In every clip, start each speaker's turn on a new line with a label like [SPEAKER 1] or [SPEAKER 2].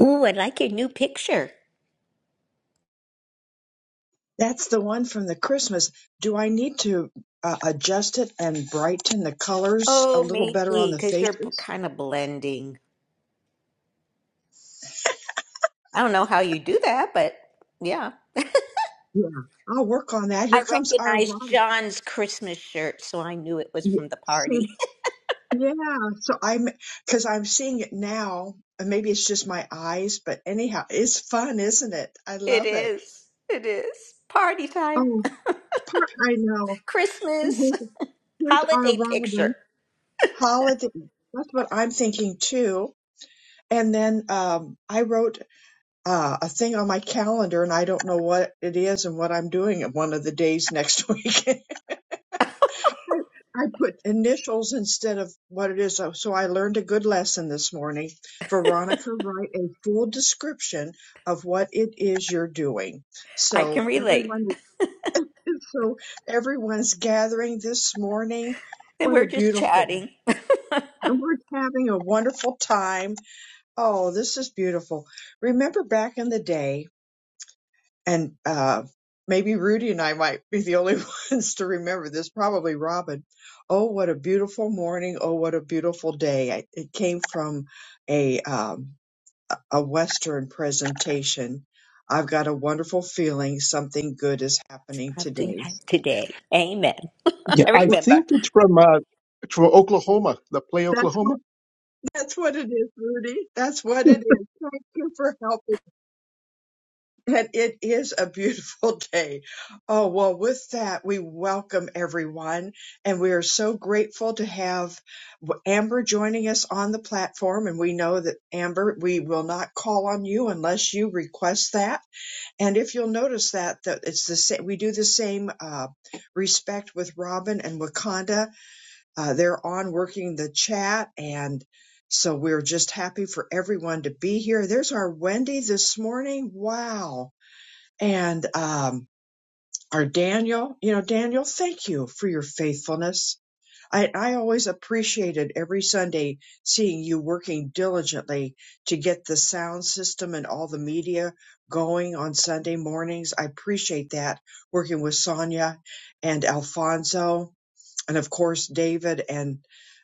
[SPEAKER 1] Ooh, I like your new picture.
[SPEAKER 2] That's the one from the Christmas. Do I need to uh, adjust it and brighten the colors a
[SPEAKER 1] Oh,
[SPEAKER 2] little better on
[SPEAKER 1] maybe
[SPEAKER 2] the
[SPEAKER 1] because you're
[SPEAKER 2] faces?
[SPEAKER 1] kind of blending. I don't know how you do that, but yeah.
[SPEAKER 2] Yeah, I'll work on that.
[SPEAKER 1] I
[SPEAKER 2] Here comes our
[SPEAKER 1] recognized
[SPEAKER 2] Robin.
[SPEAKER 1] John's Christmas shirt, so I knew it was
[SPEAKER 2] Y-
[SPEAKER 1] from the party.
[SPEAKER 2] she- Yeah, so I'm because I'm seeing it now, and maybe it's just my eyes, but anyhow, it's fun, isn't it? I
[SPEAKER 1] it
[SPEAKER 2] love it.
[SPEAKER 1] is. It is. Party time.
[SPEAKER 2] Oh, part I know. And
[SPEAKER 1] Christmas.
[SPEAKER 2] here's, here's our
[SPEAKER 1] Holiday picture.
[SPEAKER 2] Robin holiday. That's what I'm thinking too. And then um, I wrote. uh, a thing on my calendar and I don't know what it is and what I'm doing at one of the days next week. I put initials instead of what it is. So so I learned a good lesson this morning. Veronica, write a full description of what it is you're doing.
[SPEAKER 1] I can
[SPEAKER 2] So
[SPEAKER 1] relate.
[SPEAKER 2] everyone, so everyone's gathering this morning.
[SPEAKER 1] And
[SPEAKER 2] What
[SPEAKER 1] we're
[SPEAKER 2] a
[SPEAKER 1] just
[SPEAKER 2] beautiful,
[SPEAKER 1] chatting.
[SPEAKER 2] and we're having a wonderful time. Oh, this is beautiful. Remember back in the day and uh, maybe Rudy and I might be the only ones to remember this. Probably Robin. Oh, what a beautiful morning! Oh, what a beautiful day! I, it came from a um, a a Western presentation. I've got a wonderful feeling something good is happening
[SPEAKER 1] I'm doing
[SPEAKER 2] today.
[SPEAKER 1] that today. Amen.
[SPEAKER 3] Yeah,
[SPEAKER 1] I
[SPEAKER 3] I
[SPEAKER 2] Well,
[SPEAKER 1] remember.
[SPEAKER 3] think it's from uh, it's from Oklahoma, the play
[SPEAKER 2] that's
[SPEAKER 3] Oklahoma.
[SPEAKER 2] what that's what it is, Rudy. That's what it is. Thank you for helping. And it is a beautiful day. Oh, well, with that, we welcome everyone. And we are so grateful to have Amber joining us on the platform. And we know that, Amber, we will not call on you unless you request that. And if you'll notice that, that it's the same, we do the same uh, respect with Robin and Wakanda. Uh, they're on working the chat. And so we're just happy for everyone to be here. There's our Wendy this morning. Wow and um, our Daniel. You know, Daniel, thank you for your faithfulness. I, I always appreciated every Sunday seeing you working diligently to get the sound system and all the media going on Sunday mornings. I appreciate that working with Sonia and Alfonso and of course David and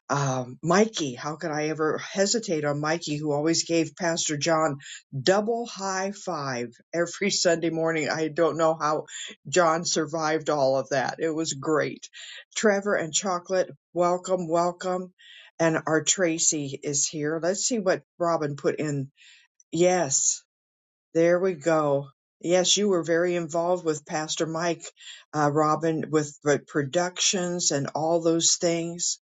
[SPEAKER 2] um, Mikey. How could I ever hesitate on Mikey, who always gave Pastor John double high five every Sunday morning? I don't know how John survived all of that. It was great. Trevor and Chocolate, welcome, welcome. And our Tracy is here. Let's see what Robin put in. Yes. There we go. Yes, you were very involved with Pastor Mike, uh, Robin, with the productions and all those things.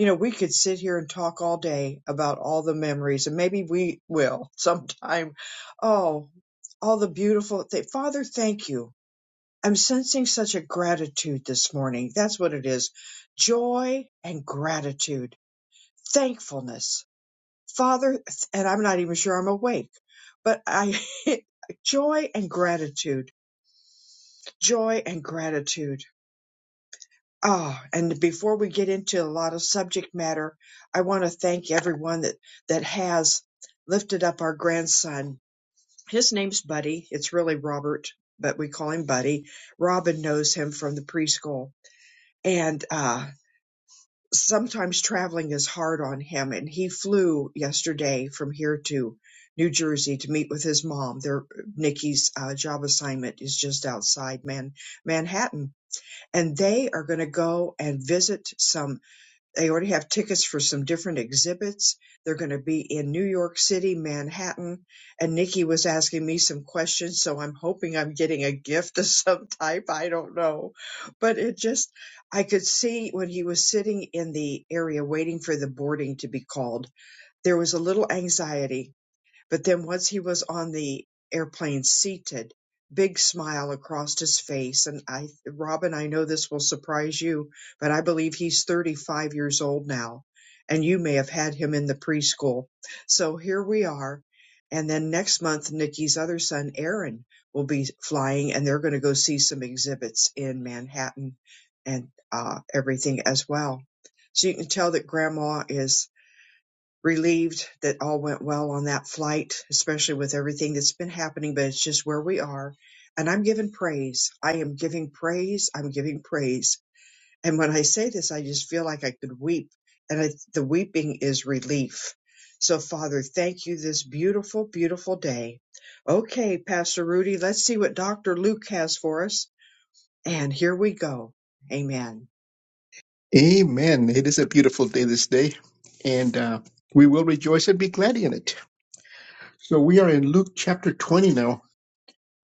[SPEAKER 2] You know, we could sit here and talk all day about all the memories, and maybe we will sometime. Oh, all the beautiful thing. Father, thank you. I'm sensing such a gratitude this morning. That's what it is joy and gratitude, thankfulness Father, and I'm not even sure I'm awake, but I, joy and gratitude, joy and gratitude. Ah, and before we get into a lot of subject matter, I want to thank everyone that, that has lifted up our grandson. His name's Buddy. It's really Robert, but we call him Buddy. Robin knows him from the preschool. And, uh, sometimes traveling is hard on him and he flew yesterday from here to New Jersey to meet with his mom. Their Nikki's uh, job assignment is just outside Man Manhattan and they are going to go and visit some they already have tickets for some different exhibits. They're going to be in New York City, Manhattan. And Nikki was asking me some questions, so I'm hoping I'm getting a gift of some type. I don't know. But it just, I could see when he was sitting in the area waiting for the boarding to be called, there was a little anxiety but then once he was on the airplane seated, big smile across his face. And I, Robin, I know this will surprise you, but I believe he's 35 years old now. And you may have had him in the preschool. So here we are. And then next month, Nikki's other son, Aaron, will be flying and they're going to go see some exhibits in Manhattan and uh, everything as well. So you can tell that grandma is relieved that all went well on that flight, especially with everything that's been happening, but it's just where we are. And I'm giving praise. I am giving praise. I'm giving praise. And when I say this, I just feel like I could weep. And I, the weeping is relief. So, Father, thank you this beautiful, beautiful day. Okay, Pastor Rudy, let's see what Dr. Luke has for us. And here we go. Amen.
[SPEAKER 3] Amen. It is a beautiful day this day, and uh, we will rejoice and be glad in it. So we are in Luke chapter 20 now,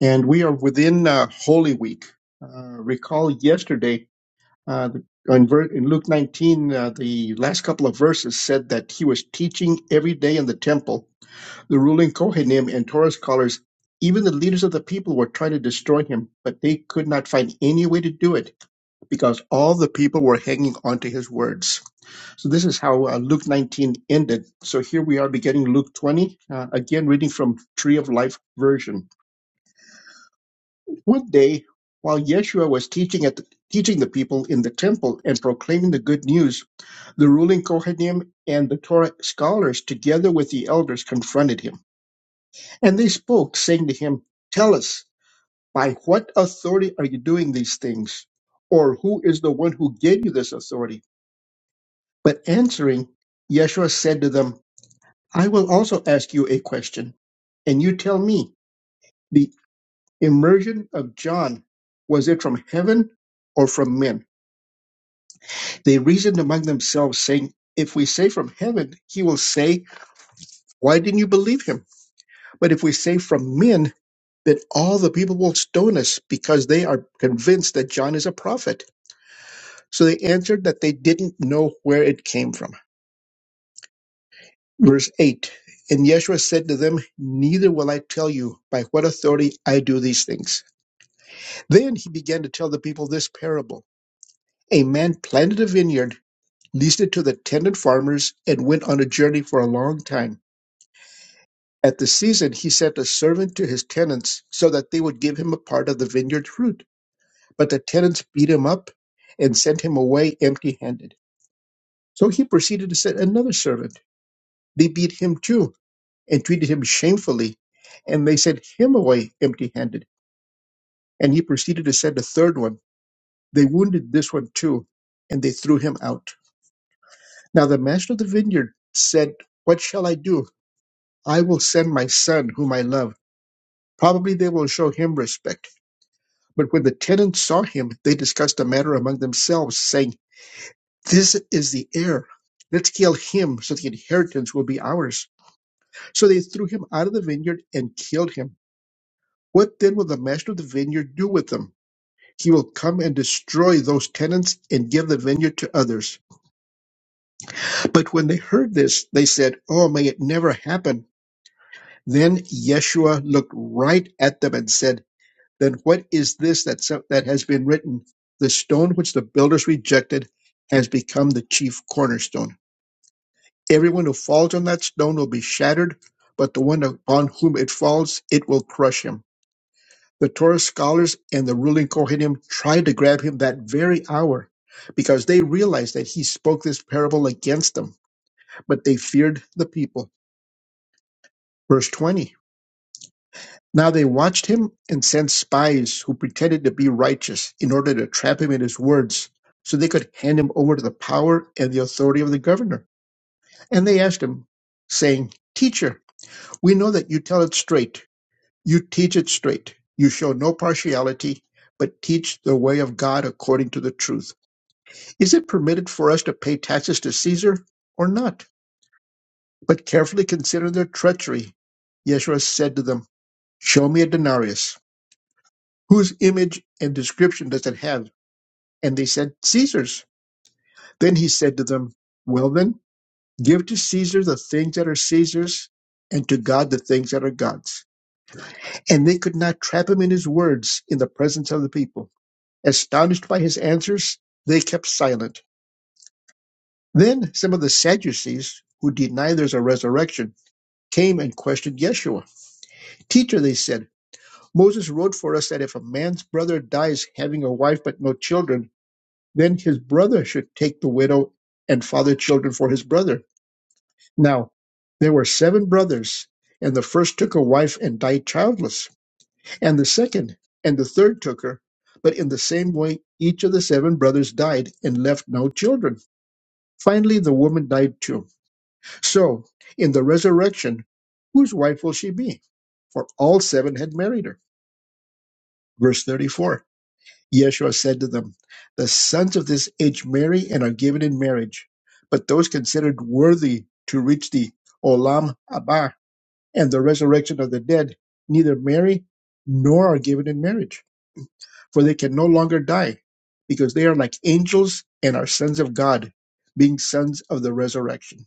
[SPEAKER 3] and we are within uh, Holy Week. Uh, recall yesterday uh, in, ver- in Luke 19, uh, the last couple of verses said that he was teaching every day in the temple. The ruling Kohanim and Torah scholars, even the leaders of the people, were trying to destroy him, but they could not find any way to do it because all the people were hanging on to his words. So this is how uh, Luke 19 ended. So here we are beginning Luke 20, uh, again reading from Tree of Life version. One day, while Yeshua was teaching at the, teaching the people in the temple and proclaiming the good news, the ruling Kohanim and the Torah scholars, together with the elders, confronted him. And they spoke, saying to him, Tell us, by what authority are you doing these things? Or who is the one who gave you this authority? But answering, Yeshua said to them, I will also ask you a question, and you tell me, the immersion of John, was it from heaven or from men? They reasoned among themselves, saying, If we say from heaven, he will say, Why didn't you believe him? But if we say from men, then all the people will stone us because they are convinced that John is a prophet. So they answered that they didn't know where it came from. Verse 8 And Yeshua said to them, Neither will I tell you by what authority I do these things. Then he began to tell the people this parable A man planted a vineyard, leased it to the tenant farmers, and went on a journey for a long time. At the season, he sent a servant to his tenants so that they would give him a part of the vineyard fruit. But the tenants beat him up and sent him away empty handed. So he proceeded to send another servant. They beat him too and treated him shamefully, and they sent him away empty handed. And he proceeded to send a third one. They wounded this one too, and they threw him out. Now the master of the vineyard said, What shall I do? I will send my son, whom I love. Probably they will show him respect. But when the tenants saw him, they discussed the matter among themselves, saying, This is the heir. Let's kill him so the inheritance will be ours. So they threw him out of the vineyard and killed him. What then will the master of the vineyard do with them? He will come and destroy those tenants and give the vineyard to others. But when they heard this, they said, Oh, may it never happen. Then Yeshua looked right at them and said, Then what is this that, so- that has been written? The stone which the builders rejected has become the chief cornerstone. Everyone who falls on that stone will be shattered, but the one upon whom it falls, it will crush him. The Torah scholars and the ruling Kohanim tried to grab him that very hour because they realized that he spoke this parable against them, but they feared the people. Verse 20 Now they watched him and sent spies who pretended to be righteous in order to trap him in his words so they could hand him over to the power and the authority of the governor. And they asked him, saying, Teacher, we know that you tell it straight You teach it straight. You show no partiality, but teach the way of God according to the truth. Is it permitted for us to pay taxes to Caesar or not? But carefully consider their treachery. Yeshua said to them, Show me a denarius. Whose image and description does it have? And they said, Caesar's. Then he said to them, Well then, give to Caesar the things that are Caesar's, and to God the things that are God's. And they could not trap him in his words in the presence of the people. Astonished by his answers, they kept silent. Then some of the Sadducees, who deny there's a resurrection, came and questioned Yeshua. Teacher, they said, Moses wrote for us that if a man's brother dies having a wife but no children, then his brother should take the widow and father children for his brother. Now, there were seven brothers, and the first took a wife and died childless, and the second and the third took her, but in the same way each of the seven brothers died and left no children. Finally, the woman died too. So, in the resurrection, whose wife will she be? For all seven had married her. Verse 34 Yeshua said to them, The sons of this age marry and are given in marriage, but those considered worthy to reach the Olam Abba and the resurrection of the dead neither marry nor are given in marriage, for they can no longer die, because they are like angels and are sons of God, being sons of the resurrection.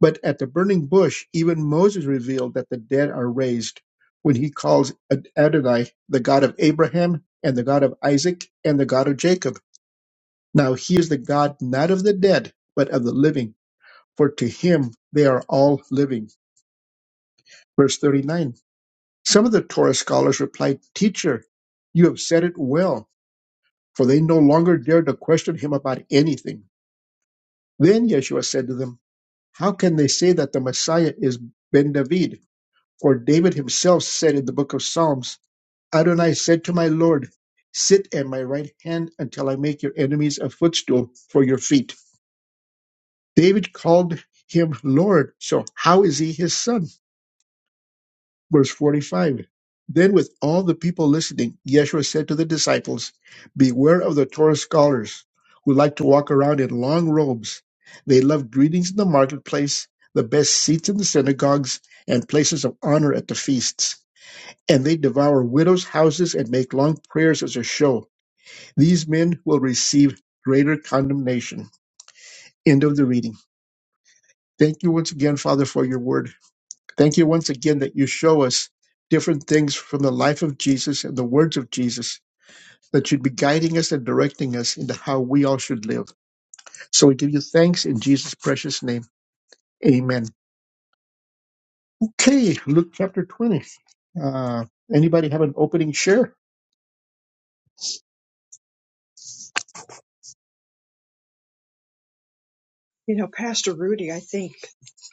[SPEAKER 3] But at the burning bush, even Moses revealed that the dead are raised when he calls Adonai the God of Abraham and the God of Isaac and the God of Jacob. Now he is the God not of the dead, but of the living, for to him they are all living. Verse 39. Some of the Torah scholars replied, Teacher, you have said it well, for they no longer dared to question him about anything. Then Yeshua said to them, How can they say that the Messiah is Ben David? For David himself said in the book of Psalms, Adonai said to my Lord, Sit at my right hand until I make your enemies a footstool for your feet. David called him Lord, so how is he his son? Verse 45. Then, with all the people listening, Yeshua said to the disciples, Beware of the Torah scholars who like to walk around in long robes. They love greetings in the marketplace, the best seats in the synagogues, and places of honor at the feasts and they devour widows' houses and make long prayers as a show. These men will receive greater condemnation. End of the reading. Thank you once again, Father, for your word. Thank you once again that you show us different things from the life of Jesus and the words of Jesus that should be guiding us and directing us into how we all should live. So we give you thanks in Jesus' precious name. Amen. Okay, Luke chapter 20. Uh, anybody have an opening share?
[SPEAKER 2] You know, Pastor Rudy, I think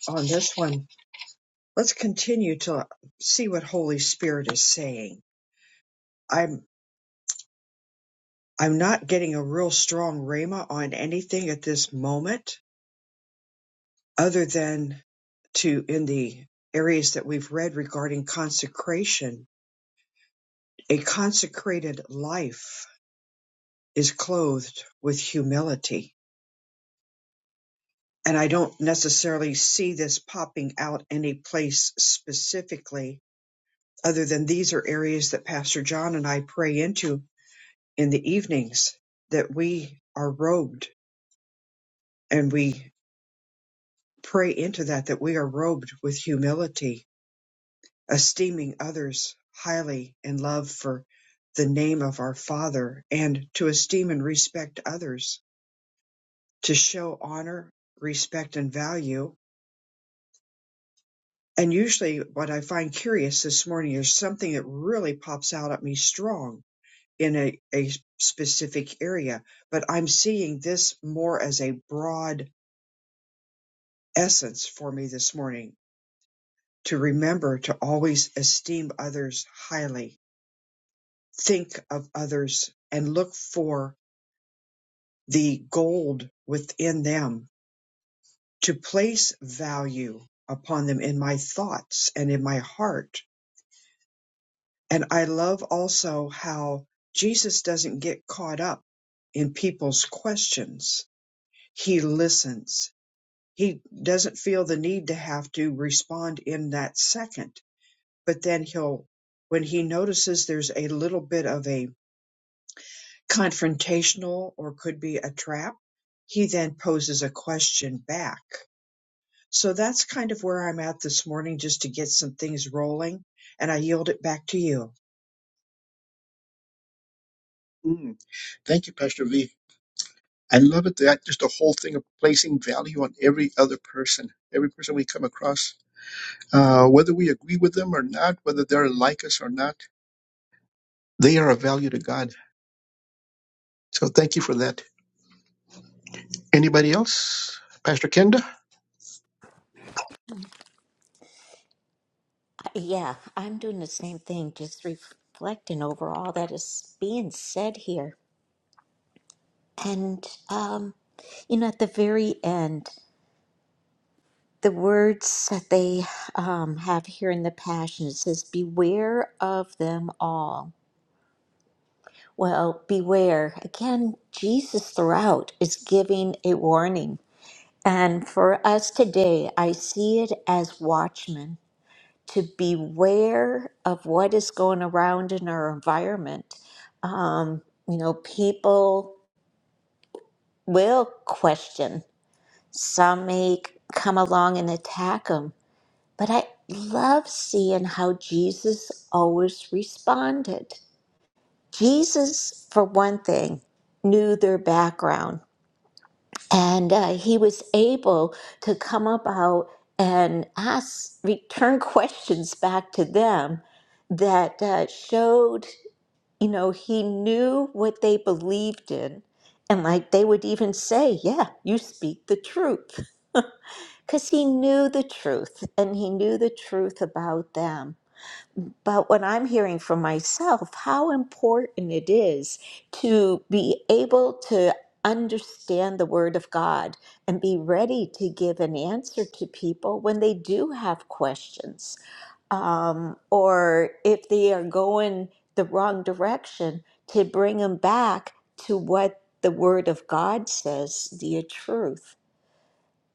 [SPEAKER 2] on this one, let's continue to see what Holy Spirit is saying. I'm I'm not getting a real strong rhema on anything at this moment, other than to in the areas that we've read regarding consecration. A consecrated life is clothed with humility. And I don't necessarily see this popping out any place specifically, other than these are areas that Pastor John and I pray into in the evenings that we are robed and we pray into that that we are robed with humility esteeming others highly in love for the name of our father and to esteem and respect others to show honor respect and value and usually what i find curious this morning is something that really pops out at me strong in a, a specific area but i'm seeing this more as a broad essence for me this morning to remember to always esteem others highly, think of others, and look for the gold within them, to place value upon them in my thoughts and in my heart. And I love also how Jesus doesn't get caught up in people's questions. He listens. He doesn't feel the need to have to respond in that second but then he'll when he notices there's a little bit of a confrontational or could be a trap he then poses a question back so that's kind of where i'm at this morning just to get some things rolling and i yield it back to you
[SPEAKER 3] Mm, thank you, Pastor V. I love it that just the whole thing of placing value on every other person, every person we come across, uh, whether we agree with them or not, whether they're like us or not, they are a value to God. So thank you for that. Anybody else? Pastor Kenda?
[SPEAKER 1] Yeah, I'm doing the same thing, just reflecting over all that is being said here. And, um, you know, at the very end, the words that they um, have here in the Passion, it says, Beware of them all. Well, beware. Again, Jesus throughout is giving a warning. And for us today, I see it as watchmen to beware of what is going around in our environment. Um, you know, people will question. Some may come along and attack him, but I love seeing how Jesus always responded. Jesus, for one thing, knew their background, and uh, he was able to come about and ask, return questions back to them that uh, showed, you know, he knew what they believed in. And like they would even say, yeah, you speak the truth. because he knew the truth and he knew the truth about them. But what I'm hearing from myself, how important it is to be able to understand the Word of God and be ready to give an answer to people when they do have questions um, or if they are going the wrong direction, to bring them back to what the Word of God says, the truth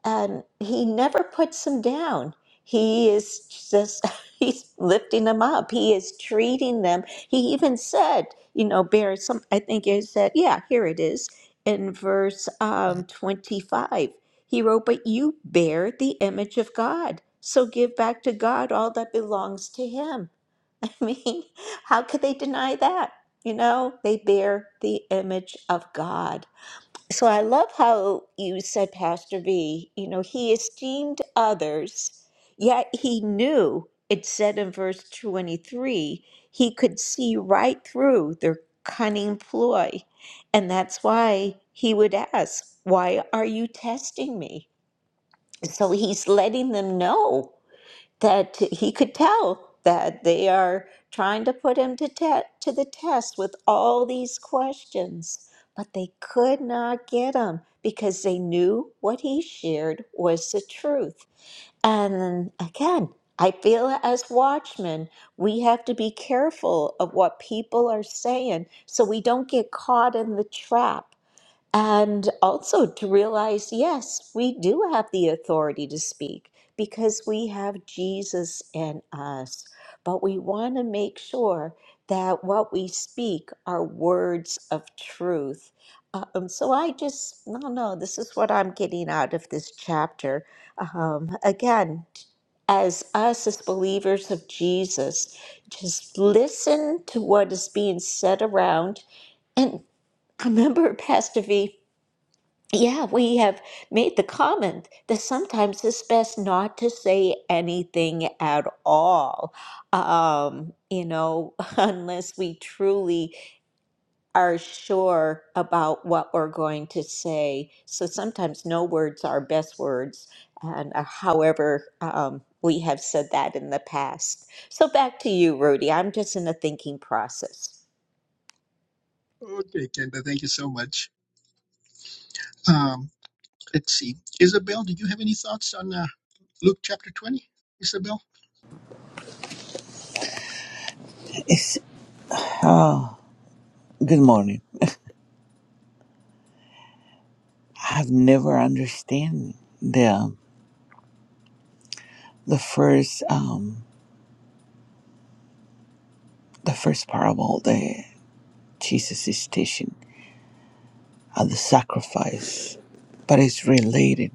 [SPEAKER 1] and he never puts them down. He is just, he's lifting them up. He is treating them. He even said, you know, bear some, I think it said, yeah, here it is in verse um, 25. He wrote, But you bear the image of God. So give back to God all that belongs to him. I mean, how could they deny that? You know, they bear the image of God. So I love how you said, Pastor V, you know, he esteemed others, yet he knew, it said in verse 23, he could see right through their cunning ploy. And that's why he would ask, Why are you testing me? So he's letting them know that he could tell that they are trying to put him to, te- to the test with all these questions, but they could not get him because they knew what he shared was the truth. And again, I feel as watchmen, we have to be careful of what people are saying so we don't get caught in the trap and also to realize, yes, we do have the authority to speak because we have Jesus in us. But we want to make sure that what we speak are words of truth. Um, so I just, no, no, this is what I'm getting out of this chapter. Um, again, as us as believers of Jesus, just listen to what is being said around. And I remember, Pastor V, yeah, we have made the comment that sometimes it's best not to say anything at all, um, you know, unless we truly are sure about what we're going to say. So sometimes no words are best words, and uh, however, um, we have said that in the past. So back to you, Rudy. I'm just in a thinking process.
[SPEAKER 3] Okay, Kenda, thank you so much. Um, let's see. Isabel, did you have any thoughts on uh, Luke chapter 20? Isabel?
[SPEAKER 4] It's good morning. I've never understand the the first um the first parable that Jesus is teaching of the sacrifice, but it's related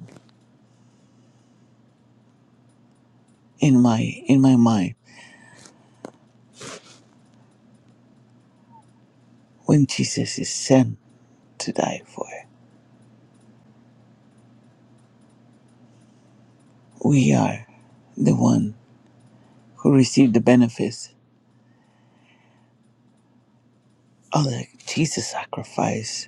[SPEAKER 4] in my in my mind when Jesus is sent to die for. it. We are the one who receive the benefits of the Jesus sacrifice.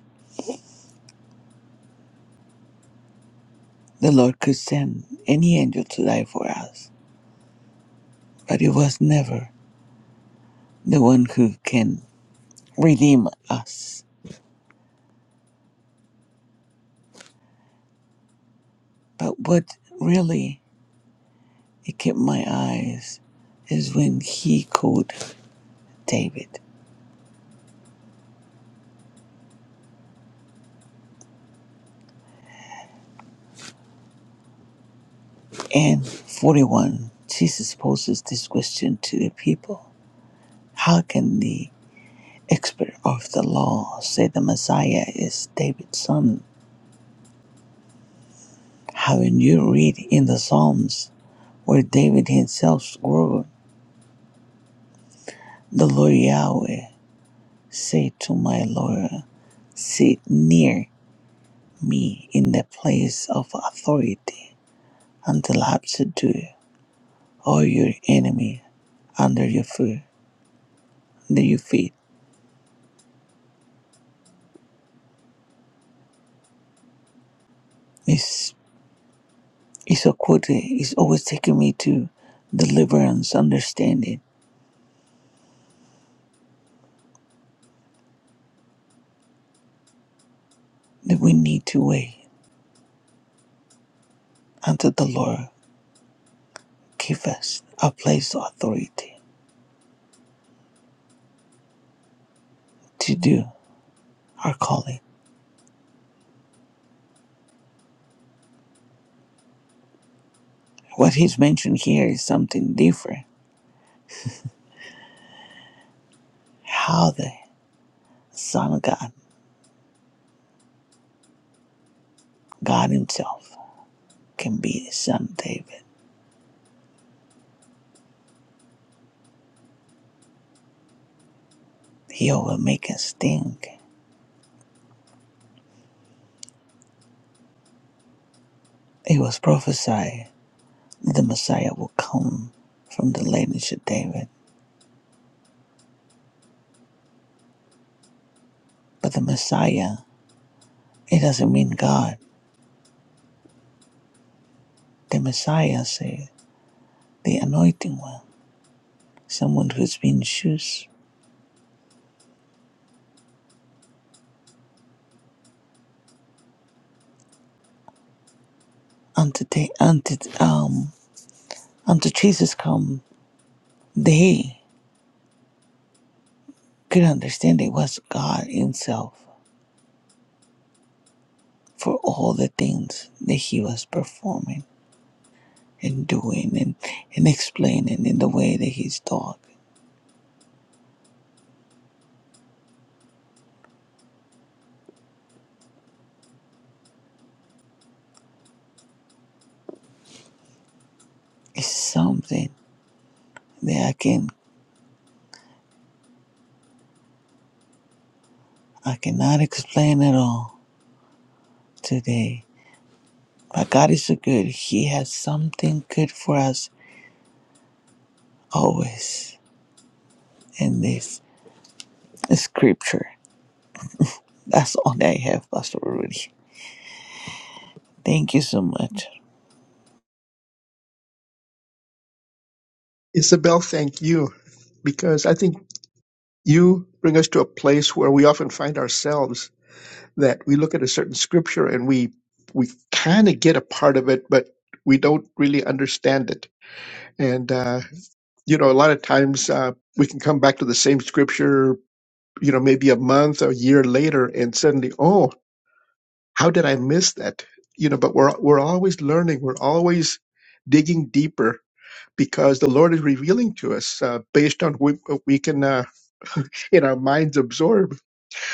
[SPEAKER 4] The Lord could send any angel to die for us, but it was never the one who can redeem us. But what really it kept my eyes is when he called David. And 41, Jesus poses this question to the people How can the expert of the law say the Messiah is David's son? Haven't you read in the Psalms where David himself swore, The Lord Yahweh said to my Lord, Sit near me in the place of authority and subdue all your enemy under your foot, under your feet. Miss Isokote is always taking me to deliverance, understanding that we need to wait until the Lord give us a place of authority to do our calling. What he's mentioned here is something different. How the Son of God, God Himself, can be the Son of David. He will make us think. It was prophesied the Messiah will come from the lineage of David. But the Messiah, it doesn't mean God. The Messiah said, the anointing one, someone who's been chosen unto, the, unto, um, unto Jesus come, they could understand it was God himself for all the things that he was performing and doing and, and explaining in the way that he's taught. It's something that I can I cannot explain at all today But God is so good. He has something good for us always in this scripture. That's all that I have, Pastor Rudy. Thank you so much.
[SPEAKER 3] Isabel, thank you, because I think you bring us to a place where we often find ourselves that we look at a certain scripture and we we kind of get a part of it, but we don't really understand it. And uh, you know, a lot of times uh, we can come back to the same scripture, you know, maybe a month or a year later, and suddenly, oh, how did I miss that? You know, but we're we're always learning, we're always digging deeper because the Lord is revealing to us uh, based on what what we can. Uh, In our minds absorb.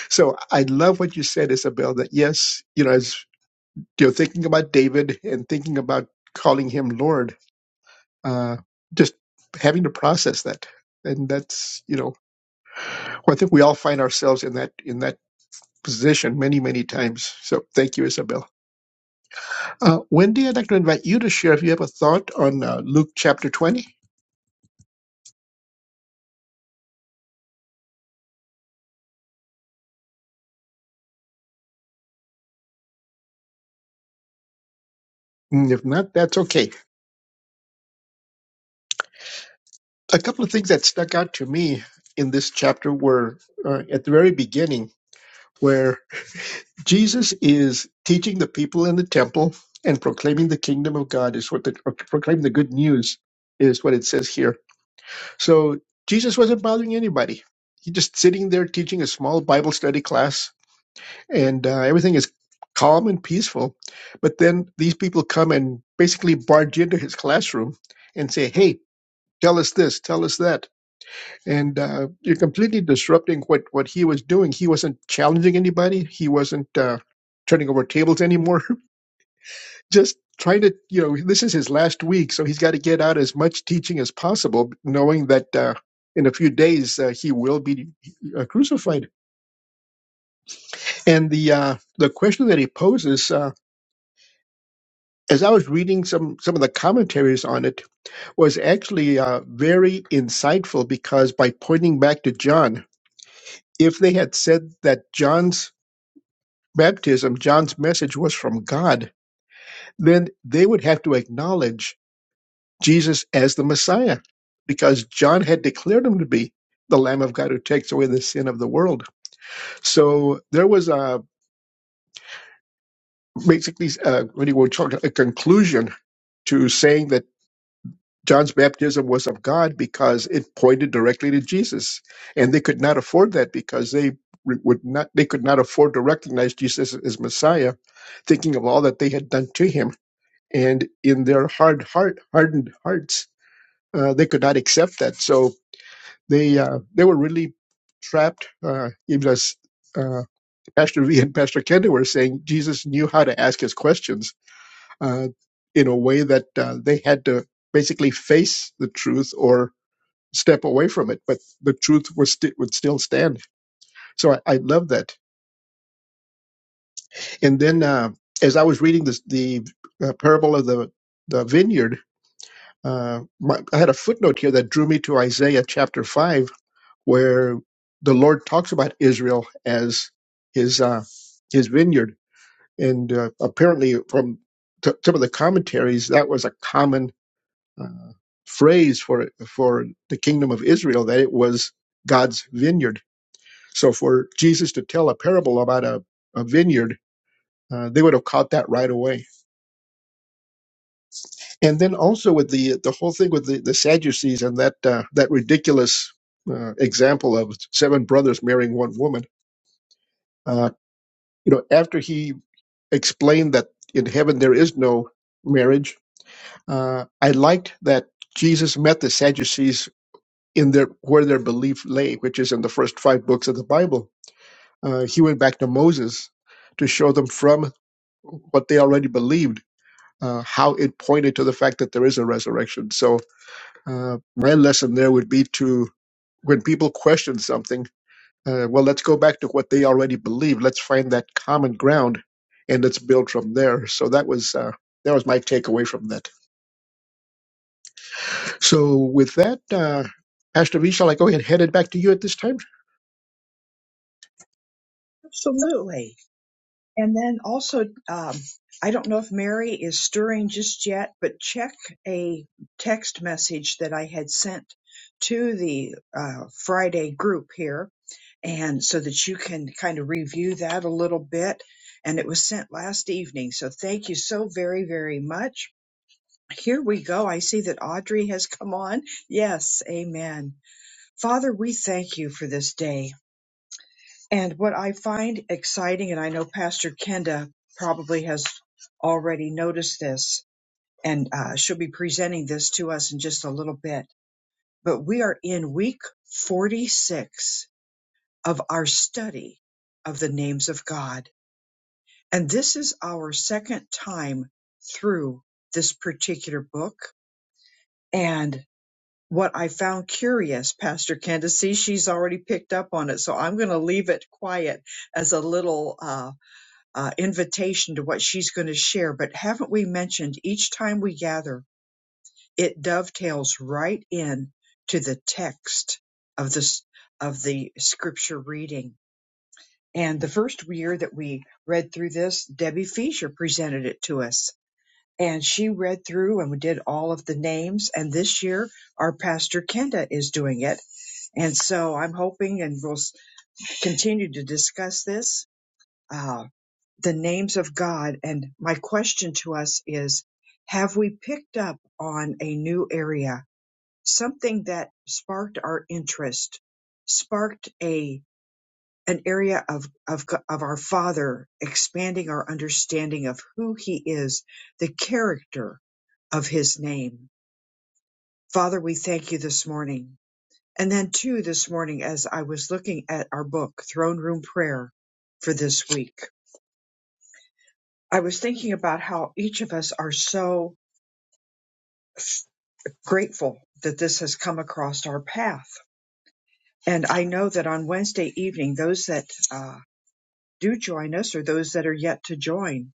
[SPEAKER 3] So I love what you said, Isabel, that yes, you know, as you know, thinking about David and thinking about calling him Lord, uh, just having to process that. And that's, you know, well, I think we all find ourselves in that in that position many, many times. So thank you, Isabel. Uh, Wendy, I'd like to invite you to share if you have a thought on uh, Luke chapter 20. Mm, If not, that's okay. A couple of things that stuck out to me in this chapter were uh, at the very beginning, where Jesus is teaching the people in the temple and proclaiming the kingdom of God is what the or proclaiming the good news is what it says here. So Jesus wasn't bothering anybody. He just sitting there teaching a small Bible study class, and uh, everything is calm and peaceful. But then these people come and basically barge into his classroom and say, "Hey, tell us this, tell us that," and uh, you're completely disrupting what what he was doing. He wasn't challenging anybody. He wasn't uh, turning over tables anymore. just trying to you know this is his last week so he's got to get out as much teaching as possible knowing that uh, in a few days uh, he will be uh, crucified and the uh, the question that he poses uh, as i was reading some some of the commentaries on it was actually uh, very insightful because by pointing back to john if they had said that john's baptism john's message was from god then they would have to acknowledge Jesus as the Messiah because John had declared him to be the Lamb of God who takes away the sin of the world. So there was a basically uh what do you want to a conclusion to saying that John's baptism was of God because it pointed directly to Jesus, and they could not afford that because they would not they could not afford to recognize Jesus as Messiah, thinking of all that they had done to him, and in their hard heart hardened hearts uh, they could not accept that. So They uh, they were really trapped. Uh, even as uh, Pastor V and Pastor Kenda were saying, Jesus knew how to ask his questions uh, in a way that uh, they had to basically face the truth or step away from it, but the truth was sti- would still stand. So I, I love that. And then uh, as I was reading this, the uh, parable of the the vineyard, Uh, my, I had a footnote here that drew me to Isaiah chapter 5, where the Lord talks about Israel as his uh, his vineyard, and uh, apparently from t- some of the commentaries, that was a common uh, phrase for for the kingdom of Israel that it was God's vineyard. So for Jesus to tell a parable about a, a vineyard, uh, they would have caught that right away. and then also with the the whole thing with the, the Sadducees and that uh, that ridiculous uh, example of seven brothers marrying one woman. Uh, you know, after he explained that in heaven there is no marriage, uh, I liked that Jesus met the Sadducees in their where their belief lay, which is in the first five books of the Bible. Uh, he went back to Moses to show them from what they already believed uh, how it pointed to the fact that there is a resurrection. So Uh, my lesson there would be to when people question something, uh, well, let's go back to what they already believe. Let's find that common ground, and let's build from there. So that was uh, that was my takeaway from that. So with that, uh, Pastor V, shall I go ahead and head it back to you at this time?
[SPEAKER 2] Absolutely. And then also, um, I don't know if Mary is stirring just yet, but check a text message that I had sent to the uh, Friday group here. And so that you can kind of review that a little bit. And it was sent last evening. So thank you so very, very much. Here we go. I see that Audrey has come on. Yes, amen. Father, we thank you for this day. And what I find exciting, and I know Pastor Kenda probably has already noticed this, and uh, she'll be presenting this to us in just a little bit, but we are in week 46 of our study of the names of God. And this is our second time through this particular book. And what I found curious, Pastor Kenda, see, she's already picked up on it. So I'm going to leave it quiet as a little. Uh, uh, invitation to what she's going to share. But haven't we mentioned each time we gather, it dovetails right in to the text of this of the scripture reading. And the first year that we read through this, Debbie Fisher presented it to us. And she read through and we did all of the names. And this year, our pastor Kenda is doing it. And so I'm hoping and we'll s- continue to discuss this. uh, the names of God. And my question to us is Have we picked up on a new area, something that sparked our interest, sparked a an area of, of, of our Father expanding our understanding of who He is, the character of His name. Father, we thank you this morning. And then, too, this morning, as I was looking at our book, Throne Room Prayer, for this week, I was thinking about how each of us are so grateful that this has come across our path. And I know that on Wednesday evening, those that uh, do join us or those that are yet to join,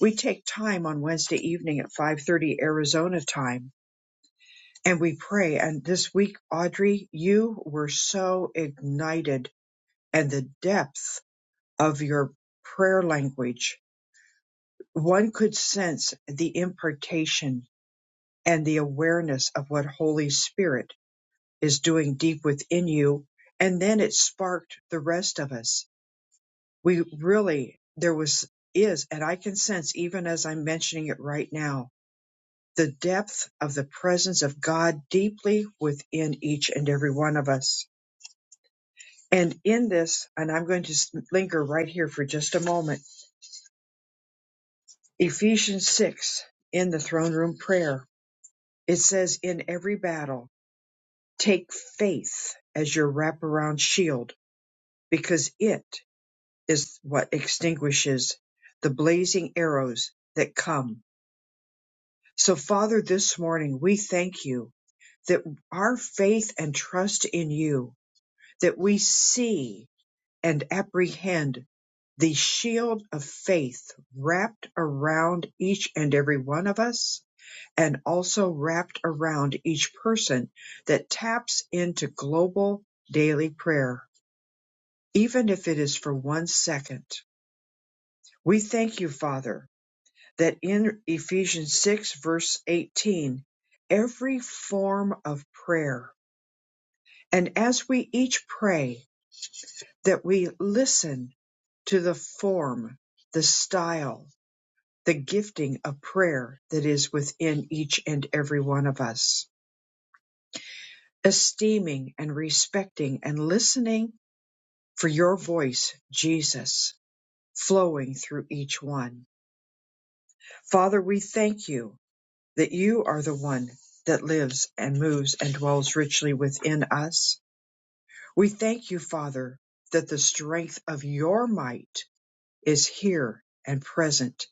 [SPEAKER 2] we take time on Wednesday evening at 5:30 Arizona time and we pray. And this week, Audrey, you were so ignited and the depth of your prayer language. One could sense the impartation and the awareness of what Holy Spirit is doing deep within you. And then it sparked the rest of us. We really, there was, is, and I can sense even as I'm mentioning it right now, the depth of the presence of God deeply within each and every one of us. And in this, and I'm going to s- linger right here for just a moment, Ephesians 6 in the throne room prayer, it says, in every battle, take faith as your wraparound shield because it is what extinguishes the blazing arrows that come. So, Father, this morning we thank you that our faith and trust in you, that we see and apprehend the shield of faith wrapped around each and every one of us and also wrapped around each person that taps into global daily prayer, even if it is for one second. We thank you, Father, that in Ephesians 6, verse 18, every form of prayer, and as we each pray, that we listen to the form, the style, the gifting of prayer that is within each and every one of us, esteeming and respecting and listening for your voice, Jesus, flowing through each one. Father, we thank you that you are the one that lives and moves and dwells richly within us. We thank you, Father, that the strength of your might is here and present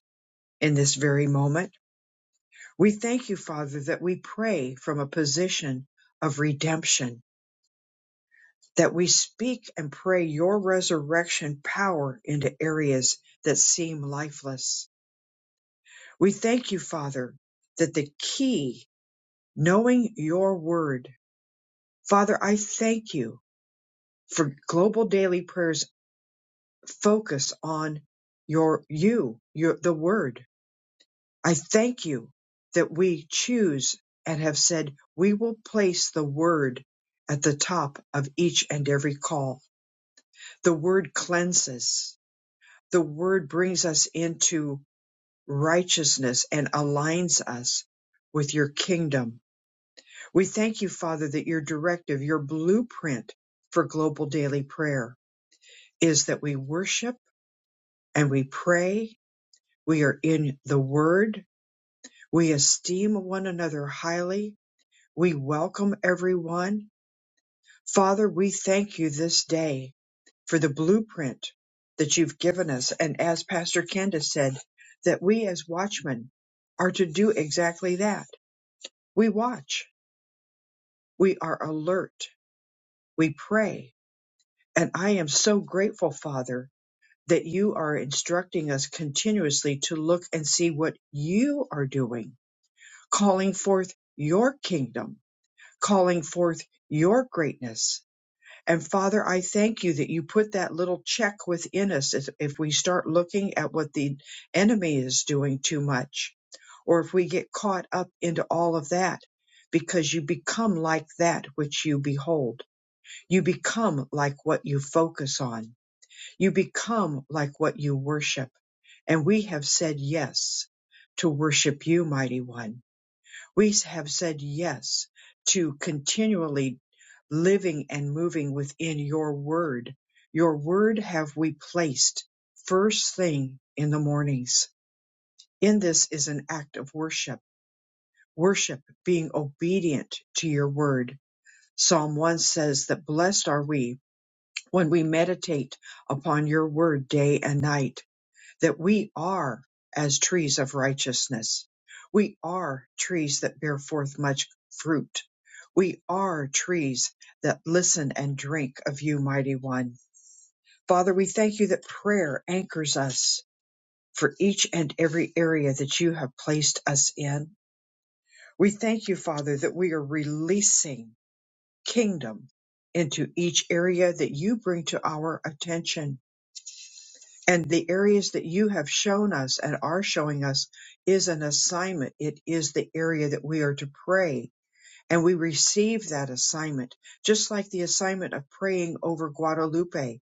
[SPEAKER 2] in this very moment. We thank you, Father, that we pray from a position of redemption, that we speak and pray your resurrection power into areas that seem lifeless. We thank you, Father, that the key, knowing your word, Father, I thank you for global daily prayers focus on your you, your the word. I thank you that we choose and have said we will place the word at the top of each and every call. The word cleanses. The word brings us into righteousness and aligns us with your kingdom. We thank you, Father, that your directive, your blueprint for global daily prayer is that we worship and we pray. We are in the word. We esteem one another highly. We welcome everyone. Father, we thank you this day for the blueprint that you've given us. And as Pastor Candace said, that we as watchmen are to do exactly that. We watch. We are alert. We pray. And I am so grateful, Father, that you are instructing us continuously to look and see what you are doing, calling forth your kingdom, calling forth your greatness. And Father, I thank you that you put that little check within us if if we start looking at what the enemy is doing too much, or if we get caught up into all of that, because you become like that which you behold. You become like what you focus on you become like what you worship. And we have said yes to worship you, mighty one. We have said yes to continually living and moving within your word. Your word have we placed first thing in the mornings. In this is an act of worship, worship being obedient to your word. Psalm 1 says that blessed are we when we meditate upon your word day and night that we are as trees of righteousness. We are trees that bear forth much fruit. We are trees that listen and drink of you, mighty one. Father, we thank you that prayer anchors us for each and every area that you have placed us in. We thank you, Father, that we are releasing kingdom into each area that you bring to our attention And the areas that you have shown us and are showing us is an assignment. It is the area that we are to pray. And we receive that assignment, just like the assignment of praying over Guadalupe.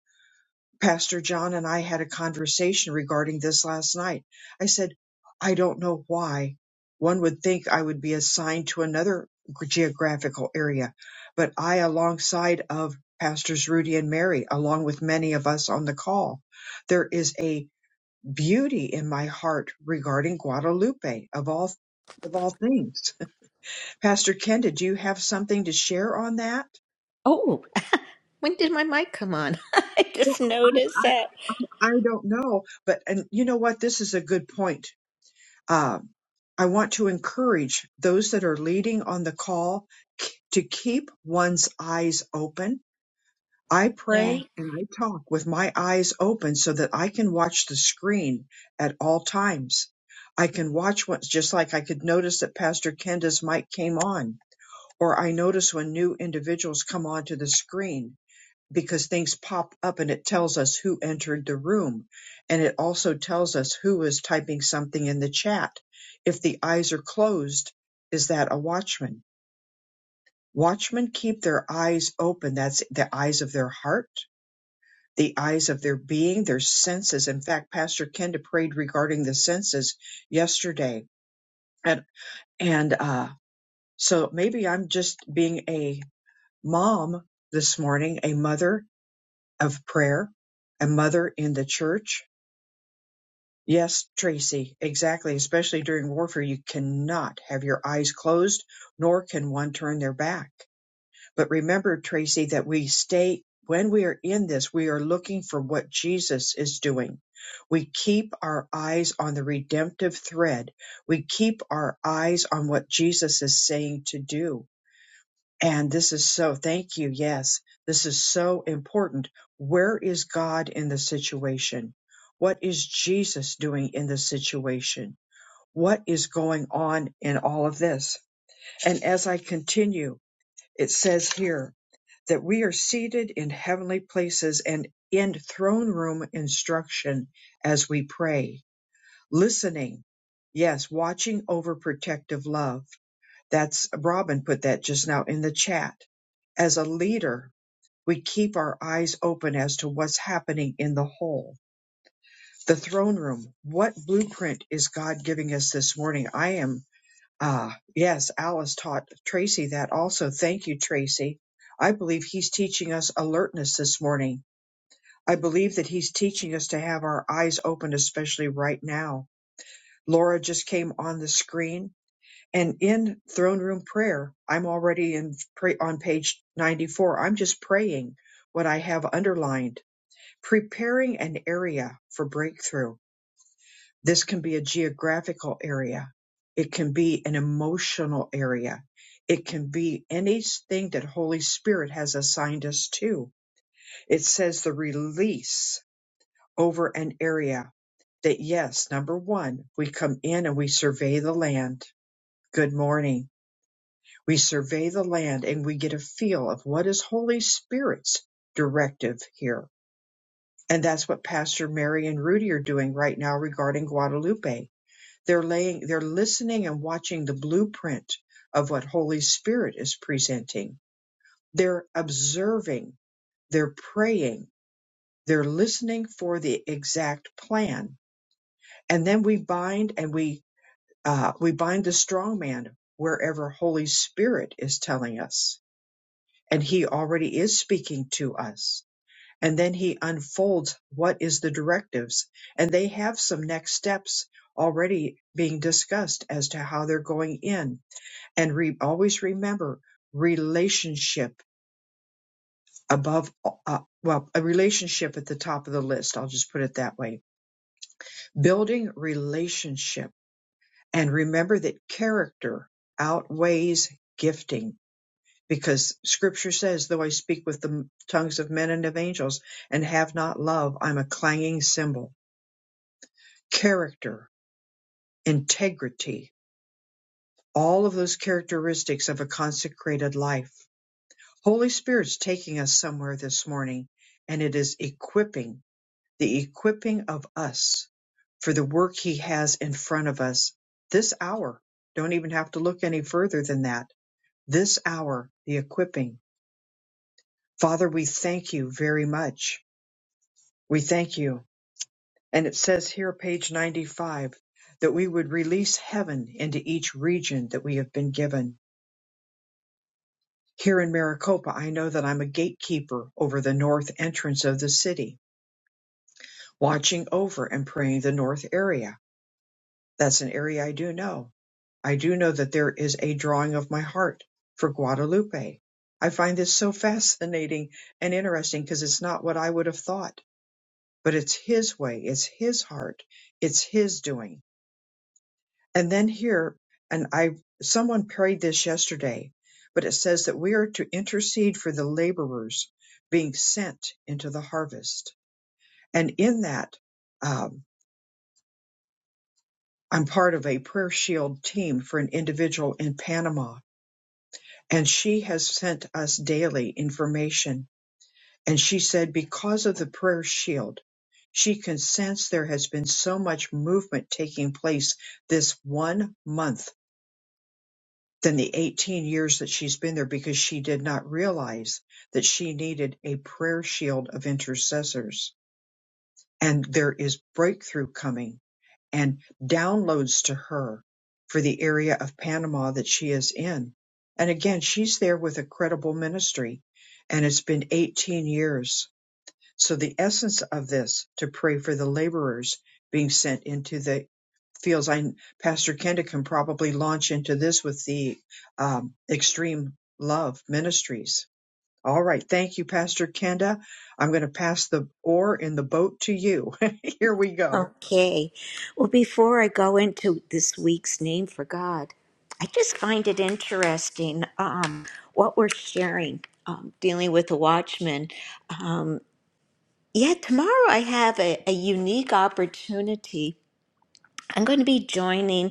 [SPEAKER 2] Pastor John and I had a conversation regarding this last night. I said, I don't know why one would think I would be assigned to another geographical area, but I, alongside of Pastors Rudy and Mary, along with many of us on the call, there is a beauty in my heart regarding Guadalupe of all of all things. Pastor Ken, did you have something to share on that?
[SPEAKER 1] Oh, when did my mic come on? I
[SPEAKER 2] Well,
[SPEAKER 1] just noticed that.
[SPEAKER 2] I, I don't know, but and you know what? This is a good point. Um, I want to encourage those that are leading on the call k- to keep one's eyes open I
[SPEAKER 1] Yeah.
[SPEAKER 2] pray and I talk with my eyes open so that I can watch the screen at all times. I can watch what's just like I could notice that Pastor Kenda's mic came on, or I notice when new individuals come onto the screen because things pop up and it tells us who entered the room. And it also tells us who is typing something in the chat. If the eyes are closed, is that a watchman? Watchmen keep their eyes open. That's the eyes of their heart the eyes of their being, their senses. In fact, Pastor Kenda prayed regarding the senses yesterday. And, and uh, so maybe I'm just being a mom this morning, a mother of prayer, a mother in the church. Yes, Tracy, exactly. Especially during warfare, you cannot have your eyes closed, nor can one turn their back. But remember, Tracy, that we stay, when we are in this, we are looking for what Jesus is doing. We keep our eyes on the redemptive thread. We keep our eyes on what Jesus is saying to do. And this is so, thank you. Yes, this is so important. Where is God in the situation? What is Jesus doing in the situation? What is going on in all of this? And as I continue, it says here, that we are seated in heavenly places and in throne room instruction as we pray, listening, yes, watching over protective love. That's Robin put that just now in the chat. As a leader, we keep our eyes open as to what's happening in the whole. The throne room. What blueprint is God giving us this morning? I am Ah, yes, Alice taught Tracy that also. Thank you, Tracy. I believe he's teaching us alertness this morning. I believe that he's teaching us to have our eyes open, especially right now. Laura just came on the screen and in throne room prayer, I'm already in pray, on page 94. I'm just praying what I have underlined, preparing an area for breakthrough. This can be a geographical area. It can be an emotional area. It can be anything that Holy Spirit has assigned us to. It says the release over an area that yes, number one, we come in and we survey the land. Good morning. We survey the land and we get a feel of what is Holy Spirit's directive here. And that's what Pastor Mary and Rudy are doing right now regarding Guadalupe They're laying, they're listening and watching the blueprint of what Holy Spirit is presenting. They're observing, they're praying, they're listening for the exact plan. And then we bind and we, uh, we bind the strong man wherever Holy Spirit is telling us. And he already is speaking to us. And then he unfolds what is the directives. And they have some next steps already being discussed as to how they're going in and re- always remember relationship above uh, well a relationship at the top of the list i'll just put it that way building relationship and remember that character outweighs gifting because scripture says though i speak with the tongues of men and of angels and have not love i'm a clanging cymbal character integrity all of those characteristics of a consecrated life Holy Spirit's taking us somewhere this morning, and it is equipping, the equipping of us for the work He has in front of us this hour. Don't even have to look any further than that. This hour, the equipping. Father, we thank you very much. We thank you. And it says here, page 95, that we would release heaven into each region that we have been given. Here in Maricopa, I know that I'm a gatekeeper over the north entrance of the city watching over and praying the north area. That's an area I do know. I do know that there is a drawing of my heart for Guadalupe. I find this so fascinating and interesting because it's not what I would have thought, but it's his way, it's his heart, it's his doing. And then here, and I, someone prayed this yesterday, but it says that we are to intercede for the laborers being sent into the harvest. And in that, um. I'm part of a Prayer Shield team for an individual in Panama, and she has sent us daily information. And she said, because of the Prayer Shield, she can sense there has been so much movement taking place this one month than the 18 years that she's been there because she did not realize that she needed a prayer shield of intercessors. And there is breakthrough coming and downloads to her for the area of Panama that she is in. And again, she's there with a credible ministry, and it's been 18 years. So, the essence of this to pray for the laborers being sent into the fields. I, Pastor Kenda can probably launch into this with the um, Extreme Love Ministries. All right. Thank you, Pastor Kenda. I'm going to pass the oar in the boat to you. Here we go.
[SPEAKER 1] Okay. Well, before I go into this week's name for God, I just find it interesting um, what we're sharing um, dealing with the Watchman. Um, yeah, tomorrow I have a, a unique opportunity. I'm going to be joining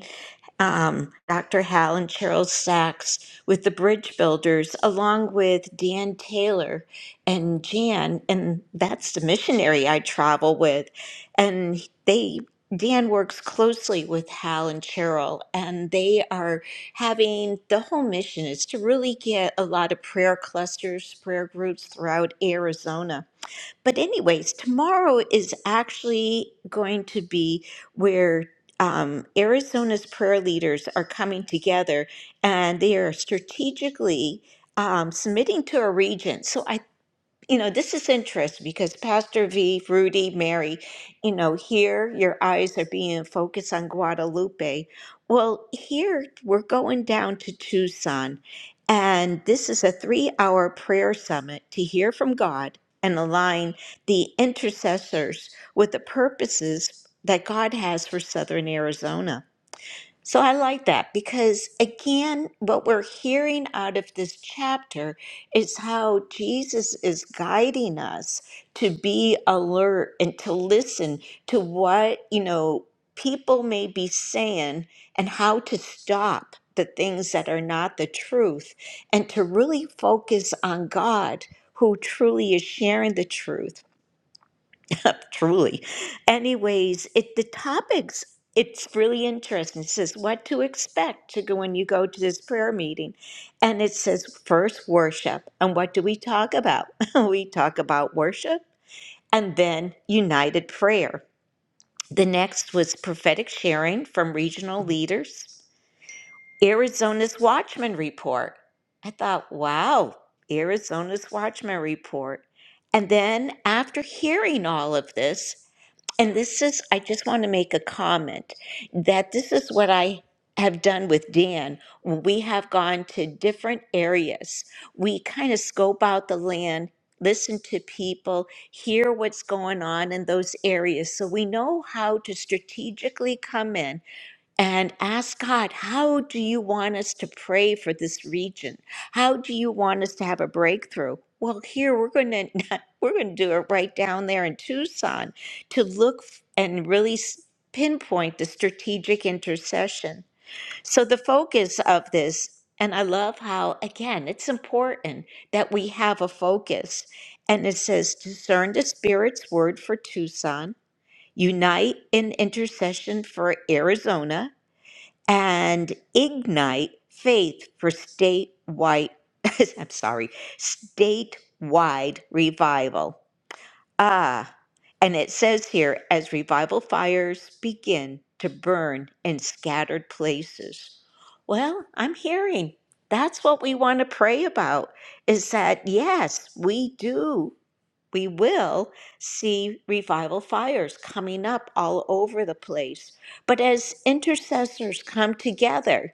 [SPEAKER 1] um, Dr. Hal and Cheryl Sachs with the Bridge Builders, along with Dan Taylor and Jan, and that's the missionary I travel with. And they, Dan works closely with Hal and Cheryl, and they are having the whole mission is to really get a lot of prayer clusters, prayer groups throughout Arizona but, anyways, tomorrow is actually going to be where um, Arizona's prayer leaders are coming together and they are strategically um, submitting to a region. So, I you know, this is interesting because Pastor V, Rudy, Mary, you know, here your eyes are being focused on Guadalupe. Well, here we're going down to Tucson, and this is a three hour prayer summit to hear from God and align the intercessors with the purposes that God has for Southern Arizona. So I like that because, again, what we're hearing out of this chapter is how Jesus is guiding us to be alert and to listen to what, you know, people may be saying and how to stop the things that are not the truth and to really focus on God who truly is sharing the truth Truly. Anyways, it the topics, it's really interesting. It says what to expect to go when you go to this prayer meeting. And it says first worship. And what do we talk about? we talk about worship and then united prayer. The next was prophetic sharing from regional leaders. Arizona's Watchman Report. I thought, wow, Arizona's Watchman Report. And then after hearing all of this, and this is, I just want to make a comment that this is what I have done with Dan. When we have gone to different areas, we kind of scope out the land, listen to people, hear what's going on in those areas. So we know how to strategically come in and ask God, how do you want us to pray for this region? How do you want us to have a breakthrough? Well, here we're going to we're going to do it right down there in Tucson to look f- and really s- pinpoint the strategic intercession. So the focus of this and I love how again it's important that we have a focus. And it says discern the spirit's word for Tucson, unite in intercession for Arizona, and ignite faith for statewide I'm sorry, statewide revival. Ah, and it says here as revival fires begin to burn in scattered places. Well, I'm hearing that's what we want to pray about is that yes, we do we will see revival fires coming up all over the place. But as intercessors come together,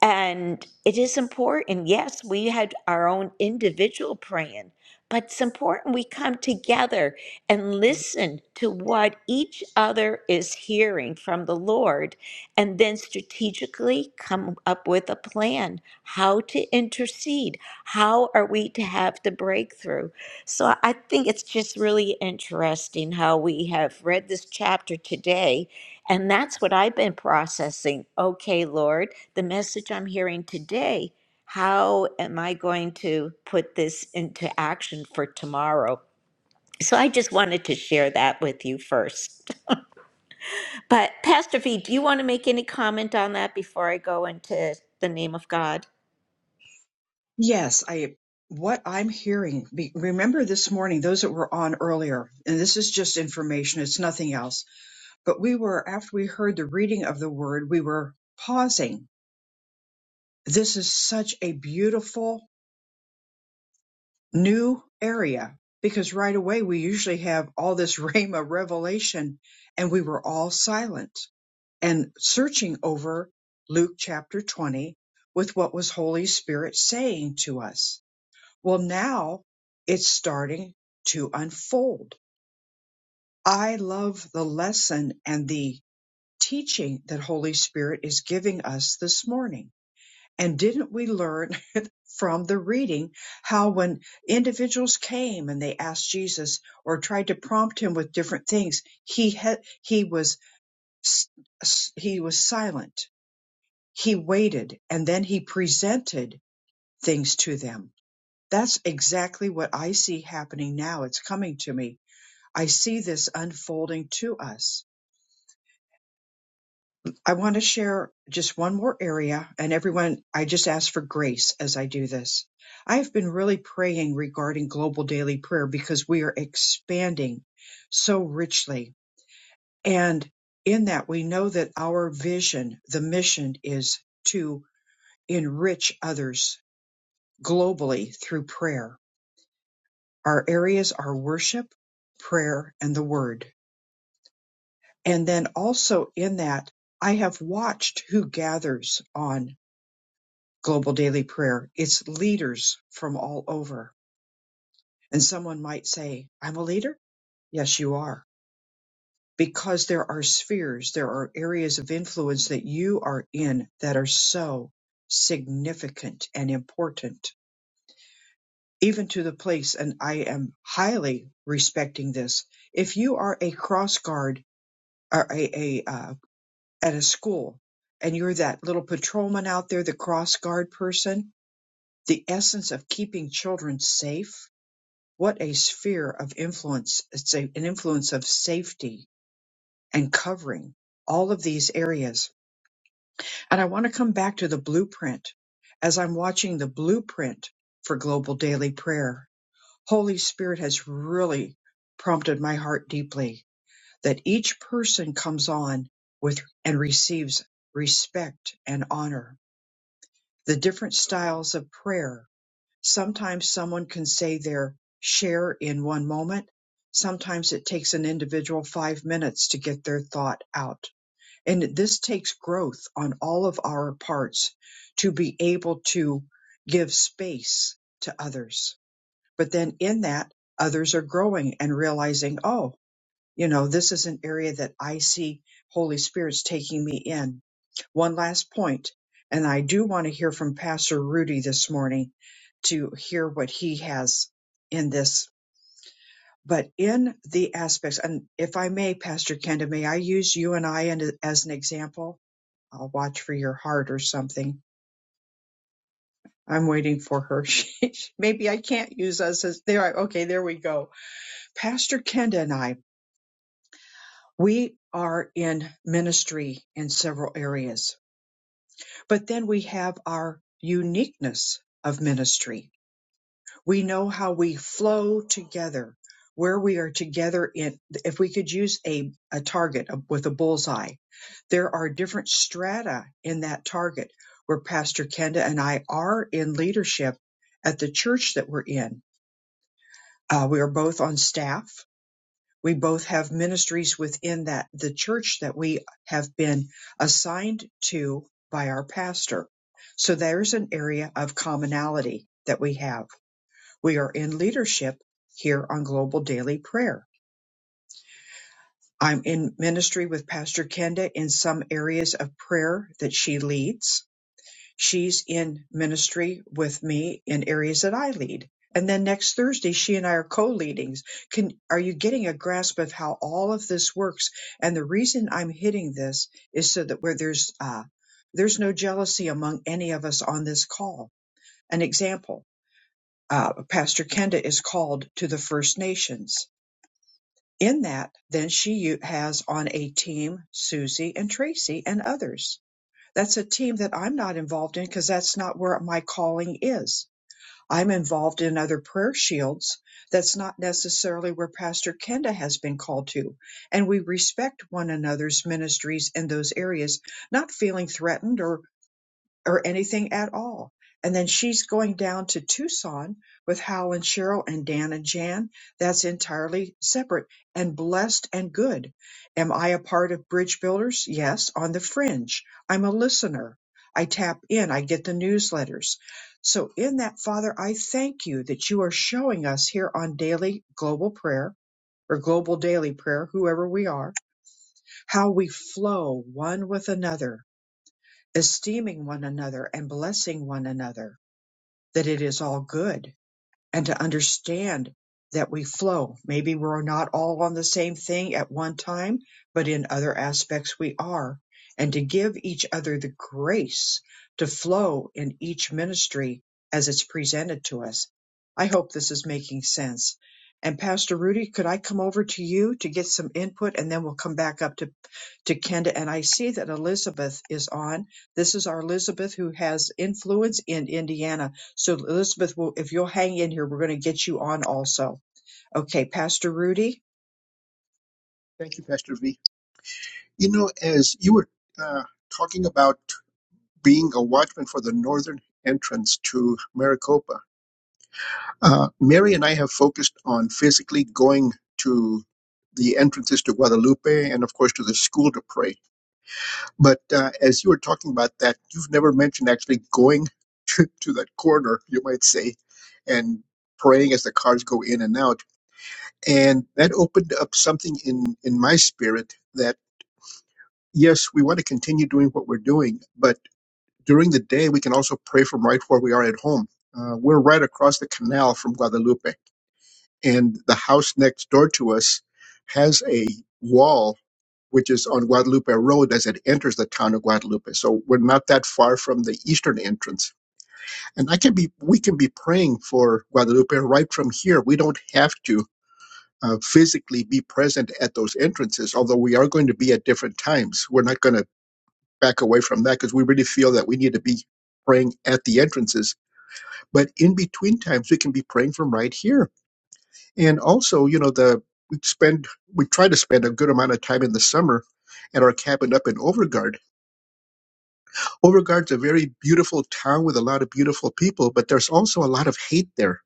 [SPEAKER 1] and it is important. Yes, we had our own individual praying, but it's important we come together and listen to what each other is hearing from the Lord and then strategically come up with a plan how to intercede. How are we to have the breakthrough? So I think it's just really interesting how we have read this chapter today and that's what I've been processing. Okay, Lord, the message I'm hearing today, how am I going to put this into action for tomorrow? So I just wanted to share that with you first. But Pastor V, do you want to make any comment on that before I go into the name of God?
[SPEAKER 2] Yes, I what I'm hearing. Be, remember this morning, those that were on earlier, and this is just information; it's nothing else. But we were after we heard the reading of the word, we were pausing. This is such a beautiful new area because right away we usually have all this rhema revelation, and we were all silent and searching over Luke chapter 20 with what was Holy Spirit saying to us Well, now it's starting to unfold. I love the lesson and the teaching that Holy Spirit is giving us this morning. And didn't we learn from the reading how when individuals came and they asked Jesus or tried to prompt him with different things, he had, he was s- s- he was silent. He waited and then he presented things to them That's exactly what I see happening now. It's coming to me. I see this unfolding to us. I want to share just one more area, and everyone, I just ask for grace as I do this. I have been really praying regarding global daily prayer because we are expanding so richly. And in that, we know that our vision, the mission is to enrich others globally through prayer Our areas are worship, prayer, and the word. And then also in that, I have watched who gathers on Global Daily Prayer. It's leaders from all over. And someone might say, I'm a leader. Yes, you are. Because there are spheres, there are areas of influence that you are in that are so significant and important, even to the place. And I am highly respecting this. If you are a cross guard, or a, a uh, at a school and you're that little patrolman out there the cross guard person the essence of keeping children safe what a sphere of influence it's a, an influence of safety and covering all of these areas and i want to come back to the blueprint as i'm watching the blueprint for global daily prayer holy spirit has really prompted my heart deeply that each person comes on with and receives respect and honor. The different styles of prayer. Sometimes someone can say their share in one moment. Sometimes it takes an individual five minutes to get their thought out. And this takes growth on all of our parts to be able to give space to others. But then in that, others are growing and realizing, oh, you know, this is an area that I see Holy Spirit's taking me in. One last point, and I do want to hear from Pastor Rudy this morning to hear what he has in this. But in the aspects, and if I may, Pastor Kenda, may I use you and I and- as an example? I'll watch for your heart or something. I'm waiting for her. She- Maybe I can't use us as there. I- Okay, there we go. Pastor Kenda and I. We are in ministry in several areas, but then we have our uniqueness of ministry. We know how we flow together, where we are together in, if we could use a, a target with a bullseye, there are different strata in that target where Pastor Kenda and I are in leadership at the church that we're in. Uh, we are both on staff We both have ministries within that, the church that we have been assigned to by our pastor. So there's an area of commonality that we have. We are in leadership here on Global Daily Prayer. I'm in ministry with Pastor Kenda in some areas of prayer that she leads she's in ministry with me in areas that I lead. And then next Thursday, she and I are co leading Can, are you getting a grasp of how all of this works? And the reason I'm hitting this is so that where there's, uh, there's no jealousy among any of us on this call. An example, uh, Pastor Kenda is called to the First Nations. In that, then she has on a team Susie and Tracy and others that's a team that I'm not involved in because that's not where my calling is. I'm involved in other prayer shields. That's not necessarily where Pastor Kenda has been called to. And we respect one another's ministries in those areas, not feeling threatened or or anything at all. And then she's going down to Tucson with Hal and Cheryl and Dan and Jan. That's entirely separate and blessed and good. Am I a part of Bridge Builders? Yes, on the fringe. I'm a listener. I tap in, I get the newsletters. So, in that, Father, I thank you that you are showing us here on daily global prayer or global daily prayer, whoever we are, how we flow one with another esteeming one another and blessing one another, that it is all good, and to understand that we flow. Maybe we're not all on the same thing at one time, but in other aspects we are, and to give each other the grace to flow in each ministry as it's presented to us. I hope this is making sense. And Pastor Rudy, could I come over to you to get some input and then we'll come back up to to Kenda, and I see that Elizabeth is on. This is our Elizabeth who has influence in Indiana. So, Elizabeth, will if you'll hang in here, we're going to get you on also. Okay, Pastor Rudy.
[SPEAKER 3] Thank you, Pastor V. You know, as you were uh, talking about being a watchman for the northern entrance to Maricopa, Uh, Mary and I have focused on physically going to the entrances to Guadalupe and, of course, to the school to pray. But uh, as you were talking about that, you've never mentioned actually going to, to that corner, you might say, and praying as the cars go in and out. And that opened up something in, in my spirit that, yes, we want to continue doing what we're doing, but during the day, we can also pray from right where we are at home. Uh, we're right across the canal from Guadalupe and the house next door to us has a wall which is on Guadalupe Road as it enters the town of Guadalupe. So we're not that far from the eastern entrance. And I can be we can be praying for Guadalupe right from here. We don't have to uh, physically be present at those entrances, although we are going to be at different times. We're not going to back away from that because we really feel that we need to be praying at the entrances. But in between times, we can be praying from right here And also, you know, the we spend we try to spend a good amount of time in the summer at our cabin up in Overgard. Overgard's a very beautiful town with a lot of beautiful people, but there's also a lot of hate there,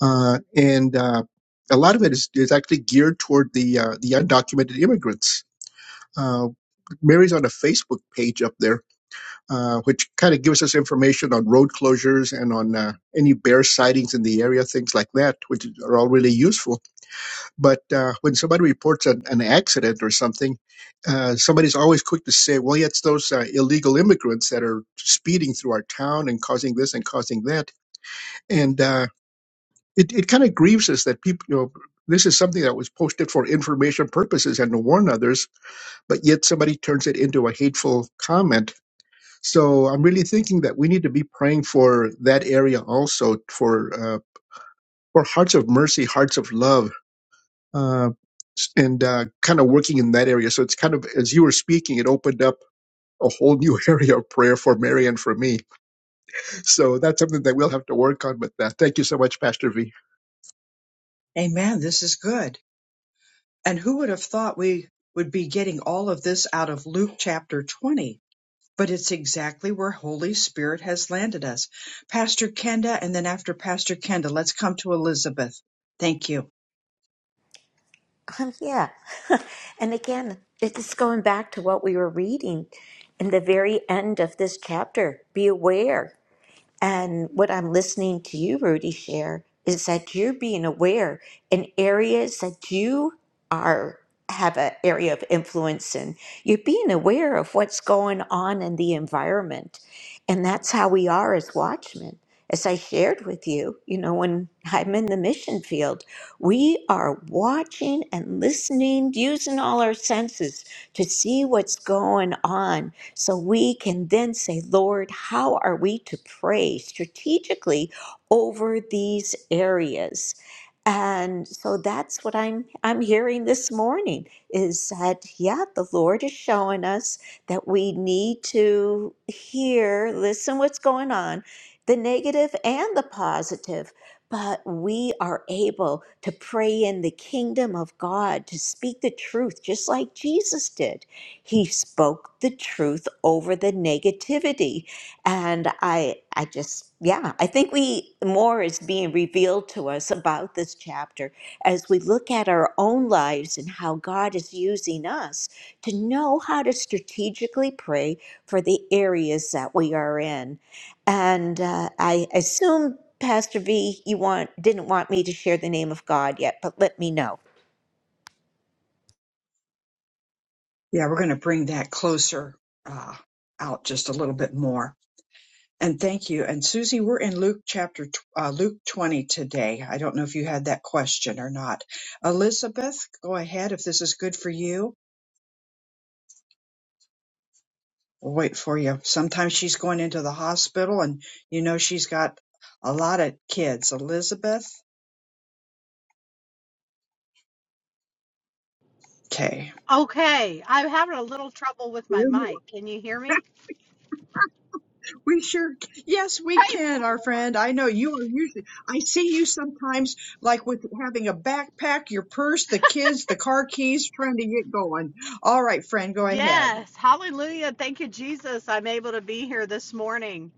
[SPEAKER 3] uh, and uh, a lot of it is, is actually geared toward the uh, the undocumented immigrants. Uh, Mary's on a Facebook page up there, uh, which kind of gives us information on road closures and on uh, any bear sightings in the area, things like that, which are all really useful But uh, when somebody reports an, an accident or something, uh, somebody's always quick to say, well, yeah, it's those uh, illegal immigrants that are speeding through our town and causing this and causing that. And uh, it, it kind of grieves us that people, you know, this is something that was posted for information purposes and to warn others, but yet somebody turns it into a hateful comment. So I'm really thinking that we need to be praying for that area also for. Uh, for hearts of mercy, hearts of love, uh, and uh, kind of working in that area. So it's kind of as you were speaking, it opened up a whole new area of prayer for Mary and for me. So that's something that we'll have to work on with that. Thank you so much, Pastor V.
[SPEAKER 2] Amen. This is good. And who would have thought we would be getting all of this out of Luke chapter 20? But it's exactly where Holy Spirit has landed us. Pastor Kenda, and then after Pastor Kenda, let's come to Elizabeth. Thank you.
[SPEAKER 1] Um, yeah. and again, it's going back to what we were reading in the very end of this chapter. Be aware. And what I'm listening to you, Rudy, share is that you're being aware in areas that you are have an area of influence in. You're being aware of what's going on in the environment. And that's how we are as watchmen. As I shared with you, you know, when I'm in the mission field, we are watching and listening, using all our senses to see what's going on so we can then say, Lord, how are we to pray strategically over these areas? And so that's what I'm I'm hearing this morning is that yeah, the Lord is showing us that we need to hear, listen what's going on, the negative and the positive, but we are able to pray in the kingdom of God, to speak the truth just like Jesus did he spoke the truth over the negativity. And I I just yeah, I think we more is being revealed to us about this chapter as we look at our own lives and how God is using us to know how to strategically pray for the areas that we are in. And uh, I assume Pastor V, you want didn't want me to share the name of God yet, but let me know.
[SPEAKER 2] Yeah, we're going to bring that closer uh, out just a little bit more. And thank you. And Susie, we're in Luke chapter, tw- uh, Luke 20 today. I don't know if you had that question or not. Elizabeth, go ahead if this is good for you. We'll wait for you. Sometimes she's going into the hospital and you know she's got a lot of kids. Elizabeth, okay.
[SPEAKER 5] Okay, I'm having a little trouble with my mic. Can you hear me?
[SPEAKER 2] We sure, yes, we
[SPEAKER 5] Praise
[SPEAKER 2] can,
[SPEAKER 5] the
[SPEAKER 2] our
[SPEAKER 5] Lord.
[SPEAKER 2] friend. I know you are usually, I see you sometimes like with having a backpack, your purse, the kids, the car keys, trying to get going. All right, friend, go ahead.
[SPEAKER 5] Yes, hallelujah. Thank you, Jesus. I'm able to be here this morning.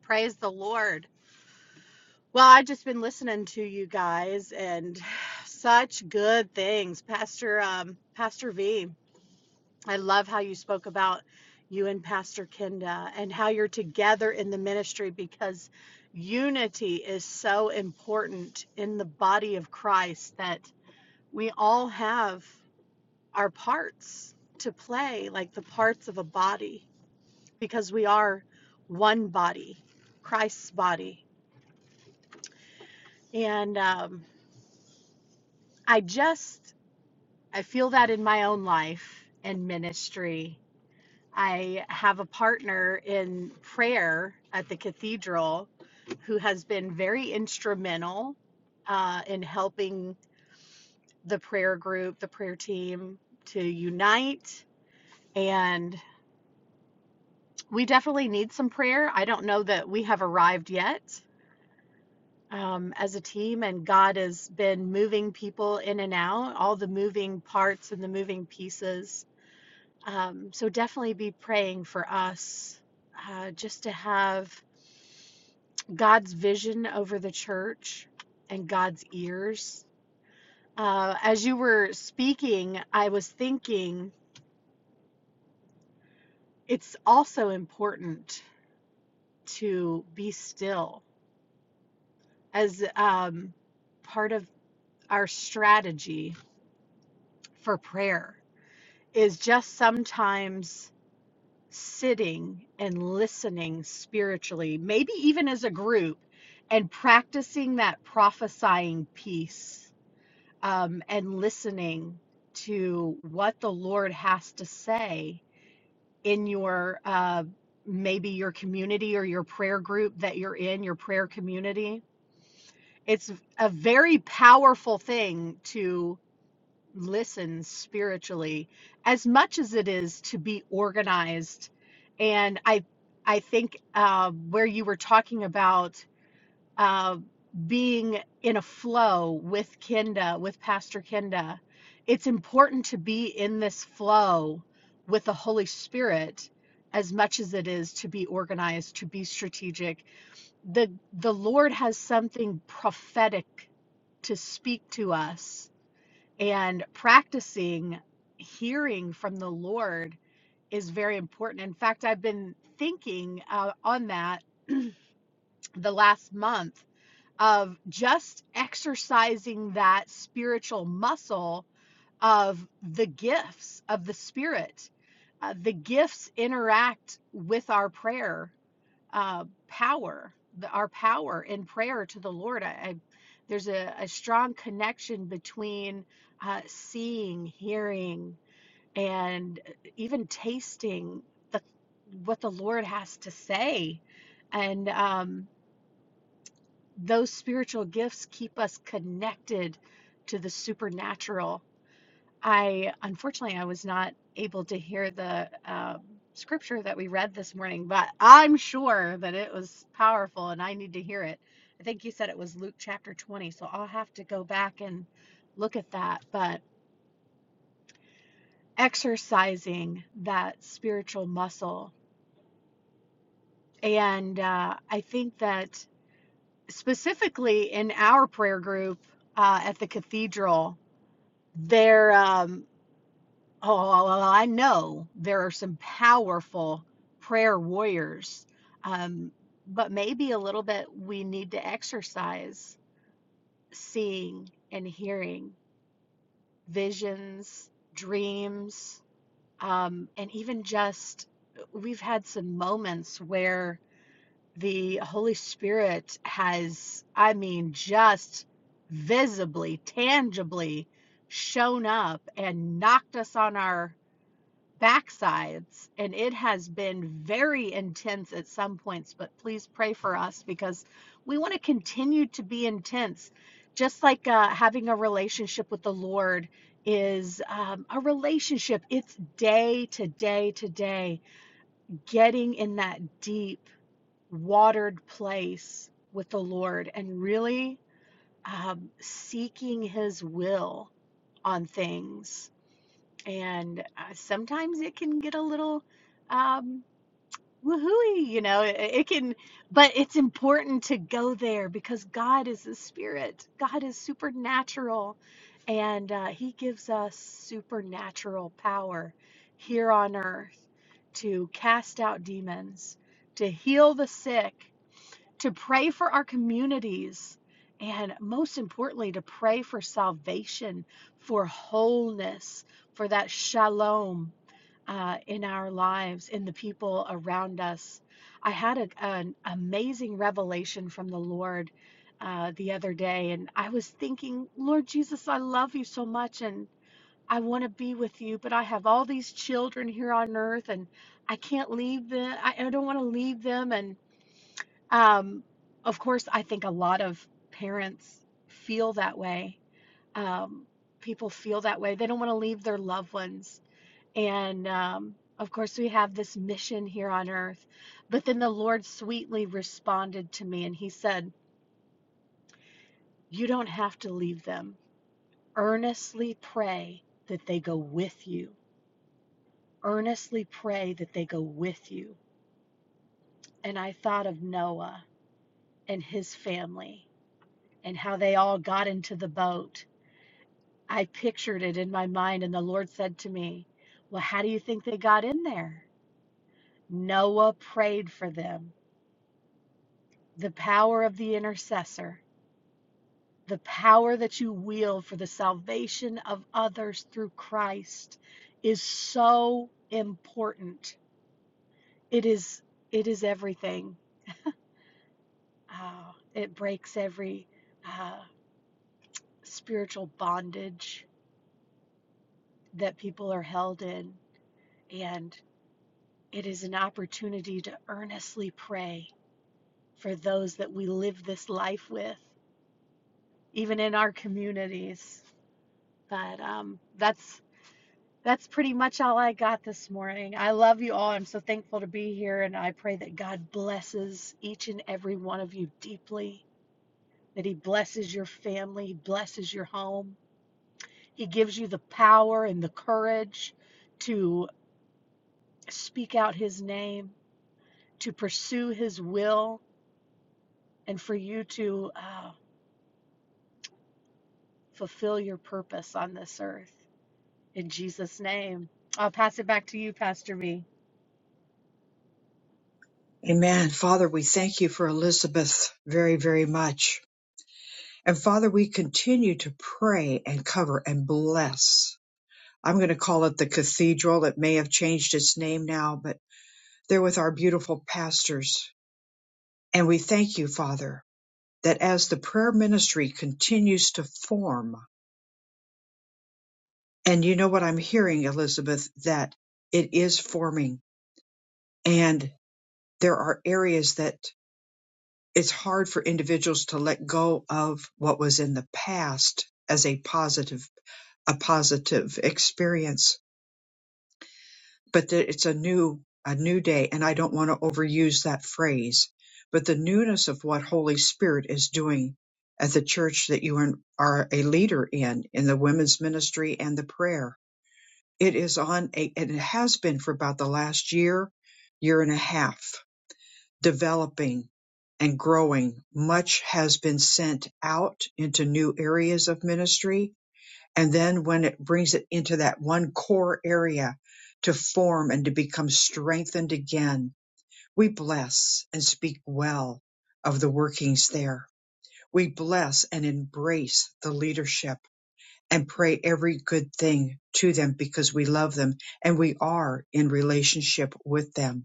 [SPEAKER 5] Praise the Lord. Well, I've just been listening to you guys and such good things. Pastor um, Pastor V, I love how you spoke about you and Pastor Kenda and how you're together in the ministry because unity is so important in the body of Christ that we all have our parts to play, like the parts of a body, because we are one body, Christ's body. And um, I just, I feel that in my own life and ministry. I have a partner in prayer at the cathedral who has been very instrumental uh, in helping the prayer group, the prayer team to unite and we definitely need some prayer. I don't know that we have arrived yet um, as a team, and God has been moving people in and out, all the moving parts and the moving pieces. Um, so definitely be praying for us uh, just to have God's vision over the church and God's ears. Uh, as you were speaking, I was thinking it's also important to be still as um, part of our strategy for prayer is just sometimes sitting and listening spiritually, maybe even as a group, and practicing that prophesying piece um, and listening to what the Lord has to say in your uh, maybe your community or your prayer group that you're in, your prayer community. It's a very powerful thing to. listens spiritually as much as it is to be organized and i i think uh, where you were talking about uh, being in a flow with kenda with pastor kenda it's important to be in this flow with the holy spirit as much as it is to be organized to be strategic the the lord has something prophetic to speak to us and practicing hearing from the Lord is very important. In fact, I've been thinking uh, on that the last month of just exercising that spiritual muscle of the gifts of the Spirit. Uh, the gifts interact with our prayer uh, power, the, our power in prayer to the Lord. I, I there's a, a strong connection between uh, seeing, hearing, and uh, even tasting the what the Lord has to say, and um, those spiritual gifts keep us connected to the supernatural I unfortunately I was not able to hear the uh, scripture that we read this morning, but I'm sure that it was powerful and I need to hear it. I think you said it was Luke chapter 20, so I'll have to go back and look at that. But exercising that spiritual muscle, and uh, I think that specifically in our prayer group uh, at the cathedral, there. Um, Oh, well, well, I know there are some powerful prayer warriors, um, but maybe a little bit we need to exercise seeing and hearing visions, dreams, um, and even just we've had some moments where the Holy Spirit has, I mean, just visibly, tangibly shown up and knocked us on our backsides and it has been very intense at some points but please pray for us because we want to continue to be intense just like uh, having a relationship with the lord is um, a relationship it's day to day to day getting in that deep watered place with the lord and really um, seeking his will on things and uh, sometimes it can get a little um woohooey you know it, it can but it's important to go there because god is the spirit god is supernatural and uh, he gives us supernatural power here on earth to cast out demons to heal the sick to pray for our communities and most importantly to pray for salvation for wholeness for that shalom uh, in our lives, in the people around us. I had a, an amazing revelation from the Lord uh, the other day, and I was thinking, Lord Jesus, I love you so much, and I want to be with you, but I have all these children here on earth, and I can't leave them. I, I don't want to leave them. And um, of course, I think a lot of parents feel that way. Um, people feel that way. They don't want to leave their loved ones and um, of course, we have this mission here on earth. But then the Lord sweetly responded to me and he said, You don't have to leave them. Earnestly pray that they go with you. Earnestly pray that they go with you. And I thought of Noah and his family and how they all got into the boat. I pictured it in my mind, and the Lord said to me, Well, how do you think they got in there? Noah prayed for them, the power of the intercessor. the power that you wield for the salvation of others through Christ is so important. It is it is everything. Uh, it breaks every uh, spiritual bondage that people are held in, and it is an opportunity to earnestly pray for those that we live this life with, even in our communities. But um, that's That's pretty much all I got this morning. I love you all. I'm so thankful to be here, and I pray that God blesses each and every one of you deeply, that He blesses your family, He blesses your home. He gives you the power and the courage to speak out His name, to pursue His will, and for you to uh, fulfill your purpose on this earth. In Jesus' name, I'll pass it back to you, Pastor V.
[SPEAKER 2] Amen. Father, we thank you for Elizabeth very, very much. And Father, we continue to pray and cover and bless. I'm going to call it the cathedral. It may have changed its name now, but they're with our beautiful pastors. And we thank you, Father, that as the prayer ministry continues to form, and you know what I'm hearing, Elizabeth, that it is forming and there are areas that it's hard for individuals to let go of what was in the past as a positive a positive experience but that it's a new a new day and i don't want to overuse that phrase but the newness of what holy spirit is doing at the church that you are are a leader in in the women's ministry and the prayer it is on a and it has been for about the last year year and a half developing and growing, much has been sent out into new areas of ministry. And then when it brings it into that one core area to form and to become strengthened again, we bless and speak well of the workings there. We bless and embrace the leadership and pray every good thing to them because we love them and we are in relationship with them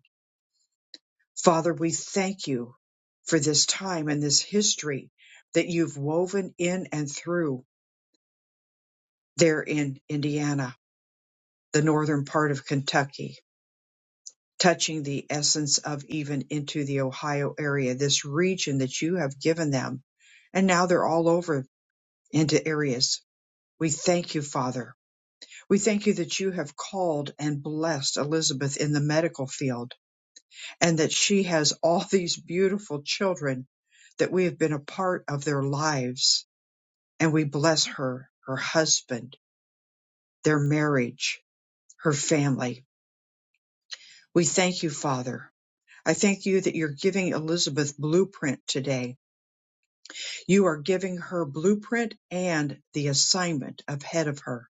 [SPEAKER 2] Father, we thank you for this time and this history that you've woven in and through there in Indiana, the northern part of Kentucky, touching the essence of even into the Ohio area, this region that you have given them. And now they're all over into areas. We thank you, Father. We thank you that you have called and blessed Elizabeth in the medical field and that she has all these beautiful children that we have been a part of their lives. And we bless her, her husband, their marriage, her family. We thank you, Father. I thank you that you're giving Elizabeth blueprint today. You are giving her blueprint and the assignment ahead of her,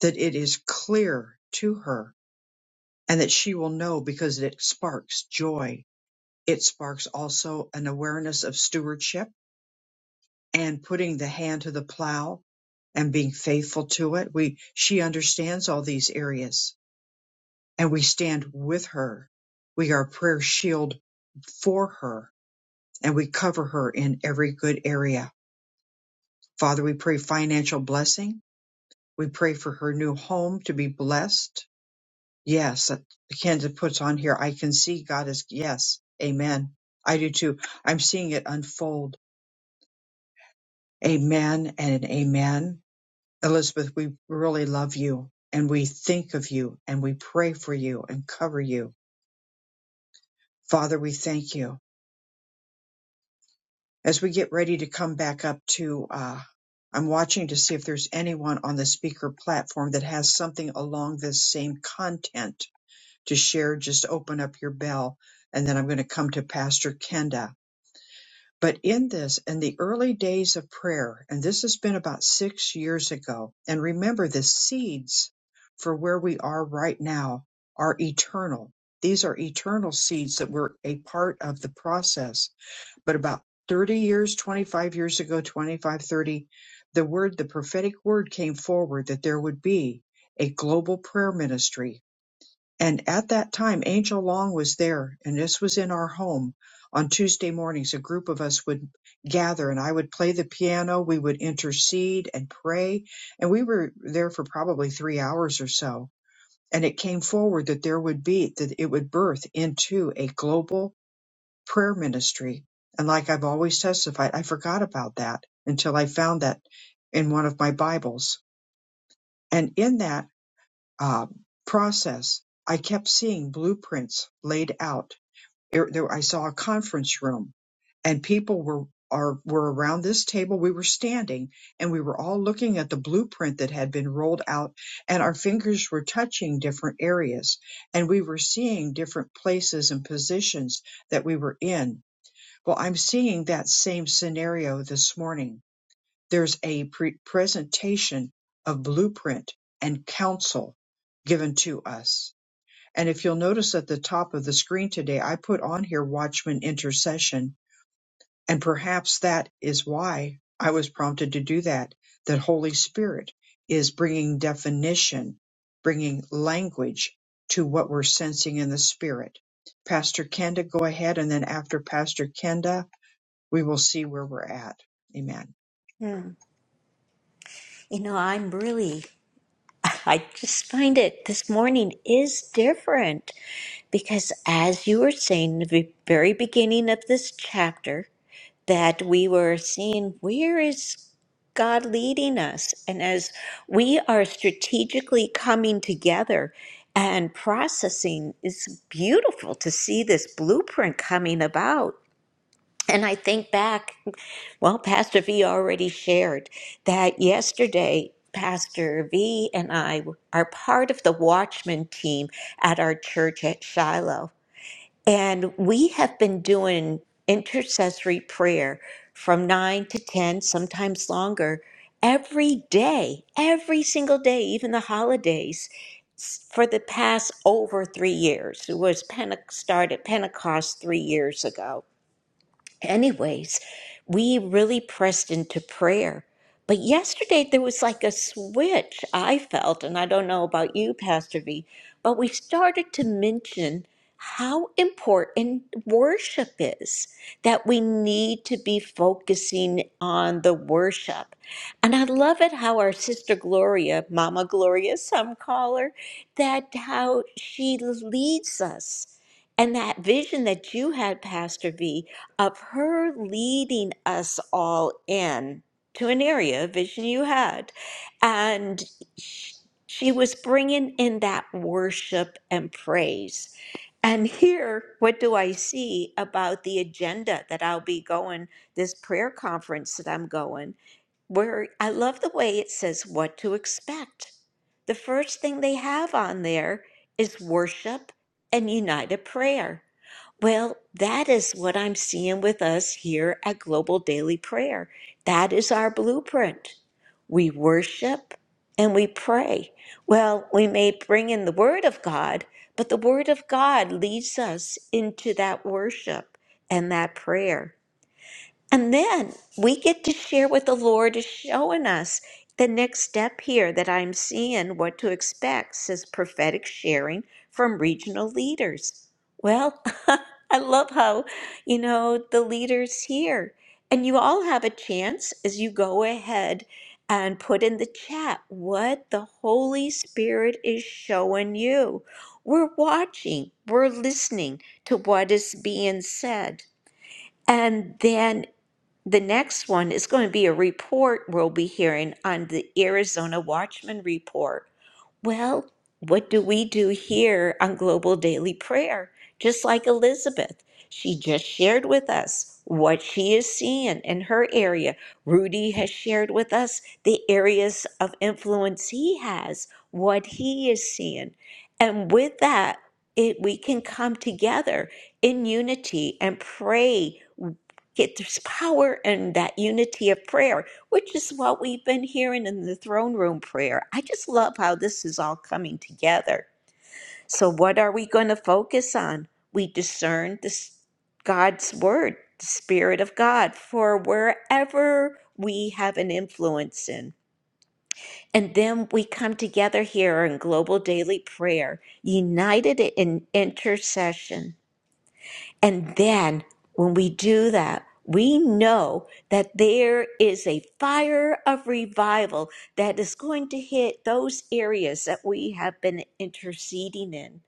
[SPEAKER 2] that it is clear to her and that she will know because it sparks joy. It sparks also an awareness of stewardship and putting the hand to the plow and being faithful to it. We, she understands all these areas and we stand with her. We are a prayer shield for her and we cover her in every good area. Father, we pray financial blessing. We pray for her new home to be blessed. Yes, that Kenza puts on here. I can see God is, yes, amen. I do too. I'm seeing it unfold. Amen and an amen. Elizabeth, we really love you and we think of you and we pray for you and cover you. Father, we thank you. As we get ready to come back up to, uh, I'm watching to see if there's anyone on the speaker platform that has something along this same content to share. Just open up your bell. And then I'm going to come to Pastor Kenda but in this in the early days of prayer and this has been about six years ago and remember the seeds for where we are right now are eternal these are eternal seeds that were a part of the process but about 30 years 25 years ago 25 30 the word the prophetic word came forward that there would be a global prayer ministry and at that time, Angel Long was there, and this was in our home. On Tuesday mornings, a group of us would gather, and I would play the piano. We would intercede and pray, and we were there for probably three hours or so. And it came forward that there would be, that it would birth into a global prayer ministry. And like I've always testified, I forgot about that until I found that in one of my Bibles. And in that, uh, process, I kept seeing blueprints laid out. There, there- I saw a conference room, and people were are were around this table. We were standing, and we were all looking at the blueprint that had been rolled out, and our fingers were touching different areas, and we were seeing different places and positions that we were in. Well, I'm seeing that same scenario this morning there's a pre- presentation of blueprint and counsel given to us. And if you'll notice at the top of the screen today, I put on here Watchman Intercession. And perhaps that is why I was prompted to do that, that Holy Spirit is bringing definition, bringing language to what we're sensing in the Spirit. Pastor Kenda, go ahead. And then after Pastor Kenda, we will see where we're at. Amen.
[SPEAKER 1] Hmm. You know, I'm really I just find it this morning is different because, as you were saying in the very beginning of this chapter, that we were seeing where is God leading us. And as we are strategically coming together and processing, it's beautiful to see this blueprint coming about. And I think back well, Pastor V already shared that yesterday, Pastor V and I are part of the Watchman team at our church at Shiloh. And we have been doing intercessory prayer from 9 to 10, sometimes longer, every day, every single day, even the holidays. s- For the past over three years, it was Pente- started Pentecost three years ago anyways, we really pressed into prayer. But yesterday there was like a switch I felt, and I don't know about you, Pastor V, but we started to mention how important worship is, that we need to be focusing on the worship. And I love it how our sister Gloria, Mama Gloria, some call her, that how she leads us. And that vision that you had, Pastor V, of her leading us all in to an area of vision you had. And sh- she was bringing in that worship and praise. And here, what do I see about the agenda that I'll be going, this prayer conference that I'm going, where I love the way it says what to expect. The first thing they have on there is worship and united prayer. Well, that is what I'm seeing with us here at Global Daily Prayer. That is our blueprint. We worship and we pray. Well, we may bring in the Word of God, but the Word of God leads us into that worship and that prayer. And then we get to share what the Lord is showing us. The next step here that I'm seeing what to expect says prophetic sharing from regional leaders. Well, I love how, you know, the leaders here. And you all have a chance as you go ahead and put in the chat what the Holy Spirit is showing you. We're watching, we're listening to what is being said. And then the next one is going to be a report we'll be hearing on the Arizona Watchman Report. Well, what do we do here on Global Daily Prayer? Just like Elizabeth, she just shared with us what she is seeing in her area. Rudy has shared with us the areas of influence he has, what he is seeing. And with that, it, we can come together in unity and pray Get this power and that unity of prayer, which is what we've been hearing in the throne room prayer. I just love how this is all coming together. So, what are we going to focus on? We discern this God's word, the Spirit of God, for wherever we have an influence in. And then we come together here in global daily prayer, united in intercession and then when we do that, we know that there is a fire of revival that is going to hit those areas that we have been interceding in.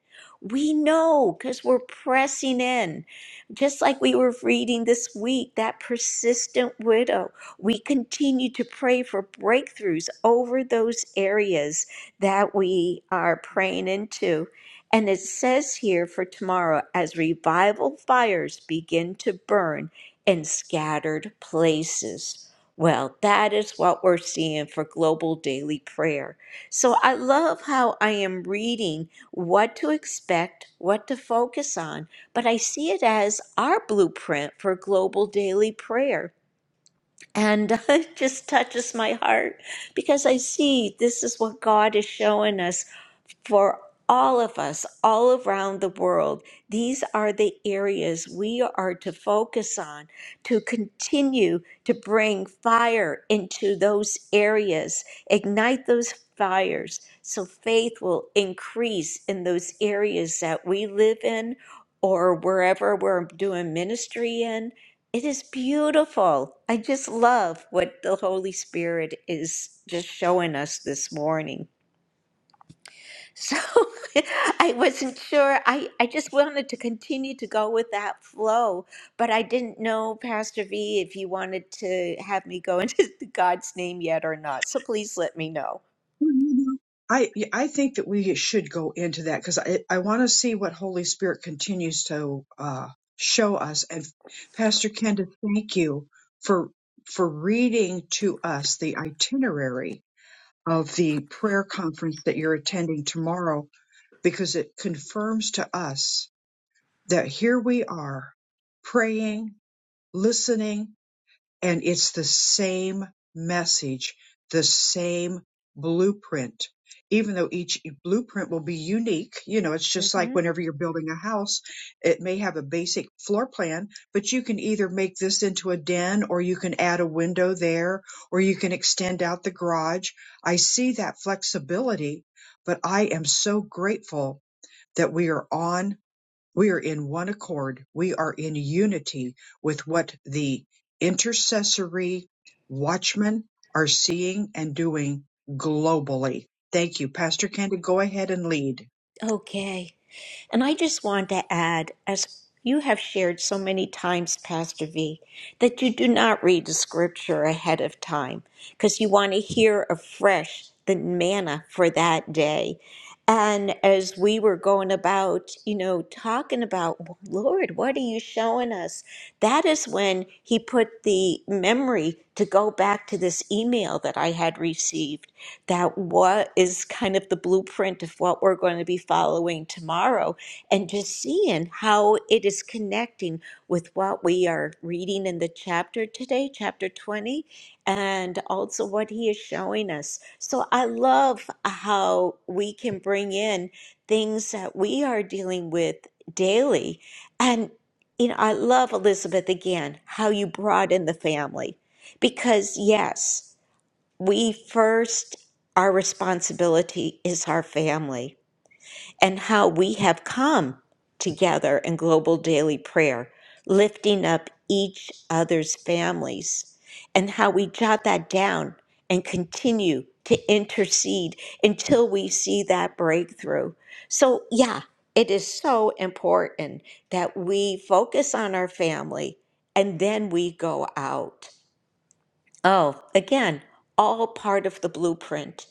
[SPEAKER 1] We know because we're pressing in. Just like we were reading this week, that persistent widow, we continue to pray for breakthroughs over those areas that we are praying into. And it says here for tomorrow, as revival fires begin to burn in scattered places. Well, that is what we're seeing for global daily prayer. So I love how I am reading what to expect, what to focus on, but I see it as our blueprint for global daily prayer. And it just touches my heart because I see this is what God is showing us for all of us all around the world these are the areas we are to focus on to continue to bring fire into those areas ignite those fires so faith will increase in those areas that we live in or wherever we're doing ministry in it is beautiful i just love what the holy spirit is just showing us this morning so I wasn't sure. I, I just wanted to continue to go with that flow, but I didn't know, Pastor V, if you wanted to have me go into God's name yet or not. So please let me know.
[SPEAKER 2] Well, you know, I I think that we should go into that because I I want to see what Holy Spirit continues to uh, show us. And Pastor Kenda, thank you for for reading to us the itinerary of the prayer conference that you're attending tomorrow because it confirms to us that here we are praying, listening, and it's the same message, the same blueprint, even though each blueprint will be unique. You know, it's just like
[SPEAKER 1] hmm
[SPEAKER 2] whenever you're building a house, it may have a basic floor plan, but you can either make this into a den or you can add a window there or you can extend out the garage. I see that flexibility, but I am so grateful that we are on we are in one accord. We are in unity with what the intercessory watchmen are seeing and doing globally. Thank you. Pastor Kenda, go ahead and lead.
[SPEAKER 1] Okay. And I just want to add, as you have shared so many times, Pastor V, that you do not read the scripture ahead of time because you want to hear afresh the manna for that day. And as we were going about, you know, talking about, Lord, what are you showing us? That is when he put the memory to go back to this email that I had received that what is kind of the blueprint of what we're going to be following tomorrow and just seeing how it is connecting with what we are reading in the chapter today, chapter 20, and also what he is showing us. So I love how we can bring in things that we are dealing with daily. And, you know, I love Elizabeth again, how you brought in the family. Because, yes, we first, our responsibility is our family and how we have come together in global daily prayer, lifting up each other's families, and how we jot that down and continue to intercede until we see that breakthrough. So, yeah, it is so important that we focus on our family and then we go out. Oh, again, all part of the blueprint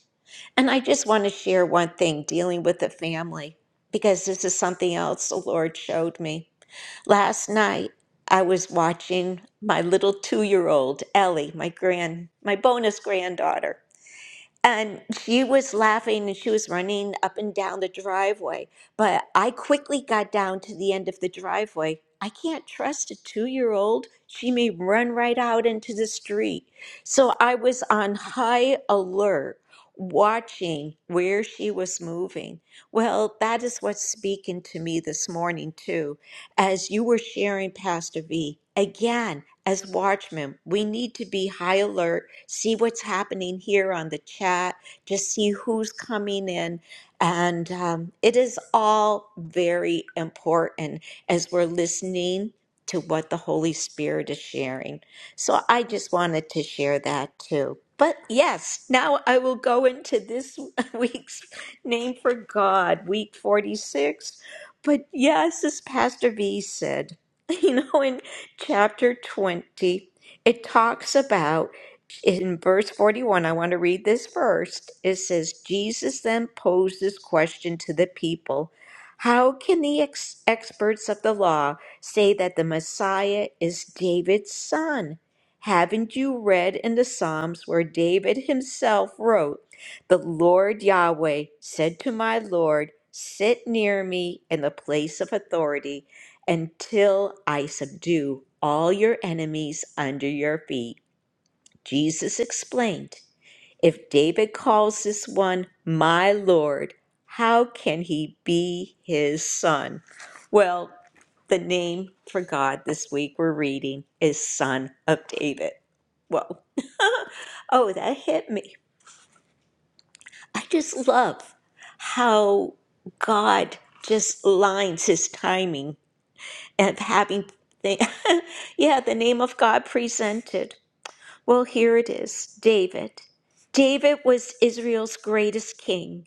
[SPEAKER 1] and I just want to share one thing dealing with the family, because this is something else the Lord showed me. Last night, I was watching my little two year old, Ellie, my grand, my bonus granddaughter. And she was laughing and she was running up and down the driveway. But I quickly got down to the end of the driveway. I can't trust a two year old. She may run right out into the street. So I was on high alert, watching where she was moving. Well, that is what's speaking to me this morning, too, as you were sharing, Pastor V. Again, as watchmen, we need to be high alert, see what's happening here on the chat, just see who's coming in. And um, it is all very important as we're listening to what the Holy Spirit is sharing. So I just wanted to share that too. But yes, now I will go into this week's name for God, week 46. But yes, as Pastor V said, you know, in chapter 20, it talks about in verse 41. I want to read this first. It says, Jesus then posed this question to the people How can the ex- experts of the law say that the Messiah is David's son? Haven't you read in the Psalms where David himself wrote, The Lord Yahweh said to my Lord, Sit near me in the place of authority until I subdue all your enemies under your feet. Jesus explained, If David calls this one my Lord, how can he be his son? Well, the name for God this week we're reading is Son of David. Whoa. oh, that hit me. I just love how God just lines his timing of having the, yeah the name of god presented well here it is david david was israel's greatest king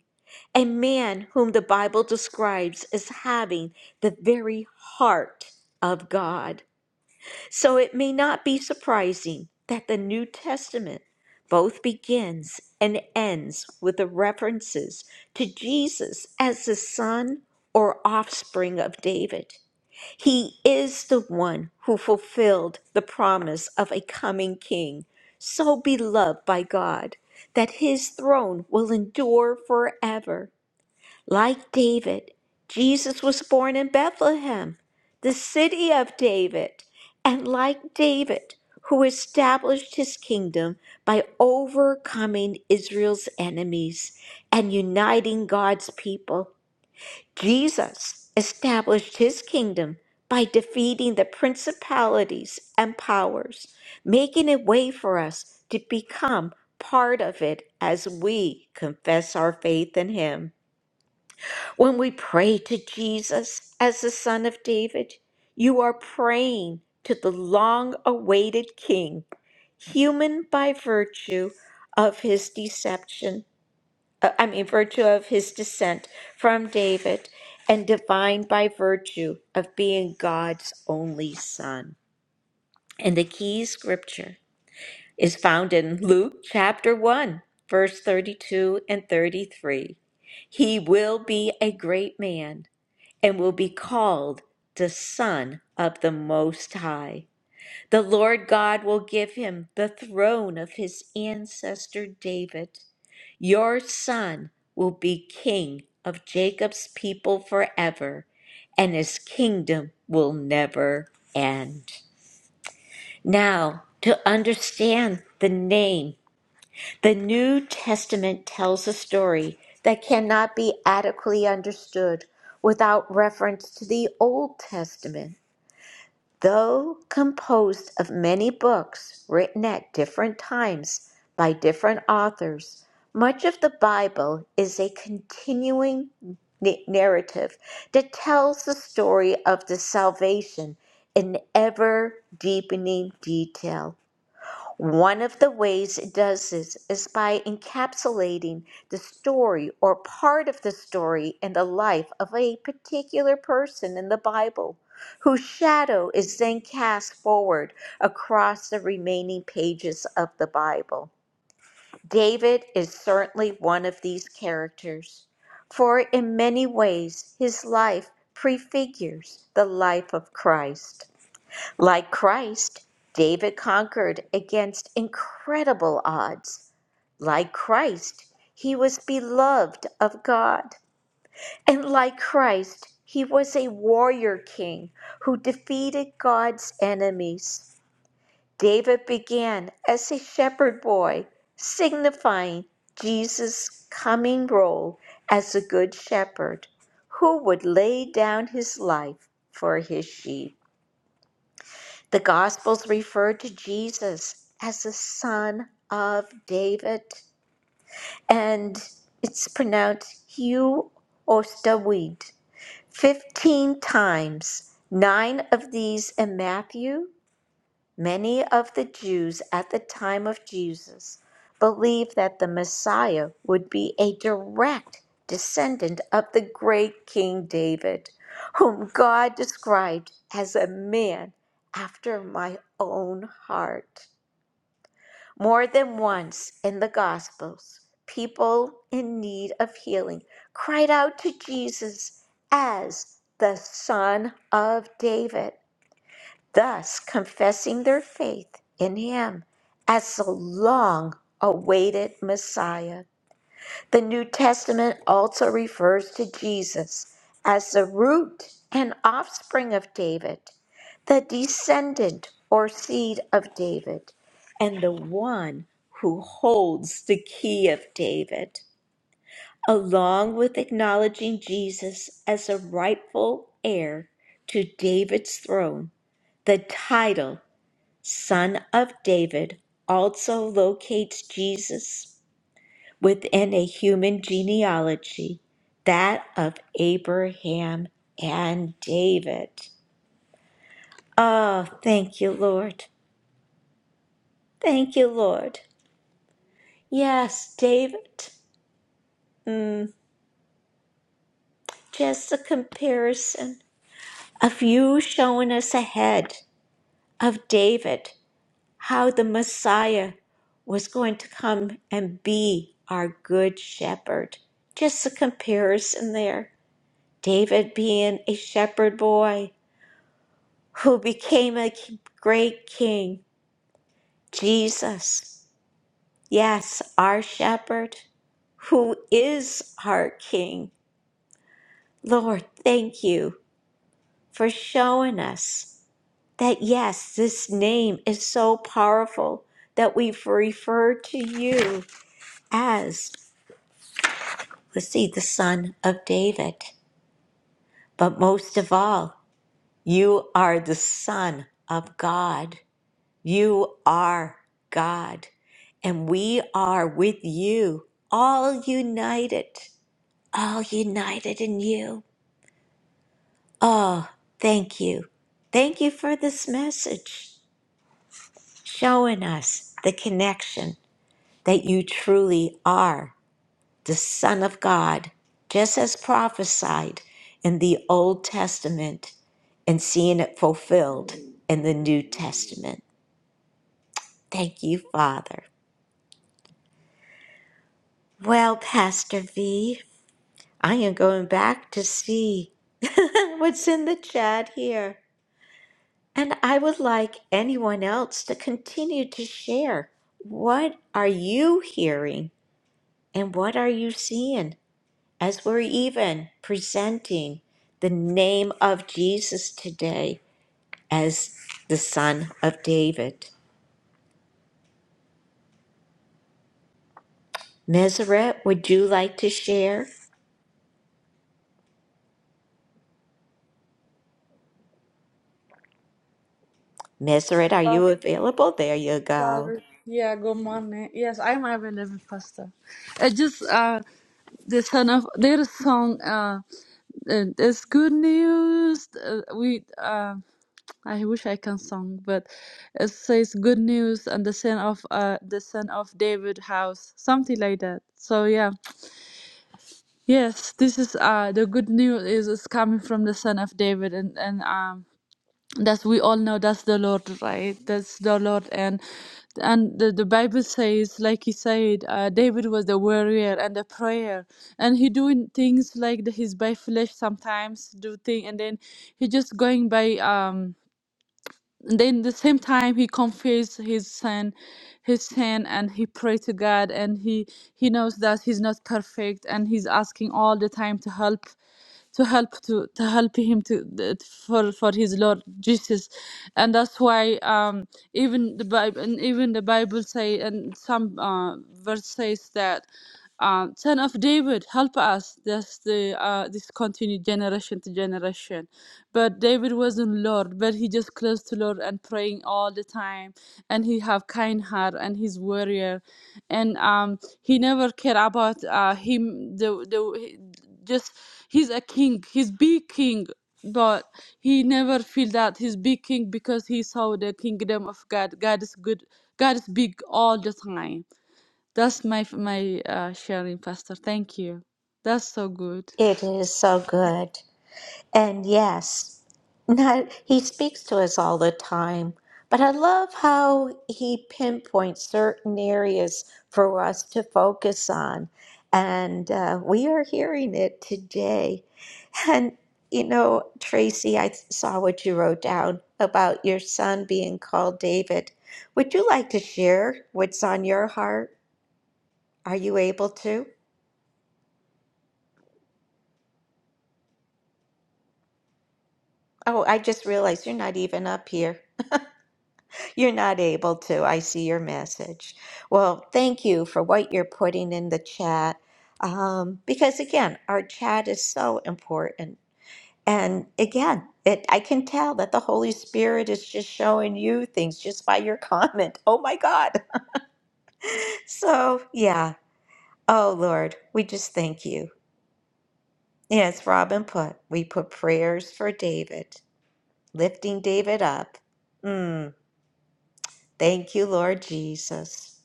[SPEAKER 1] a man whom the bible describes as having the very heart of god so it may not be surprising that the New Testament both begins and ends with the references to Jesus as the son or offspring of David. He is the one who fulfilled the promise of a coming king, so beloved by God that his throne will endure forever. Like David, Jesus was born in Bethlehem, the city of David. And like David, who established his kingdom by overcoming Israel's enemies and uniting God's people, Jesus established his kingdom by defeating the principalities and powers, making a way for us to become part of it as we confess our faith in him. When we pray to Jesus as the Son of David, you are praying to the long awaited King, human by virtue of his deception, uh, I mean, virtue of his descent from David, and divine by virtue of being God's only Son. And the key scripture is found in Luke chapter 1, verse 32 and 33. He will be a great man and will be called the Son of the Most High. The Lord God will give him the throne of his ancestor David. Your son will be king of Jacob's people forever, and his kingdom will never end. Now, to understand the name the New Testament tells a story that cannot be adequately understood without reference to the Old Testament. Though composed of many books written at different times by different authors, much of the Bible is a continuing n- narrative that tells the story of the salvation in ever deepening detail. One of the ways it does this is by encapsulating the story or part of the story in the life of a particular person in the Bible, whose shadow is then cast forward across the remaining pages of the Bible. David is certainly one of these characters, for in many ways his life prefigures the life of Christ. Like Christ, David conquered against incredible odds. Like Christ, he was beloved of God. And like Christ, he was a warrior king who defeated God's enemies. David began as a shepherd boy, signifying Jesus' coming role as a good shepherd who would lay down his life for his sheep. The Gospels refer to Jesus as the Son of David, and it's pronounced Hugh or Stawid 15 times, nine of these in Matthew Many of the Jews at the time of Jesus believed that the Messiah would be a direct descendant of the great King David, whom God described as a man after my own heart. More than once in the Gospels, people in need of healing cried out to Jesus as the Son of David thus confessing their faith in him as the long awaited Messiah. The New Testament also refers to Jesus as the root and offspring of David, the descendant or seed of David, and the one who holds the key of David. Along with acknowledging Jesus as a rightful heir to David's throne, the title son of David, also locates Jesus within a human genealogy, that of Abraham and David. Oh, thank you, Lord. Thank you, Lord. Yes, David. Mm, just a comparison of you showing us ahead of David how the Messiah was going to come and be our good shepherd. Just a comparison there. David being a shepherd boy who became a great king. Jesus, yes, our shepherd, who is our king. Lord, thank you for showing us that, yes, this name is so powerful that we've referred to you as. was he the son of David? But most of all, you are the son of God. You are God. And we are with you, all united, all united in you. Oh, thank you. Thank you for this message, showing us the connection that you truly are the Son of God, just as prophesied in the Old Testament and seeing it fulfilled in the New Testament. Thank you, Father. Well, Pastor V, I am going back to see what's in the chat here. And I would like anyone else to continue to share. What are you hearing and what are you seeing? as we're even presenting the name of Jesus today as the Son of David. Meseret, would you like to share? Meseret, are you available? There you go.
[SPEAKER 6] Sorry. Yeah, good morning. Yes, I'm available, Pastor. I just uh, the son of their song. Uh, uh, it's good news. Uh, we uh, I wish I can song, but it says good news and the son of uh the son of David house, something like that. So yeah, yes, this is uh the good news is, is coming from the son of David and and um that's we all know that's the Lord, right? That's the Lord, and and the, the Bible says, like he said, uh, David was the warrior and the prayer, and he doing things like the, his by flesh sometimes do thing, and then he just going by um then the same time he confessed his sin his sin and he prayed to god and he he knows that he's not perfect and he's asking all the time to help to help to to help him to that for for his lord jesus and that's why um even the bible and even the bible say and some uh, verse says that um, Son of David, help us. That's the uh, this continued generation to generation. But David wasn't Lord, but he just close to Lord and praying all the time. And he have kind heart and he's warrior, and um, he never care about uh, him. The the he- just he's a king. He's big king but he never feel that he's big king because he saw the kingdom of God. God is good. God is big all the time that's my my uh, sharing, Pastor. Thank you. That's so good.
[SPEAKER 1] It is so good. And yes, not, he speaks to us all the time, but I love how he pinpoints certain areas for us to focus on. And uh, we are hearing it today. And, you know, Tracy, I saw what you wrote down about your son being called David. Would you like to share what's on your heart? Are you able to? Oh, I just realized you're not even up here. You're not able to. I see your message. Well, thank you for what you're putting in the chat. Um, because again, our chat is so important. And again, it, I can tell that the Holy Spirit is just showing you things just by your comment. Oh my God. So, yeah. Oh Lord, we just thank you. Yes, Robin put, we put prayers for David, lifting David up. Mm, thank you, Lord Jesus.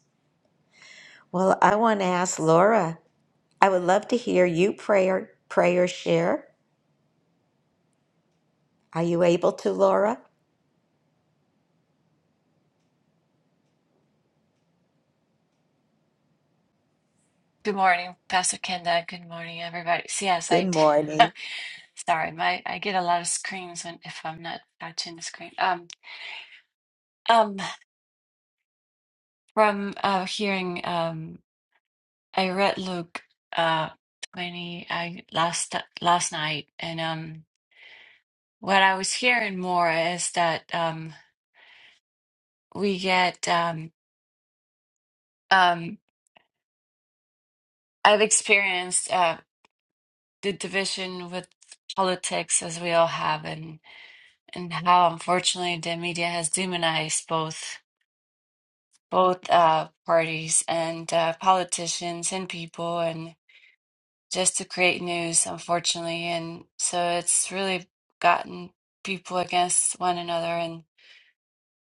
[SPEAKER 1] Well, I want to ask Laura. I would love to hear you prayer prayer share. Are you able to, Laura?
[SPEAKER 7] Good morning, Pastor Kenda. Good morning, everybody. So Yes,
[SPEAKER 1] Good
[SPEAKER 7] I do.
[SPEAKER 1] morning.
[SPEAKER 7] Sorry, my I get a lot of screams when if I'm not touching the screen. Um, um, from uh, hearing um, I read Luke uh twenty I last last night, and um, what I was hearing more is that um we get um um I've experienced uh the division with politics as we all have, and and how unfortunately the media has demonized both. both uh, parties and uh, politicians and people and just to create news, unfortunately. And so it's really gotten people against one another and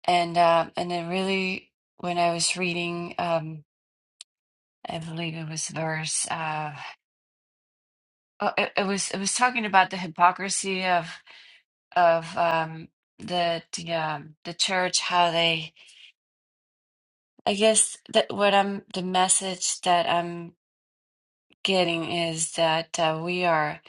[SPEAKER 7] and uh, and then really when I was reading, um, I believe it was verse. Uh, oh, it, it was it was talking about the hypocrisy of of um, the the um, the church, how they. I guess that what I'm the message that I'm getting is that uh, we are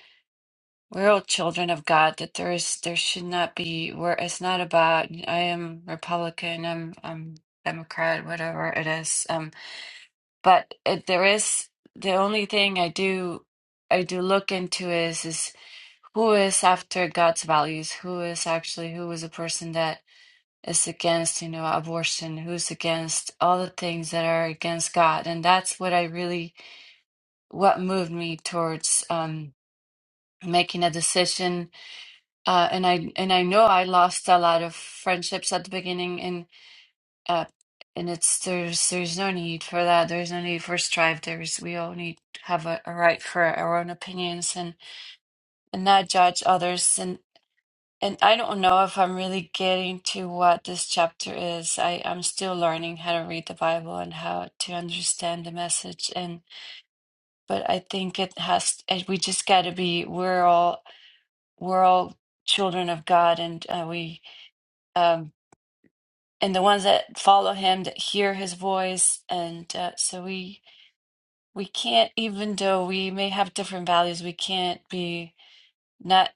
[SPEAKER 7] we're all children of God. That there is there should not be where it's not about I am Republican, I'm I'm Democrat, whatever it is. Um, but it, there is the only thing I do I do look into is is who is after God's values, who is actually who is a person that is against you know abortion, who's against all the things that are against God, and that's what I really what moved me towards. Um, making a decision uh, and I and I know I lost a lot of friendships at the beginning and uh, and it's there's there's no need for that there's no need for strife there's we all need to have a, a right for our own opinions and and not judge others and and I don't know if I'm really getting to what this chapter is I I'm still learning how to read the Bible and how to understand the message and but I think it has and we just got to be we're all we're all children of God, and uh, we um, and the ones that follow Him that hear His voice, and uh, so we we can't, even though we may have different values, we can't be not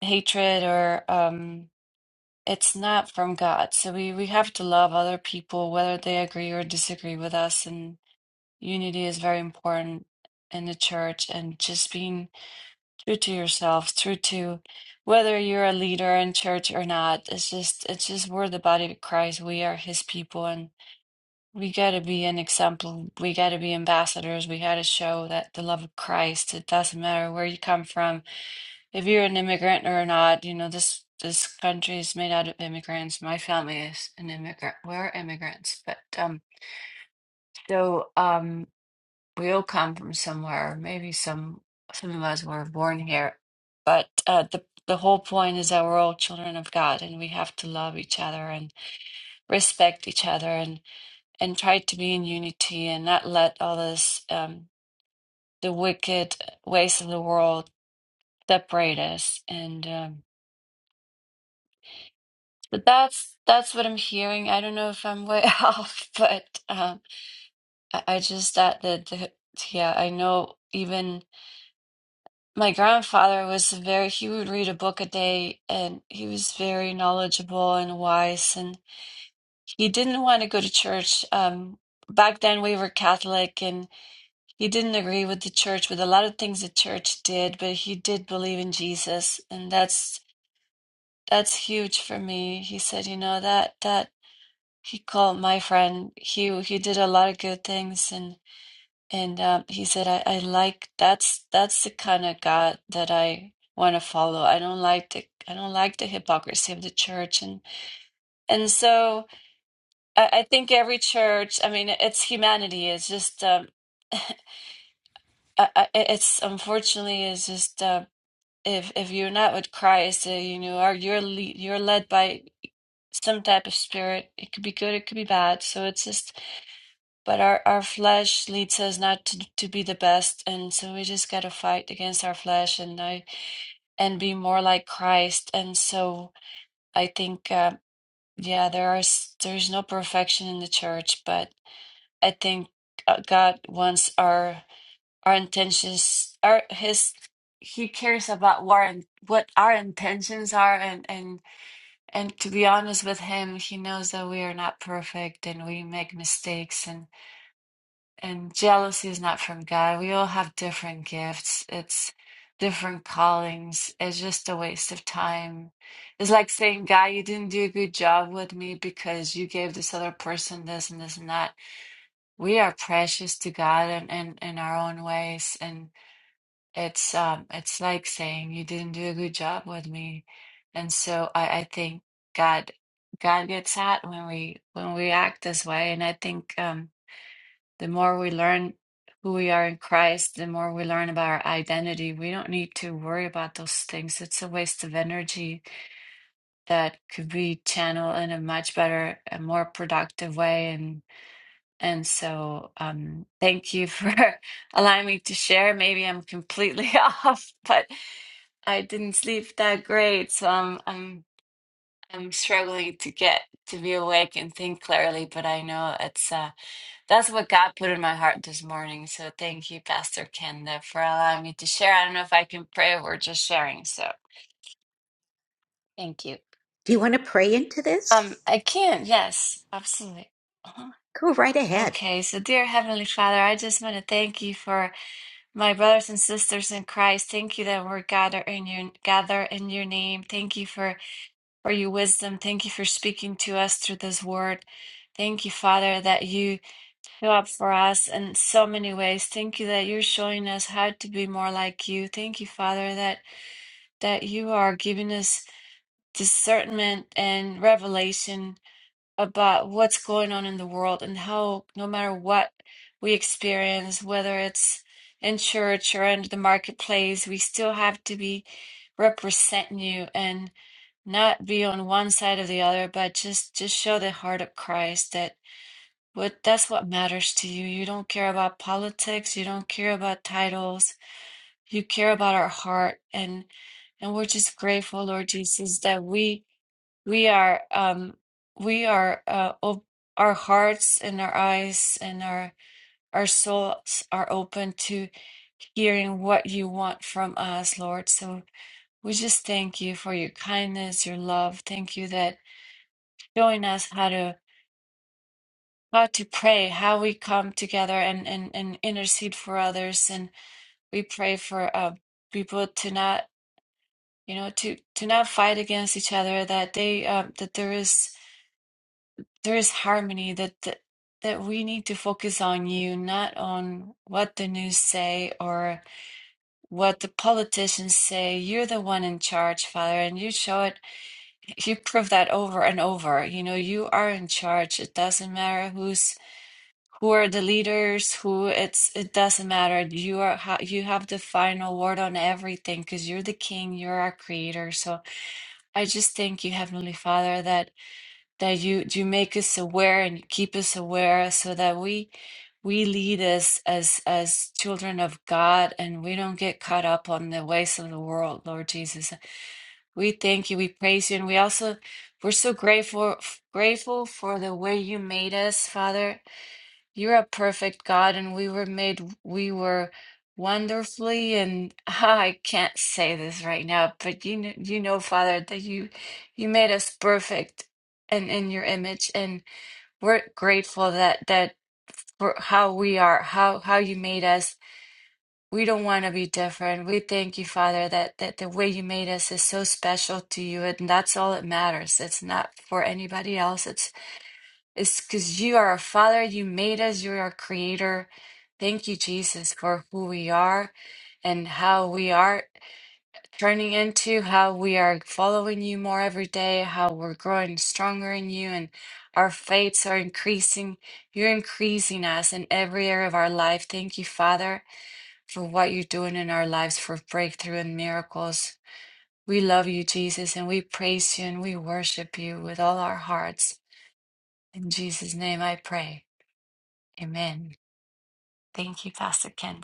[SPEAKER 7] hatred or um, it's not from God. So we we have to love other people, whether they agree or disagree with us, and unity is very important in the church, and just being true to yourself, true to whether you're a leader in church or not. It's just, it's just we're the body of Christ. We are His people, and we got to be an example. We got to be ambassadors. We got to show that the love of Christ. It doesn't matter where you come from, if you're an immigrant or not. You know this. This country is made out of immigrants. My family is an immigrant. We're immigrants, but um, so um. We all come from somewhere. Maybe some some of us were born here, but uh, the the whole point is that we're all children of God, and we have to love each other and respect each other, and and try to be in unity, and not let all this um, the wicked ways of the world separate us. And um, but that's that's what I'm hearing. I don't know if I'm way off, but um, I, I just thought that the, yeah, I know even. My grandfather was very, he would read a book a day and he was very knowledgeable and wise. And he didn't want to go to church. Um, back then, we were Catholic and he didn't agree with the church, with a lot of things the church did, but he did believe in Jesus. And that's, that's huge for me. He said, you know, that, that he called my friend. He, he did a lot of good things And um, he said, I, I like that's that's the kind of God that I want to follow. I don't like the I don't like the hypocrisy of the church. And and so I, I think every church, I mean, it's humanity. It's just um, I, I, it's unfortunately it's just uh, if if you're not with Christ, uh, you know, or you're le you're led by some type of spirit. It could be good, it could be bad. So it's just but our, our flesh leads us not to, to be the best and so we just got to fight against our flesh and I, and be more like christ and so i think uh, yeah there are s- there's no perfection in the church but i think uh, god wants our our intentions our his he cares about what our- what our intentions are and and and to be honest with him he knows that we are not perfect and we make mistakes and. and jealousy is not from God. We all have different gifts. It's different callings. It's just a waste of time. It's like saying, God, you didn't do a good job with me because you gave this other person this and this and that. We are precious to God and in, in, in our own ways. And it's um it's like saying you didn't do a good job with me. And so I, I think God God gets that when we when we act this way. And I think um the more we learn who we are in Christ, the more we learn about our identity. We don't need to worry about those things. It's a waste of energy that could be channeled in a much better and more productive way. And and so, um, thank you for allowing me to share. Maybe I'm completely off, but I didn't sleep that great, so I'm I'm I'm struggling to get to be awake and think clearly. But I know it's uh that's what God put in my heart this morning. So thank you, Pastor Kenda, for allowing me to share. I don't know if I can pray or just sharing. So thank you.
[SPEAKER 1] Do you want to pray into
[SPEAKER 7] Um,
[SPEAKER 1] this?
[SPEAKER 7] I can. Yes, absolutely. Uh-huh.
[SPEAKER 1] Go right ahead.
[SPEAKER 7] Okay. So, dear Heavenly Father, I just want to thank you for my brothers and sisters in Christ. Thank you that we're gather in your gather in your name. Thank you for for your wisdom. Thank you for speaking to us through this word. Thank you, Father, that you Show up for us in so many ways. Thank you that you're showing us how to be more like you. Thank you, Father, that that you are giving us discernment and revelation about what's going on in the world and how no matter what we experience, whether it's in church or in the marketplace, we still have to be representing you and not be on one side or the other, but just just show the heart of Christ that what that's what matters to you. You don't care about politics, you don't care about titles. You care about our heart and and we're just grateful, Lord Jesus, that we we are um we are uh op our hearts and our eyes and our our souls are open to hearing what you want from us, Lord. So we just thank you for your kindness, your love. Thank you that showing us how to God, to pray how we come together and, and, and intercede for others. And we pray for uh, people to not, you know, to, to not fight against each other, that they, um, that there is, there is harmony that, that, that we need to focus on you, not on what the news say or what the politicians say. You're the one in charge, Father, and you show it, you prove that over and over. You know, you are in charge. It doesn't matter who's who are the leaders, who it's it doesn't matter. You are ha you have the final word on everything because you're the king, you're our creator. So I just thank you, Heavenly Father, that that you you make us aware and you keep us aware so that we we lead us as as children of God and we don't get caught up on the ways of the world, Lord Jesus. We thank you, we praise you, and we also we're so grateful grateful for the way you made us, Father you're a perfect God, and we were made, we were wonderfully, and I can't say this right now, but you know, you know, Father, that you you made us perfect and in your image, and we're grateful that that for how we are, how how you made us. We don't want to be different. We thank you, Father, that that the way you made us is so special to you, and that's all that matters. It's not for anybody else. It's it's because you are a father, you made us, you're our creator. Thank you, Jesus, for who we are and how we are turning into, how we are following you more every day, how we're growing stronger in you, and our faiths are increasing. You're increasing us in every area of our life. Thank you, Father, for what you're doing in our lives for breakthrough and miracles. We love you, Jesus, and we praise you and we worship you with all our hearts. In Jesus' name I pray. Amen. Thank you, Pastor Ken.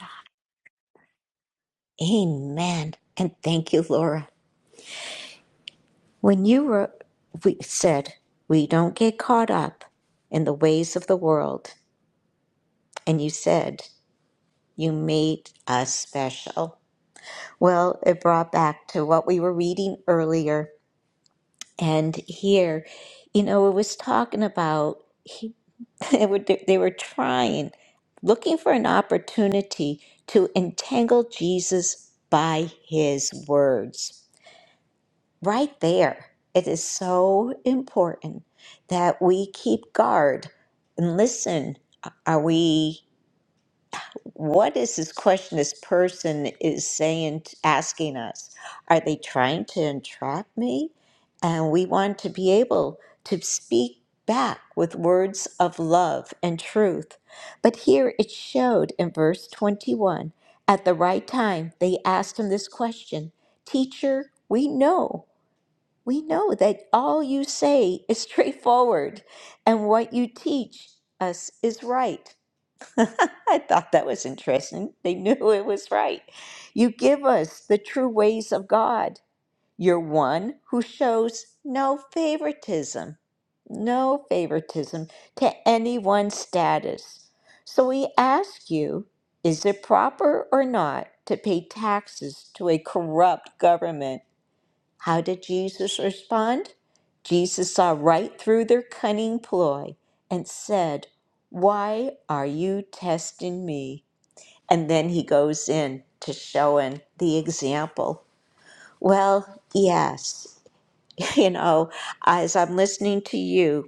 [SPEAKER 1] Amen. And thank you, Laura. When you were we said we don't get caught up in the ways of the world, and you said you made us special. Well, it brought back to what we were reading earlier and here, you know, it was talking about they were they were trying looking for an opportunity to entangle Jesus by his words right there it is so important that we keep guard and listen are we what is this question this person is saying asking us are they trying to entrap me and we want to be able to speak back with words of love and truth but here it showed in verse 21 at the right time they asked him this question teacher we know we know that all you say is straightforward and what you teach us is right I thought that was interesting. They knew it was right. You give us the true ways of God. You're one who shows no favoritism, no favoritism to anyone's status. So we ask you is it proper or not to pay taxes to a corrupt government? How did Jesus respond? Jesus saw right through their cunning ploy and said, Why are you testing me? And then he goes in to showing the example. Well, yes, you know, as I'm listening to you,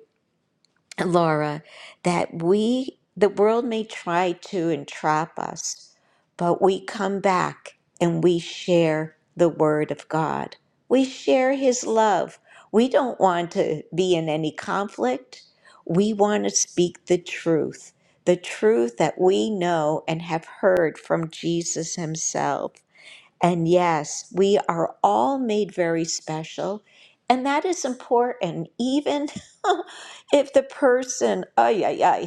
[SPEAKER 1] Laura, that we, the world may try to entrap us, but we come back and we share the Word of God. We share His love. We don't want to be in any conflict. We want to speak the truth, the truth that we know and have heard from Jesus Himself. And yes, we are all made very special. And that is important, even if the person, ay, ay, ay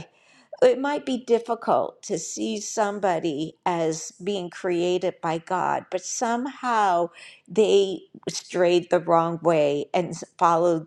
[SPEAKER 1] it might be difficult to see somebody as being created by God, but somehow they strayed the wrong way and followed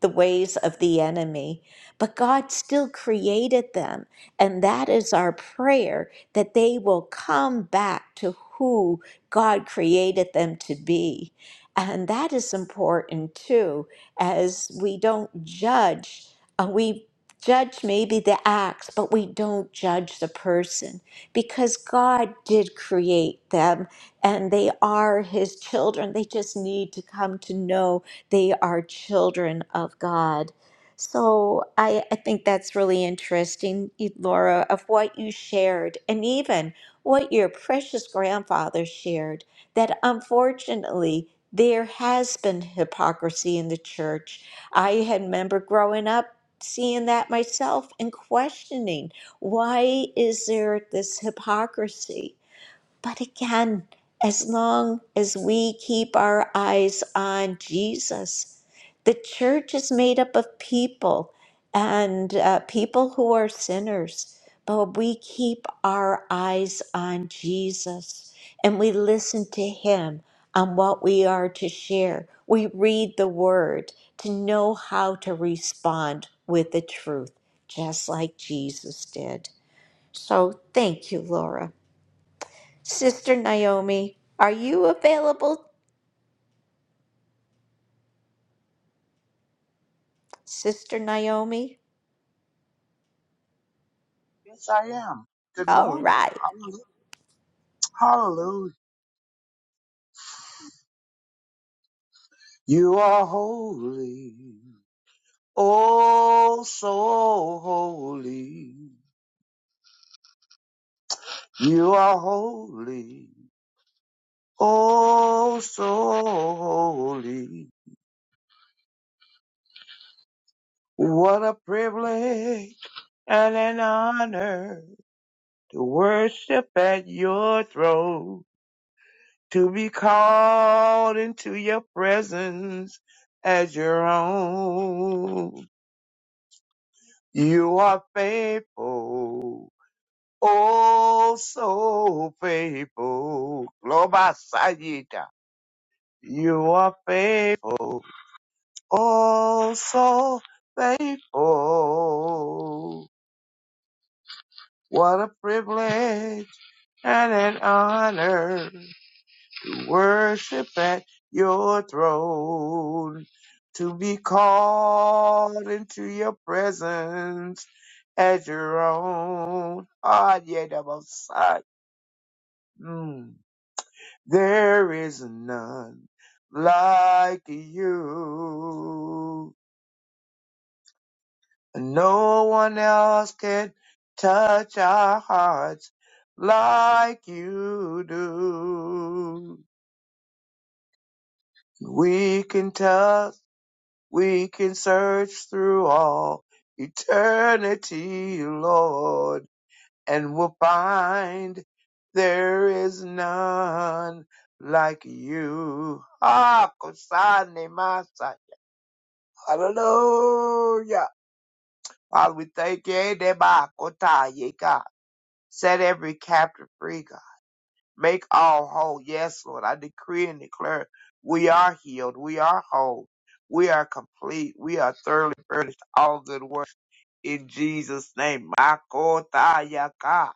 [SPEAKER 1] the ways of the enemy. But God still created them. And that is our prayer that they will come back to who God created them to be. And that is important too, as we don't judge. uh, We judge maybe the acts, but we don't judge the person because God did create them and they are His children. They just need to come to know they are children of God. So I, I think that's really interesting, E, Laura, of what you shared and even what your precious grandfather shared that unfortunately there has been hypocrisy in the church. I had remember growing up seeing that myself and questioning why is there this hypocrisy but again, as long as we keep our eyes on Jesus, the church is made up of people and uh, people who are sinners, but we keep our eyes on Jesus and we listen to Him on what we are to share. We read the Word to know how to respond with the truth, just like Jesus did. So thank you, Laura. Sister Naomi, are you available? Sister Naomi?
[SPEAKER 8] Yes, I am. Good
[SPEAKER 1] All
[SPEAKER 8] morning.
[SPEAKER 1] right.
[SPEAKER 8] Hallelujah. Hallelujah. You are holy. Oh, so holy. You are holy. Oh, so holy. What a privilege and an honor to worship at your throne, to be called into your presence as your own. You are faithful, oh so faithful. Global Sayita. You are faithful, oh so faithful. What a privilege and an honor to worship at your throne, to be called into your presence at your own heart, yet above sight. Mm. There is none like you. No one else can touch our hearts like you do. We can touch, we can search through all eternity, Lord and will find there is none like you. Ah, Kosane Masai. Hallelujah. Father, we thank you. eh, Deba Kotaye, God. Set every captive free, God. Make all whole. Yes, Lord. I decree and declare we are healed. We are whole. We are complete. We are thoroughly furnished. All good work in Jesus' name. Makotayaka.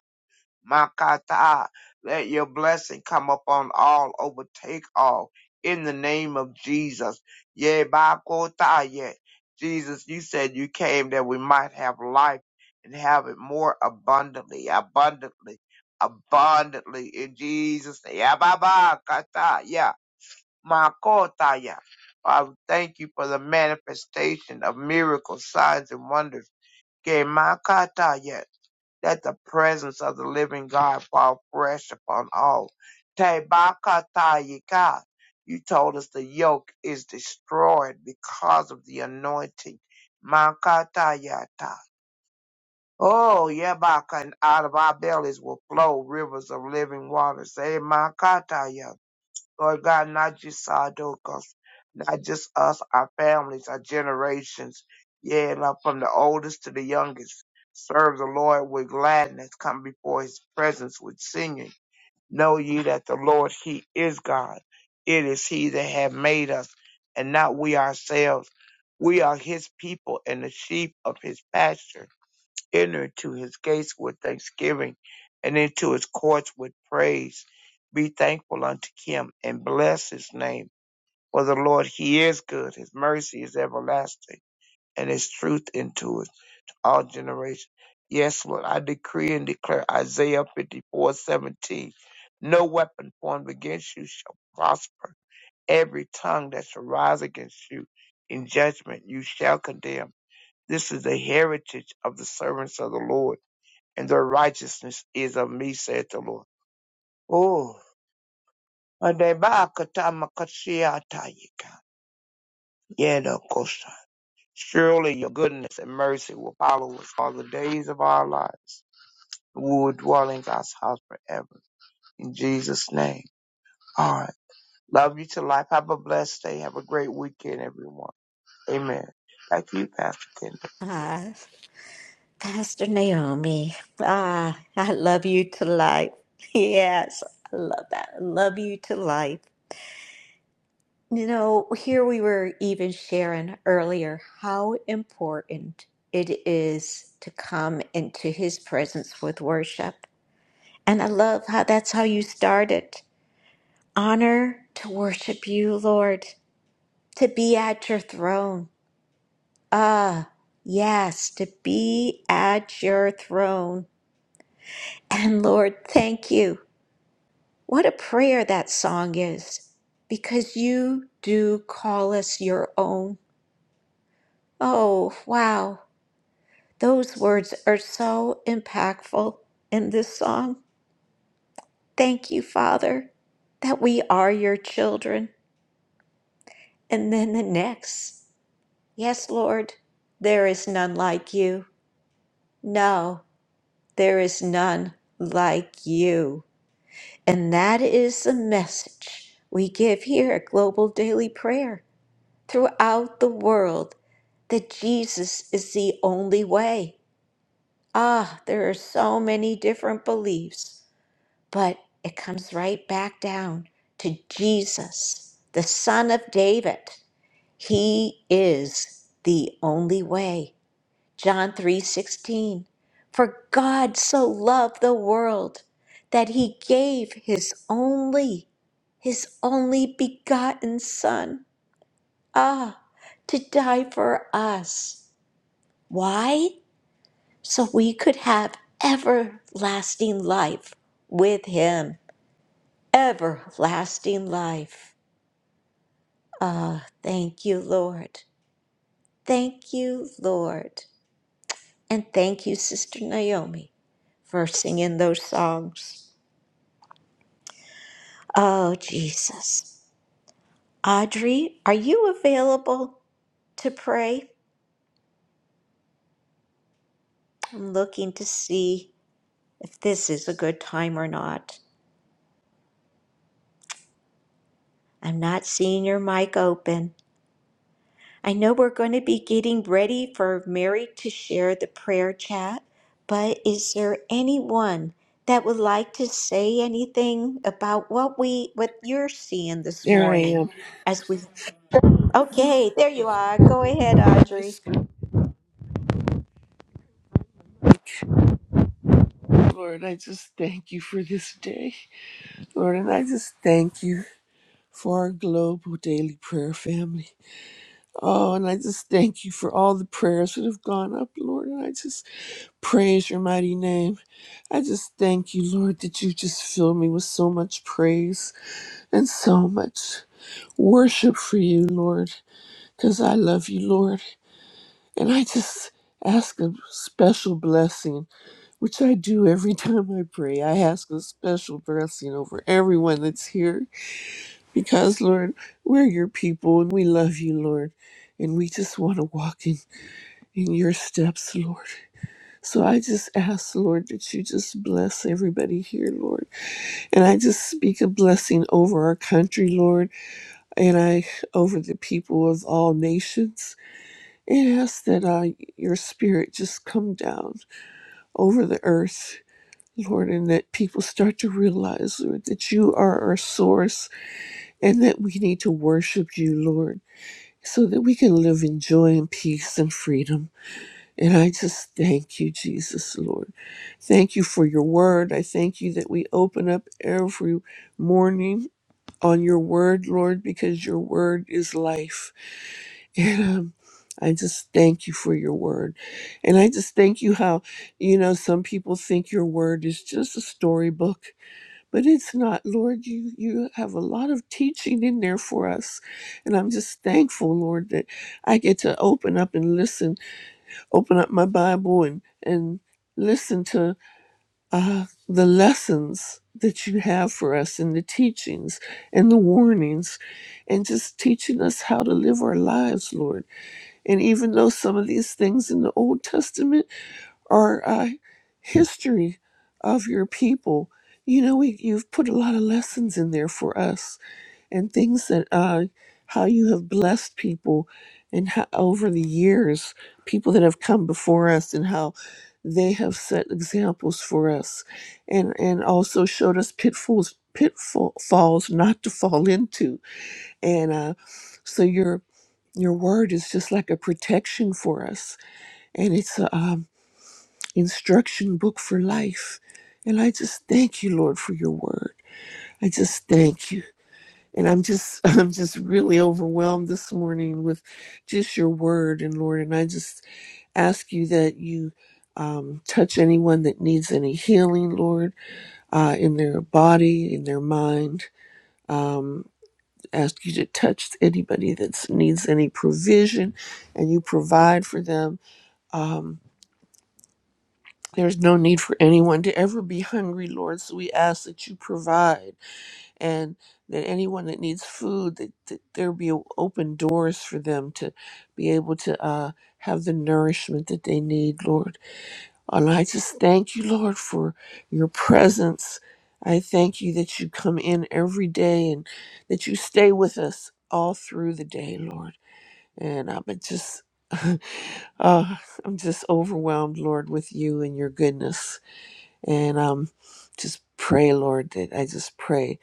[SPEAKER 8] Makata. Let your blessing come upon all, overtake all. In the name of Jesus. Ye ba Kota. ye. Jesus, you said you came that we might have life and have it more abundantly, abundantly, abundantly. In Jesus' name. Ya ba ba kata ya. Makota ya. Father, thank you for the manifestation of miracles, signs, and wonders. Ke makata ya. Let the presence of the living God fall fresh upon all. Tebakatayika. You told us the yoke is destroyed because of the anointing. Makatayata. Oh, Yabaka, and out of our bellies will flow rivers of living water. Say, Makatayata. Lord God, not just our adults, not just us, our families, our generations. Yeah, Lord, from the oldest to the youngest. Serve the Lord with gladness. Come before his presence with singing. Know ye that the Lord, he is God. It is he that hath made us and not we ourselves. We are his people and the sheep of his pasture enter into his gates with thanksgiving and into his courts with praise. Be thankful unto him and bless his name. For the Lord, he is good. His mercy is everlasting and his truth endures all generations. Yes, Lord, I decree and declare Isaiah 54:17. No weapon formed against you shall prosper. Every tongue that shall rise against you in judgment you shall condemn. This is the heritage of the servants of the Lord and their righteousness is of me, saith the Lord. Oh, Ademakatamakashiatayika. Yedokosha. Surely your goodness and mercy will follow us all the days of our lives. We will dwell in God's house forever. In Jesus' name. All right. Love you to life. Have a blessed day. Have a great weekend, everyone. Amen. Back to you, Pastor Kendall.
[SPEAKER 1] Ah, Pastor Naomi, ah, I love you to life. Yes, I love that. I love you to life. You know, here we were even sharing earlier how important it is to come into his presence with worship. And I love how that's how you started. Honor to worship you, Lord. to be at your throne. Ah, yes, to be at your throne. And Lord, thank you. What a prayer that song is, because you do call us your own. Oh, wow. Those words are so impactful in this song. Thank you, Father, that we are your children. And then the next, yes, Lord, there is none like you. No, There is none like you. And that is the message we give here at Global Daily Prayer throughout the world that Jesus is the only way. Ah, there are so many different beliefs, but it comes right back down to Jesus, the Son of David. He is the only way. John 3:16 For God so loved the world that he gave his only his only begotten son ah to die for us why so we could have everlasting life with him everlasting life ah thank you lord thank you lord And thank you, Sister Naomi, for singing those songs. Oh, Jesus. Audrey, are you available to pray? I'm looking to see if this is a good time or not. I'm not seeing your mic open. I know we're going to be getting ready for Mary to share the prayer chat, but is there anyone that would like to say anything about what we what you're seeing this
[SPEAKER 9] There I
[SPEAKER 1] morning
[SPEAKER 9] am.
[SPEAKER 1] as we Okay, there you are. Go ahead,
[SPEAKER 9] My
[SPEAKER 1] Audrey.
[SPEAKER 9] skin. Lord, I just thank you for this day. Lord, and I just thank you for our global daily prayer family. Oh, and I just thank you for all the prayers that have gone up, Lord. And I just praise your mighty name. I just thank you, Lord, that you just fill me with so much praise and so much worship for you, Lord, because I love you, Lord. And I just ask a special blessing which I do every time I pray. I ask a special blessing over everyone that's here because, Lord, we're your people and we love you, Lord. And we just want to walk in, in your steps, Lord. So I just ask, Lord, that you just bless everybody here, Lord. And I just speak a blessing over our country, Lord, and I over the people of all nations. And ask that uh, your spirit just come down over the earth Lord, and that people start to realize, Lord, that you are our source and that we need to worship you, Lord, so that we can live in joy and peace and freedom. And I just thank you, Jesus, Lord. Thank you for your word. I thank you that we open up every morning on your word, Lord, because your word is life. And um, I just thank you for your word. And I just thank you how, you know, some people think your word is just a storybook but it's not lord you you have a lot of teaching in there for us and i'm just thankful lord that i get to open up and listen open up my bible and and listen to uh, the lessons that you have for us and the teachings and the warnings and just teaching us how to live our lives lord and even though some of these things in the old testament or uh, history of your people. You know, we, you've put a lot of lessons in there for us and things that uh, how you have blessed people and how over the years, people that have come before us and how they have set examples for us and, and also showed us pitfalls pitfalls not to fall into. And uh, so your your word is just like a protection for us. And it's a um instruction book for life. And I just thank you, Lord, for your word. I just thank you. And I'm just I'm just really overwhelmed this morning with just your word and Lord, and I just ask you that you um, touch anyone that needs any healing, Lord, uh, in their body, in their mind. Um, ask you to touch anybody that needs any provision, and you provide for them. Um, There's no need for anyone to ever be hungry, Lord. So we ask that you provide and that anyone that needs food, that, that there be open doors for them to be able to uh, have the nourishment that they need, Lord. And I just thank you, Lord, for your presence. I thank you that you come in every day and that you stay with us all through the day, Lord. And I'm just, uh, I'm just overwhelmed, Lord, with you and your goodness. And um, just pray, Lord, that I just pray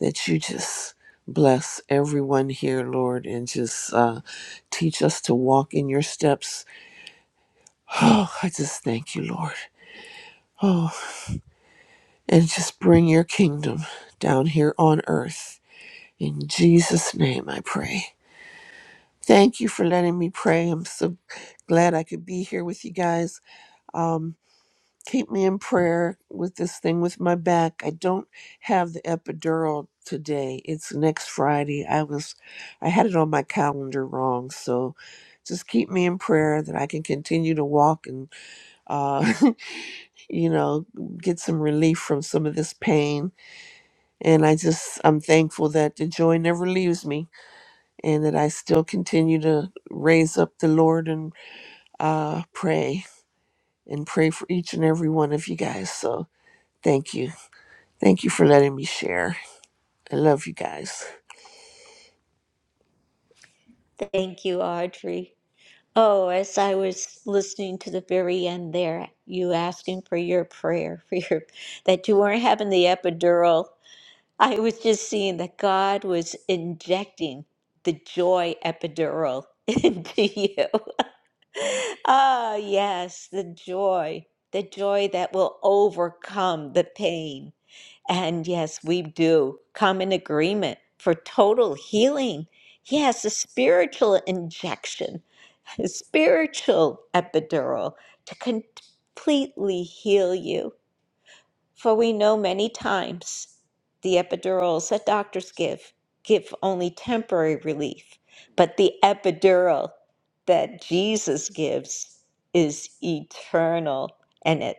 [SPEAKER 9] that you just bless everyone here, Lord, and just uh, teach us to walk in your steps. Oh, I just thank you, Lord. Oh, and just bring your kingdom down here on earth. In Jesus' name, I pray. Thank you for letting me pray. I'm so glad I could be here with you guys. Um, keep me in prayer with this thing with my back. I don't have the epidural today. It's next Friday. I was I had it on my calendar wrong, so just keep me in prayer that I can continue to walk and uh you know, get some relief from some of this pain. And I just I'm thankful that the joy never leaves me and that I still continue to raise up the Lord and uh pray and pray for each and every one of you guys. So thank you. Thank you for letting me share. I love you guys.
[SPEAKER 1] Thank you, Audrey. Oh, as I was listening to the very end there, you asking for your prayer for your that you weren't having the epidural. I was just seeing that God was injecting the joy epidural into you. Ah, yes, the joy, the joy that will overcome the pain. And yes, we do come in agreement for total healing. Yes, a spiritual injection, a spiritual epidural to completely heal you. For we know many times the epidurals that doctors give give only temporary relief, but the epidural that Jesus gives is eternal and it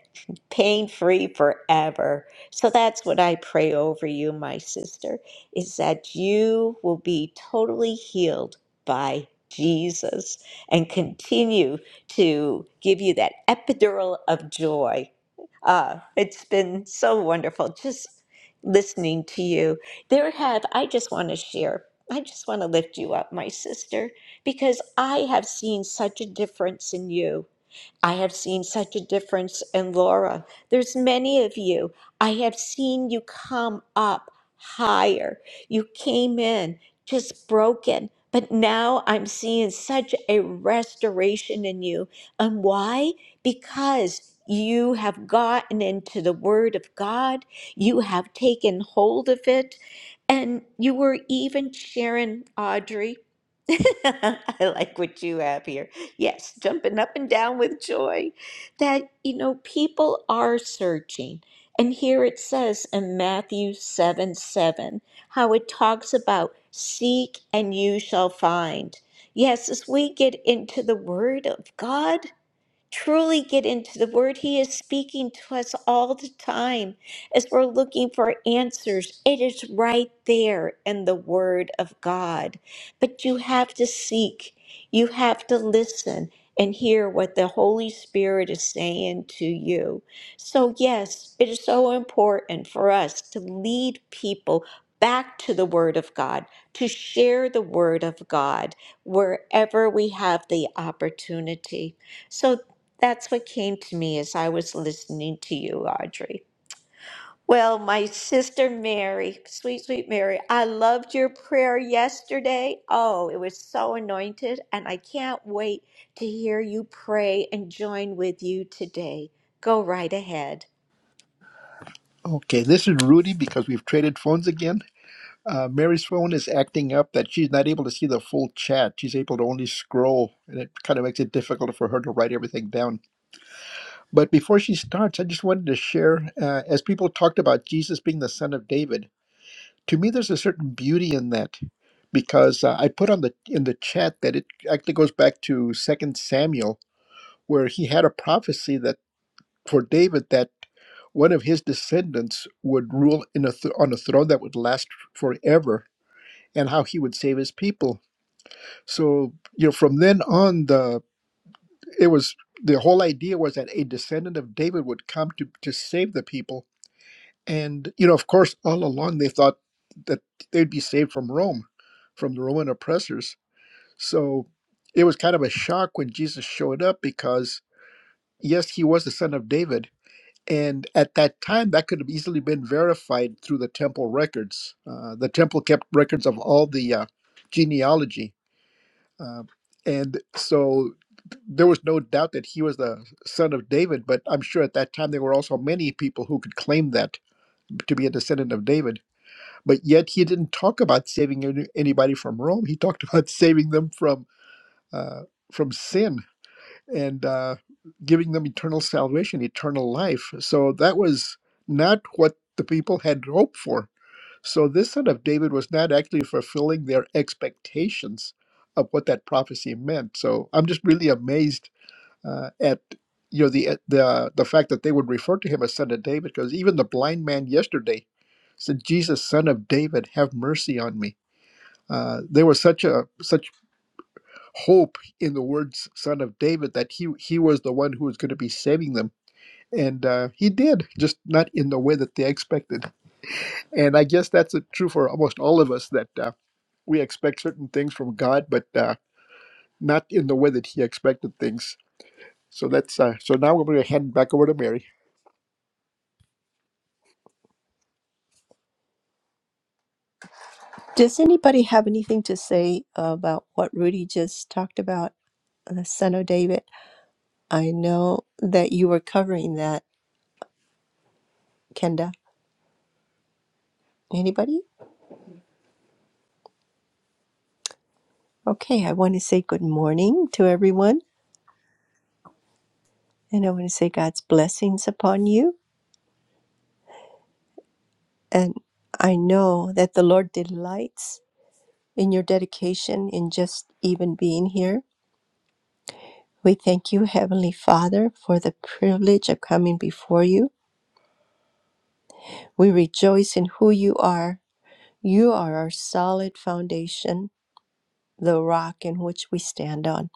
[SPEAKER 1] pain free forever. So that's what I pray over you, my sister, is that you will be totally healed by Jesus and continue to give you that epidural of joy uh, it's been so wonderful just listening to you. There have, I just want to share, I just want to lift you up, my sister, because I have seen such a difference in you I have seen such a difference in Laura. There's many of you. I have seen you come up higher. You came in just broken, but now I'm seeing such a restoration in you. And why? Because you have gotten into the Word of God, you have taken hold of it, and you were even sharing, Audrey. I like what you have here yes, jumping up and down with joy that, you know, people are searching. And here it says in Matthew 7 7, how it talks about seek and you shall find. Yes, as we get into the Word of God, truly get into the word he is speaking to us all the time as we're looking for answers it is right there in the word of god but you have to seek you have to listen and hear what the holy spirit is saying to you so yes it is so important for us to lead people back to the word of god to share the word of god wherever we have the opportunity so that's what came to me as I was listening to you, Audrey. Well, my sister Mary, sweet, sweet Mary, I loved your prayer yesterday. Oh, it was so anointed, and I can't wait to hear you pray and join with you today. Go right ahead.
[SPEAKER 10] Okay, this is Rudy because we've traded phones again. Uh, Mary's phone is acting up that she's not able to see the full chat. She's able to only scroll, and it kind of makes it difficult for her to write everything down. But before she starts, I just wanted to share uh, as people talked about Jesus being the son of David, to me, there's a certain beauty in that because uh, I put on the in the chat that it actually goes back to Second Samuel, where he had a prophecy that for David that. one of his descendants would rule in a th- on a throne that would last forever and how he would save his people so you know from then on the it was the whole idea was that a descendant of david would come to to save the people and you know of course all along they thought that they'd be saved from rome from the roman oppressors so it was kind of a shock when jesus showed up because yes he was the son of david And at that time, that could have easily been verified through the temple records. Uh, the temple kept records of all the uh, genealogy. Uh, and so there was no doubt that he was the son of David, but I'm sure at that time there were also many people who could claim that to be a descendant of David. But yet he didn't talk about saving any- anybody from Rome. He talked about saving them from uh, from sin and uh, giving them eternal salvation, eternal life. So that was not what the people had hoped for. So this son of David was not actually fulfilling their expectations of what that prophecy meant. So I'm just really amazed uh, at you know the uh, the the fact that they would refer to him as son of David because even the blind man yesterday said, "Jesus, son of David, have mercy on me." Uh, there was such a such hope in the words son of David that he he was the one who was going to be saving them, and uh, he did, just not in the way that they expected. And I guess that's uh, true for almost all of us that uh, we expect certain things from God, but uh, not in the way that He expected things. So that's uh, so now we're going to hand back over to Mary. Does anybody have anything to say about what Rudy just talked about, the son of David? I know that you were covering that, Kenda. Anybody? Okay, I want to say good morning to everyone, and I want to say God's blessings upon you. And I know that the Lord delights in your dedication in just even being here. We thank you, Heavenly Father, for the privilege of coming before you. We rejoice in who you are. You are our solid foundation, the rock in which we stand on.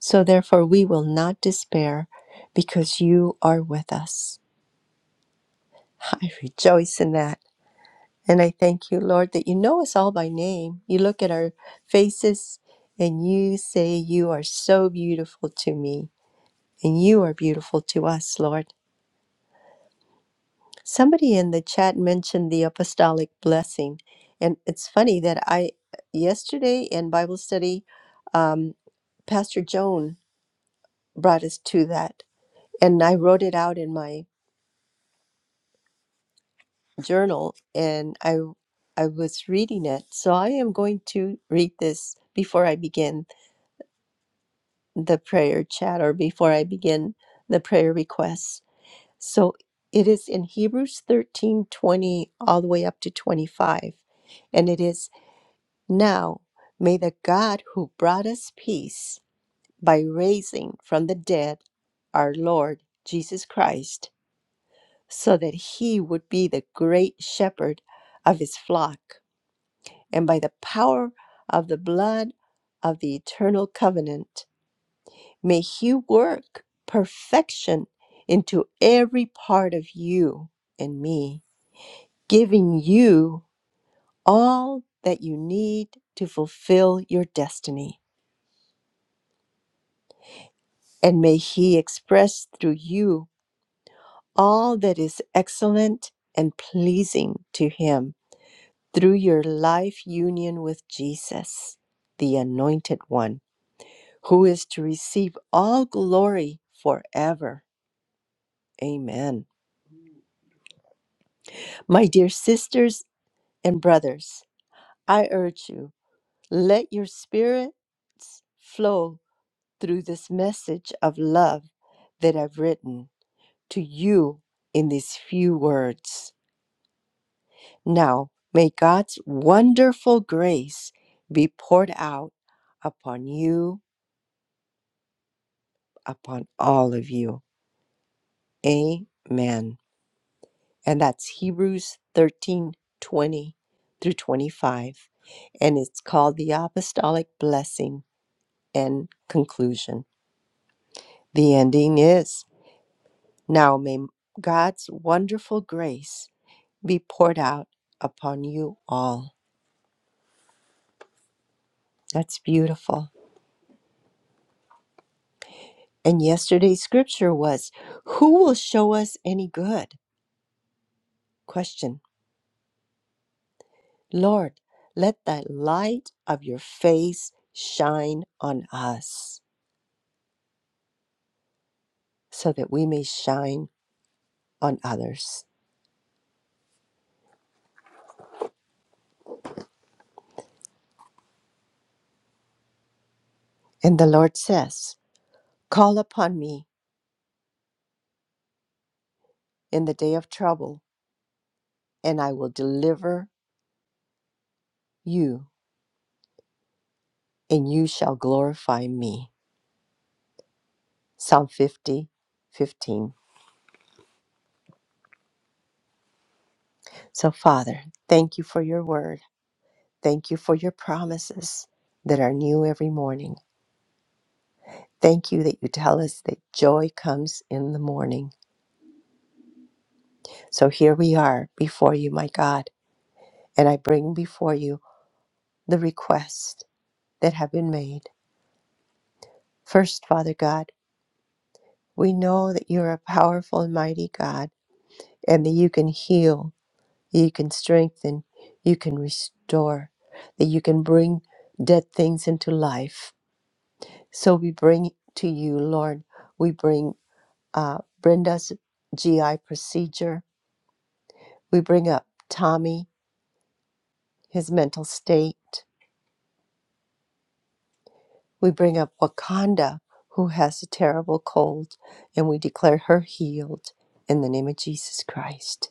[SPEAKER 10] So therefore, we will not despair because you are with us. I rejoice in that. And I thank you, Lord, that you know us all by name. You look at our faces and you say, You are so beautiful to me, and you are beautiful to us, Lord. Somebody in the chat mentioned the apostolic blessing. And it's funny that I, yesterday in Bible study, um, Pastor Joan brought us to that. And I wrote it out in my journal and I, I was reading it. So I am going to read this before I begin the prayer chat or before I begin the prayer requests. So it is in Hebrews 13 20 all the way up to 25. And it is now may the God who brought us peace by raising from the dead our Lord Jesus Christ, so that he would be the great shepherd of his flock, and by the power of the blood of the eternal covenant May He work perfection into every part of you and me, giving you all that you need to fulfill your destiny. And may He express through you all that is excellent and pleasing to Him through your life union with Jesus, the Anointed One, who is to receive all glory forever. Amen. My dear sisters And brothers, I urge you, let your spirits flow through this message of love that I've written to you in these few words. Now, may God's wonderful grace be poured out upon you, upon all of you. Amen. And that's Hebrews 13:20 through 25. And it's called the Apostolic Blessing and Conclusion. The ending is Now may God's wonderful grace be poured out upon you all. That's beautiful. And yesterday's scripture was Who will show us any good? Question Lord, let the light of your face shine on us so that we may shine on others. And the Lord says, Call upon me in the day of trouble, and I will deliver you, and you shall glorify me. Psalm 50, 15. So, Father, thank you for your word. Thank you for your promises that are new every morning. Thank you that you tell us that joy comes in the morning. So, here we are before you, my God, and I bring before you the requests that have been made. First, Father God, we know that you're a powerful and mighty God and that you can heal you can strengthen, you can restore, that you can bring dead things into life. So we bring to you, Lord, we bring uh, Brenda's GI procedure, we bring up Tommy, his mental state, we bring up Wakanda, who has a terrible cold, and we declare her healed in the name of Jesus Christ.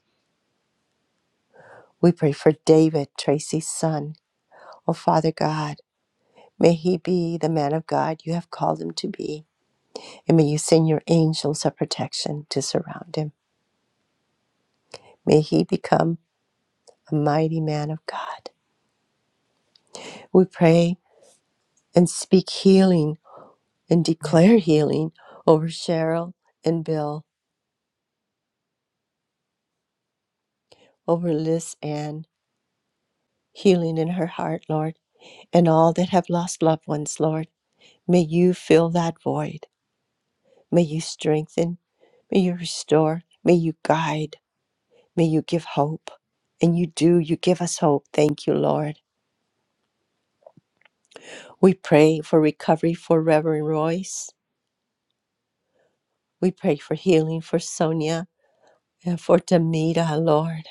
[SPEAKER 10] We pray for David, Tracy's son. Oh, Father God, may he be the man of God you have called him to be. and may you send your angels of protection to surround him. May he become a mighty man of God. We pray and speak healing and declare healing over Cheryl and Bill, over Liz Ann, healing in her heart, Lord, and all that have lost loved ones, Lord. May you fill that void. May you strengthen. May you restore. May you guide. May you give hope. And you do, you give us hope. Thank you, Lord. We pray for recovery for Reverend Royce. We pray for healing for Sonia and for Demita, Lord.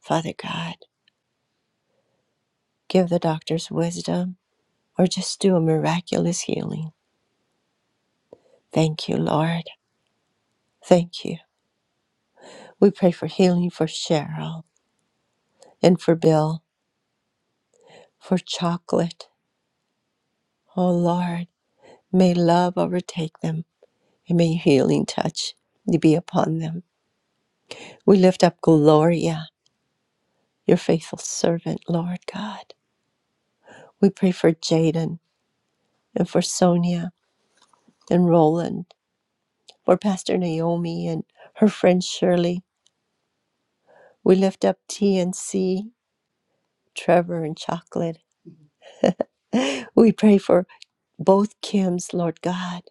[SPEAKER 10] Father God, give the doctors wisdom or just do a miraculous healing. Thank you, Lord. Thank you. We pray for healing for Cheryl and for Bill, for chocolate. Oh, Lord, may love overtake them and may your healing touch be upon them. We lift up Gloria, your faithful servant, Lord God. We pray for Jaden and for Sonia and Roland, for Pastor Naomi and her friend Shirley. We lift up TNC, Trevor, and Chocolate. We pray for both Kims, Lord God.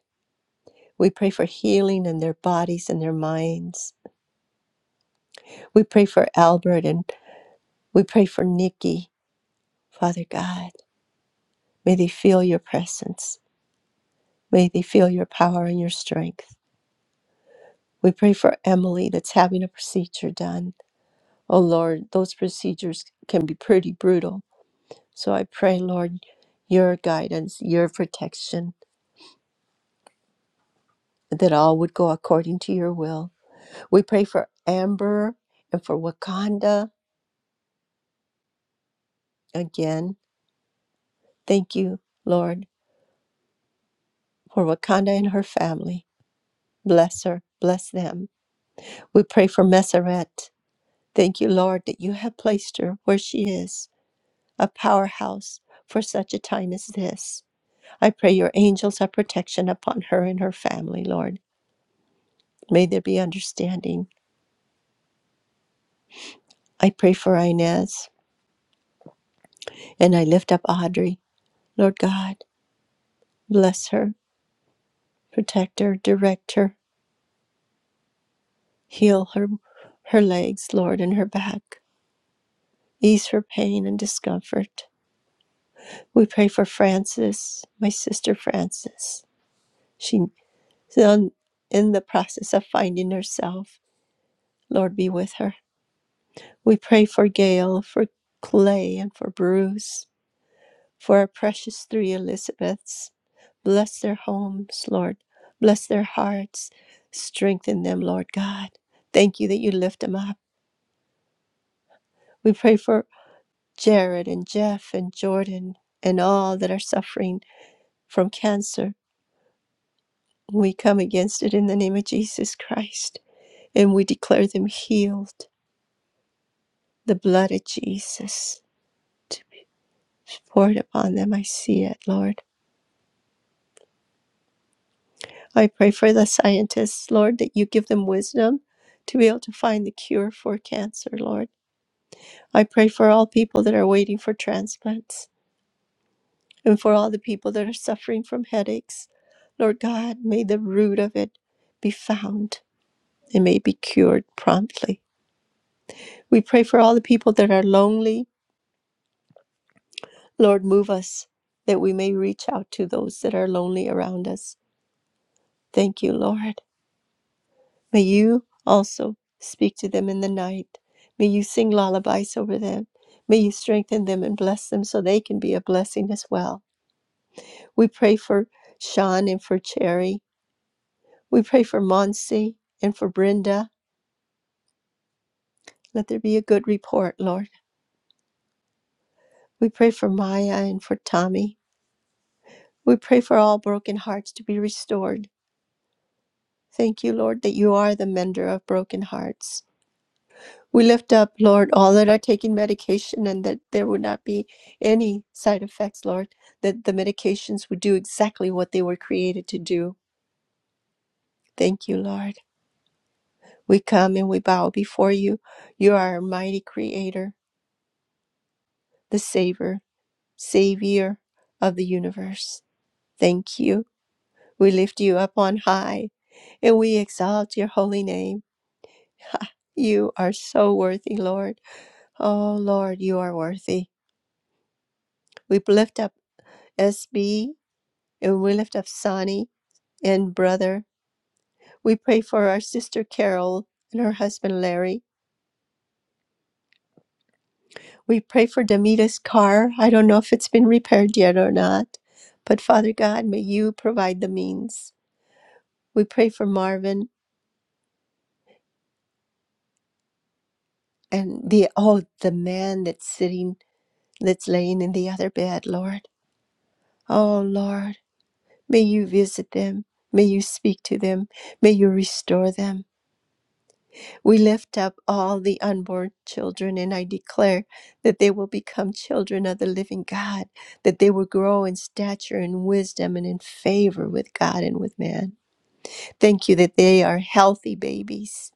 [SPEAKER 10] We pray for healing in their bodies and their minds. We pray for Albert and we pray for Nikki, Father God. May they feel your presence. May they feel your power and your strength. We pray for Emily that's having a procedure done. Oh Lord, those procedures can be pretty brutal. So I pray, Lord, your guidance, your protection, that all would go according to your will. We pray for Amber and for Wakanda again. Thank you, Lord, for Wakanda and her family. Bless her, bless them. We pray for Messeret. Thank you, Lord, that you have placed her where she is, a powerhouse for such a time as this. I pray your angels have protection upon her and her family, Lord. May there be understanding. I pray for Inez and I lift up Audrey. Lord God, bless her, protect her, direct her, heal her, her legs, Lord, and her back, ease her pain and discomfort. We pray for Frances, my sister Frances. She's in the process of finding herself. Lord, be with her. We pray for Gail, for Clay, and for Bruce. for our precious three Elizabeths. Bless their homes, Lord. Bless their hearts. Strengthen them, Lord God. Thank you that you lift them up. We pray for Jared and Jeff and Jordan and all that are suffering from cancer. We come against it in the name of Jesus Christ and we declare them healed. The blood of Jesus to be poured upon them. I see it, Lord. I pray for the scientists, Lord, that you give them wisdom to be able to find the cure for cancer, Lord. I pray for all people that are waiting for transplants and for all the people that are suffering from headaches. Lord God, may the root of it be found and may be cured promptly. We pray for all the people that are lonely. Lord, move us that we may reach out to those that are lonely around us. Thank you, Lord. May you also speak to them in the night. May you sing lullabies over them. May you strengthen them and bless them so they can be a blessing as well. We pray for Sean and for Cherry. We pray for Monsi and for Brenda. Let there be a good report, Lord. We pray for Maya and for Tommy. We pray for all broken hearts to be restored. Thank you, Lord, that you are the mender of broken hearts. We lift up, Lord, all that are taking medication and that there would not be any side effects, Lord, that the medications would do exactly what they were created to do. Thank you, Lord. We come and we bow before you. You are our mighty creator, the Savior, Savior of the universe. Thank you. We lift you up on high and we exalt your holy name. You are so worthy, Lord. Oh, Lord, you are worthy. We lift up SB And we lift up Sonny and brother. We pray for our sister Carol and her husband Larry. We pray for Demita's car. I don't know if it's been repaired yet or not, but Father God, may you provide the means. We pray for Marvin and the oh the man that's sitting that's laying in the other bed, Lord. Oh Lord, may you visit them. May you speak to them. May you restore them. We lift up all the unborn children, and I declare that they will become children of the living God, that they will grow in stature and wisdom and in favor with God and with man. Thank you that they are healthy babies.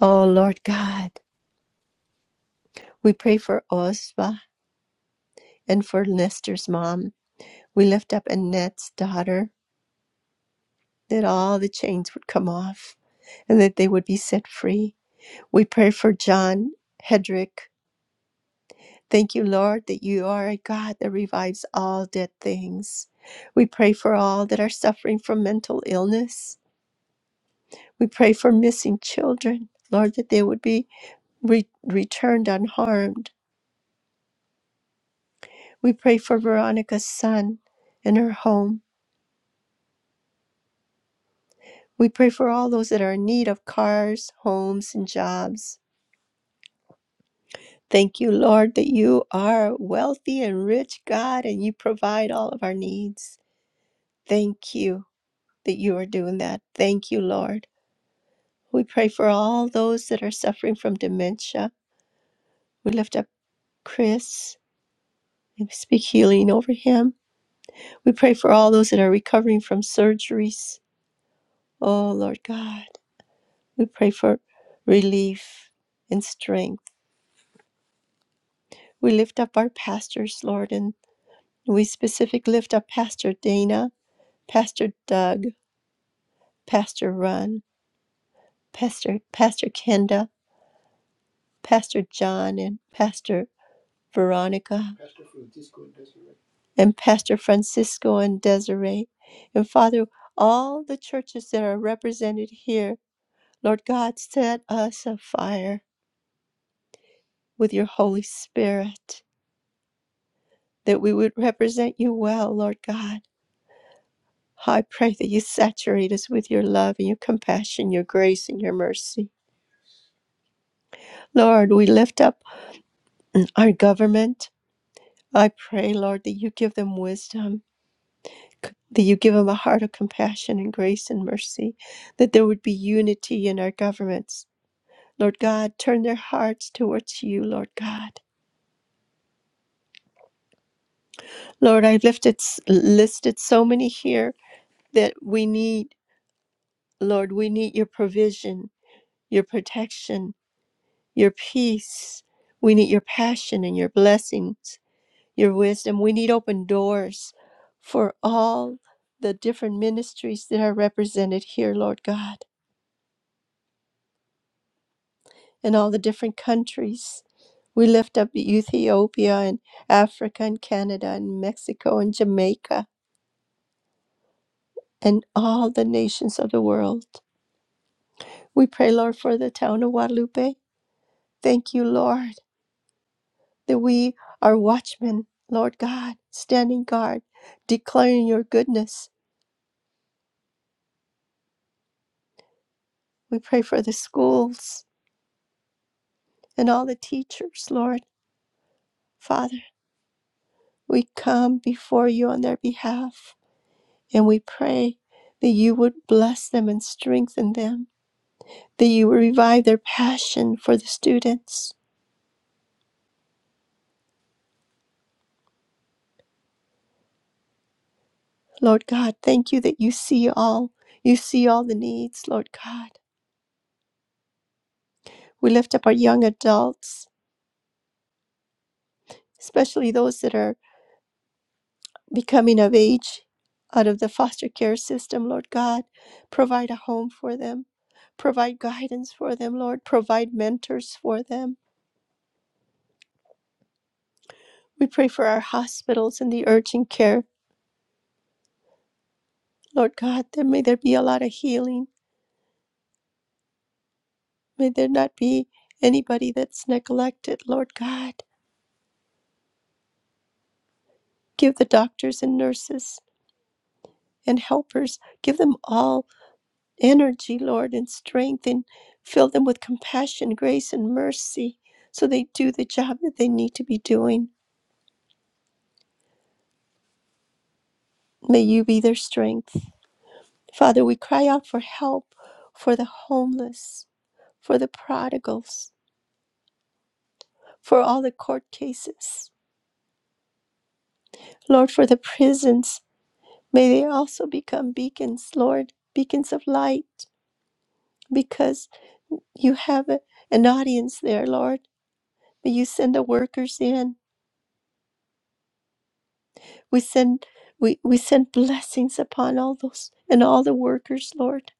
[SPEAKER 10] Oh, Lord God, we pray for Osva and for Nestor's mom. We lift up Annette's daughter, that all the chains would come off and that they would be set free. We pray for John Hedrick Thank you, Lord, that you are a God that revives all dead things. We pray for all that are suffering from mental illness. We pray for missing children, Lord, that they would be re- returned unharmed. We pray for Veronica's son and her home. We pray for all those that are in need of cars, homes, and jobs. Thank you, Lord, that you are a wealthy and rich God and you provide all of our needs. Thank you that you are doing that. Thank you, Lord. We pray for all those that are suffering from dementia. We lift up Chris and we speak healing over him. We pray for all those that are recovering from surgeries. Oh, Lord God, we pray for relief and strength. We lift up our pastors, Lord, and we specifically lift up Pastor Dana, Pastor Doug, Pastor Run, Pastor Pastor Kenda, Pastor John, and Pastor Veronica, Pastor Francisco and Desiree. and Pastor Francisco and Desiree. And Father, all the churches that are represented here, Lord God, set us afire with your Holy Spirit that we would represent you well, Lord God. I pray that you saturate us with your love and your compassion, your grace and your mercy. Lord, we lift up our government. I pray, Lord, that you give them wisdom that you give them a heart of compassion and grace and mercy, that there would be unity in our governments. Lord God, turn their hearts towards you, Lord God. Lord, I have lifted, listed so many here that we need, Lord, we need your provision, your protection, your peace. We need your passion and your blessings, your wisdom. We need open doors for all the different ministries that are represented here, Lord God. in all the different countries. We lift up Ethiopia and Africa and Canada and Mexico and Jamaica and all the nations of the world. We pray, Lord, for the town of Guadalupe. Thank you, Lord, that we are watchmen, Lord God, standing guard, declaring your goodness. We pray for the schools and all the teachers, Lord. Father, we come before you on their behalf. And we pray that you would bless them and strengthen them, that you would revive their passion for the students. Lord God, thank you that you see all. You see all the needs, Lord God. We lift up our young adults, especially those that are becoming of age out of the foster care system, Lord God. Provide a home for them. Provide guidance for them, Lord. Provide mentors for them. We pray for our hospitals and the urgent care Lord God, that may there be a lot of healing. May there not be anybody that's neglected, Lord God. Give the doctors and nurses and helpers, give them all energy, Lord, and strength, and fill them with compassion, grace, and mercy so they do the job that they need to be doing. May you be their strength. Father, we cry out for help for the homeless, for the prodigals, for all the court cases, Lord, for the prisons May they also become beacons, Lord, beacons of light, because you have a- an audience there, Lord. May you send the workers in. We send we, we send blessings upon all those and all the workers, Lord.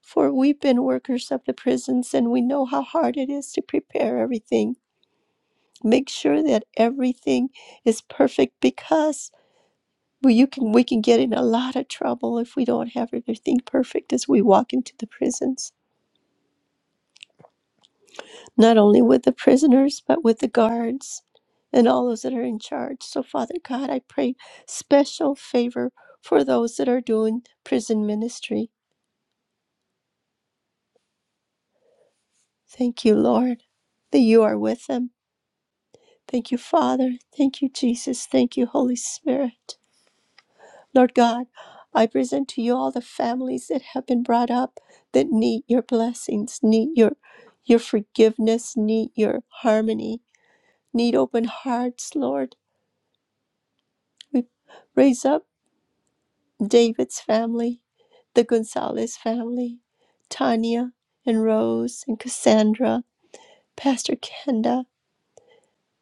[SPEAKER 10] For we've been workers of the prisons and we know how hard it is to prepare everything. Make sure that everything is perfect because we, you can, we can get in a lot of trouble if we don't have everything perfect as we walk into the prisons. not only with the prisoners, but with the guards and all those that are in charge. So, Father God, I pray special favor for those that are doing prison ministry. Thank you, Lord, that you are with them. Thank you, Father. Thank you, Jesus. Thank you, Holy Spirit. Lord God, I present to you all the families that have been brought up that need your blessings, need your your forgiveness, need your harmony, need open hearts, Lord. We raise up David's family, the Gonzalez family, Tanya and Rose and Cassandra, Pastor Kenda,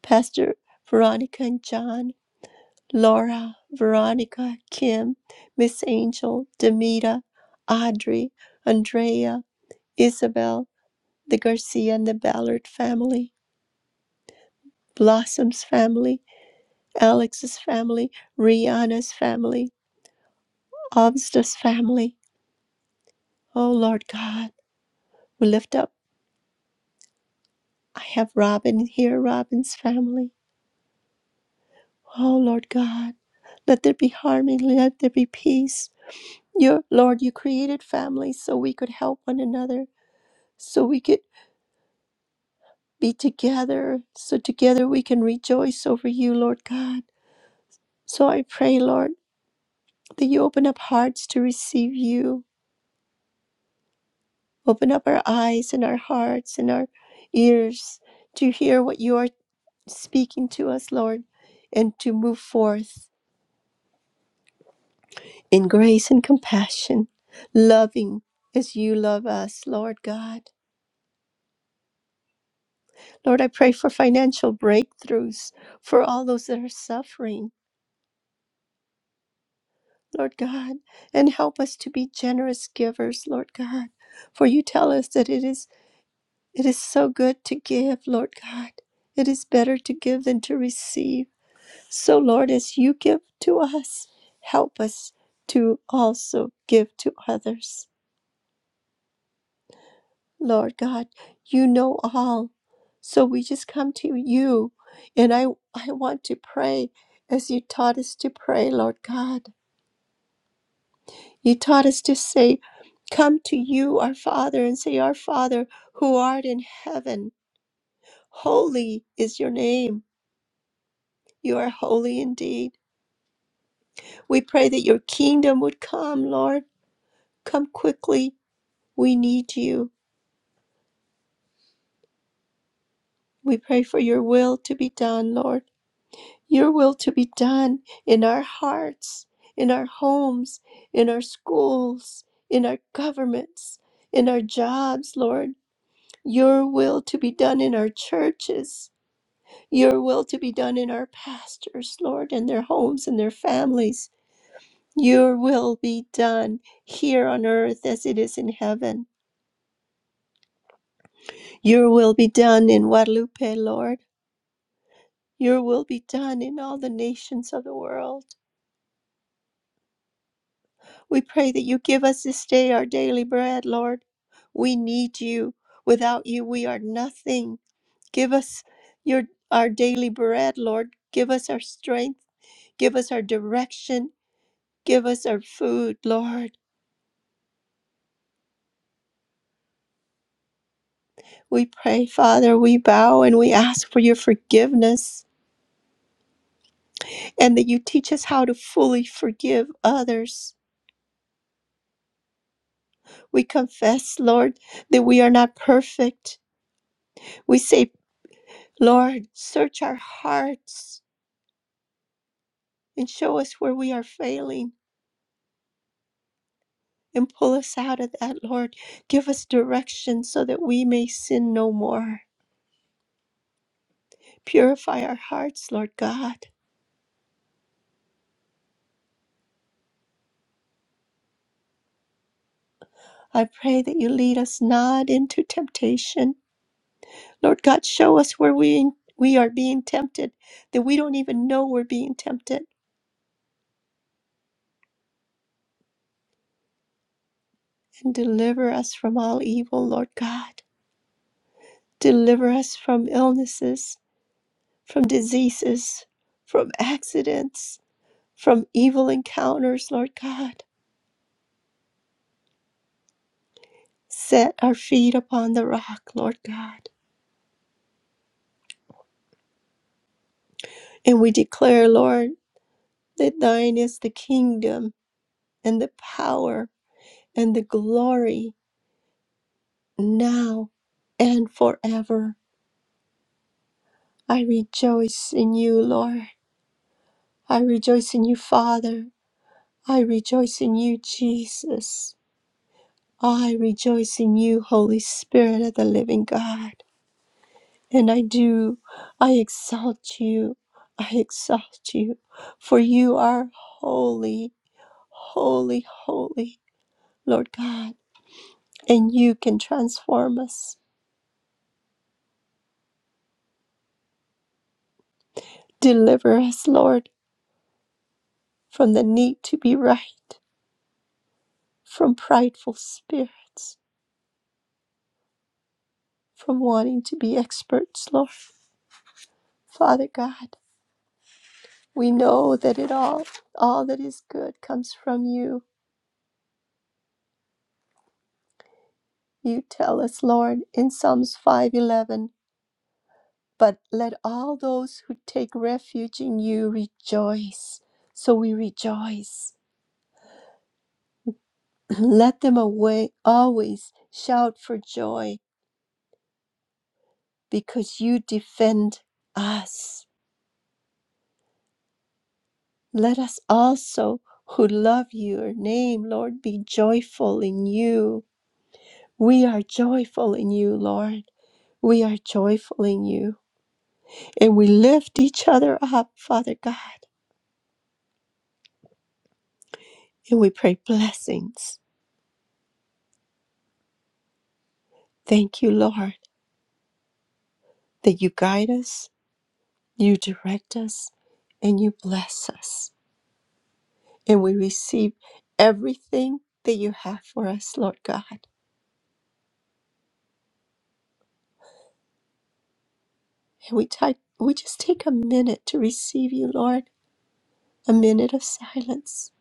[SPEAKER 10] Pastor Veronica and John, Laura, Veronica, Kim, Miss Angel, Demita, Audrey, Andrea, Isabel, the Garcia and the Ballard family, Blossom's family, Alex's family, Rihanna's family, Obsta's family. Oh Lord God, we lift up. I have Robin here, Robin's family. Oh, Lord God, let there be harmony, let there be peace. Your Lord, you created families so we could help one another, so we could be together, so together we can rejoice over you, Lord God. So I pray, Lord, that you open up hearts to receive you, open up our eyes and our hearts and our ears to hear what you are speaking to us, Lord, and to move forth in grace and compassion, loving as you love us, Lord God. Lord, I pray for financial breakthroughs for all those that are suffering, Lord God, and help us to be generous givers, Lord God. For you tell us that it is it is so good to give, Lord God. It is better to give than to receive. So, Lord, as you give to us, help us to also give to others. Lord God, you know all. So we just come to you. And I, I want to pray as you taught us to pray, Lord God. You taught us to say, Come to you, our Father, and say, Our Father, who art in heaven, holy is your name. You are holy indeed. We pray that your kingdom would come, Lord. Come quickly. We need you. We pray for your will to be done, Lord. Your will to be done in our hearts, in our homes, in our schools, in our governments, in our jobs, Lord. Your will to be done in our churches. Your will to be done in our pastors, Lord, and their homes and their families. Your will be done here on earth as it is in heaven. Your will be done in Guadalupe, Lord. Your will be done in all the nations of the world. We pray that you give us this day our daily bread, Lord. We need you. Without you, we are nothing. Give us your our daily bread, Lord. Give us our strength. Give us our direction. Give us our food, Lord. We pray, Father, we bow and we ask for your forgiveness and that you teach us how to fully forgive others. We confess, Lord, that we are not perfect. We say, Lord, search our hearts and show us where we are failing and pull us out of that, Lord. Give us direction so that we may sin no more. Purify our hearts, Lord God. I pray that you lead us not into temptation. Lord God, show us where we, we are being tempted, that we don't even know we're being tempted, and deliver us from all evil, Lord God. Deliver us from illnesses, from diseases, from accidents, from evil encounters, Lord God. set our feet upon the rock, Lord God. And we declare, Lord, that thine is the kingdom and the power and the glory now and forever. I rejoice in you, Lord. I rejoice in you, Father. I rejoice in you, Jesus. I rejoice in you, Holy Spirit of the living God. And I do, I exalt you. I exalt you, for you are holy holy, holy, Lord God. And you can transform us. Deliver us, Lord, from the need to be right, from prideful spirits, from wanting to be experts, Lord. Father God, we know that it all, all that is good comes from you. You tell us, Lord, in Psalms 5:11, but let all those who take refuge in you rejoice. So we rejoice Let them away always shout for joy because you defend us. Let us also who love your name, Lord, be joyful in you. We are joyful in you, Lord. We are joyful in you. And we lift each other up, Father God, and we pray blessings. Thank you, Lord, that you guide us, you direct us, and you bless us. And we receive everything that you have for us, Lord God. And we, type, we just take a minute to receive you, Lord, a minute of silence.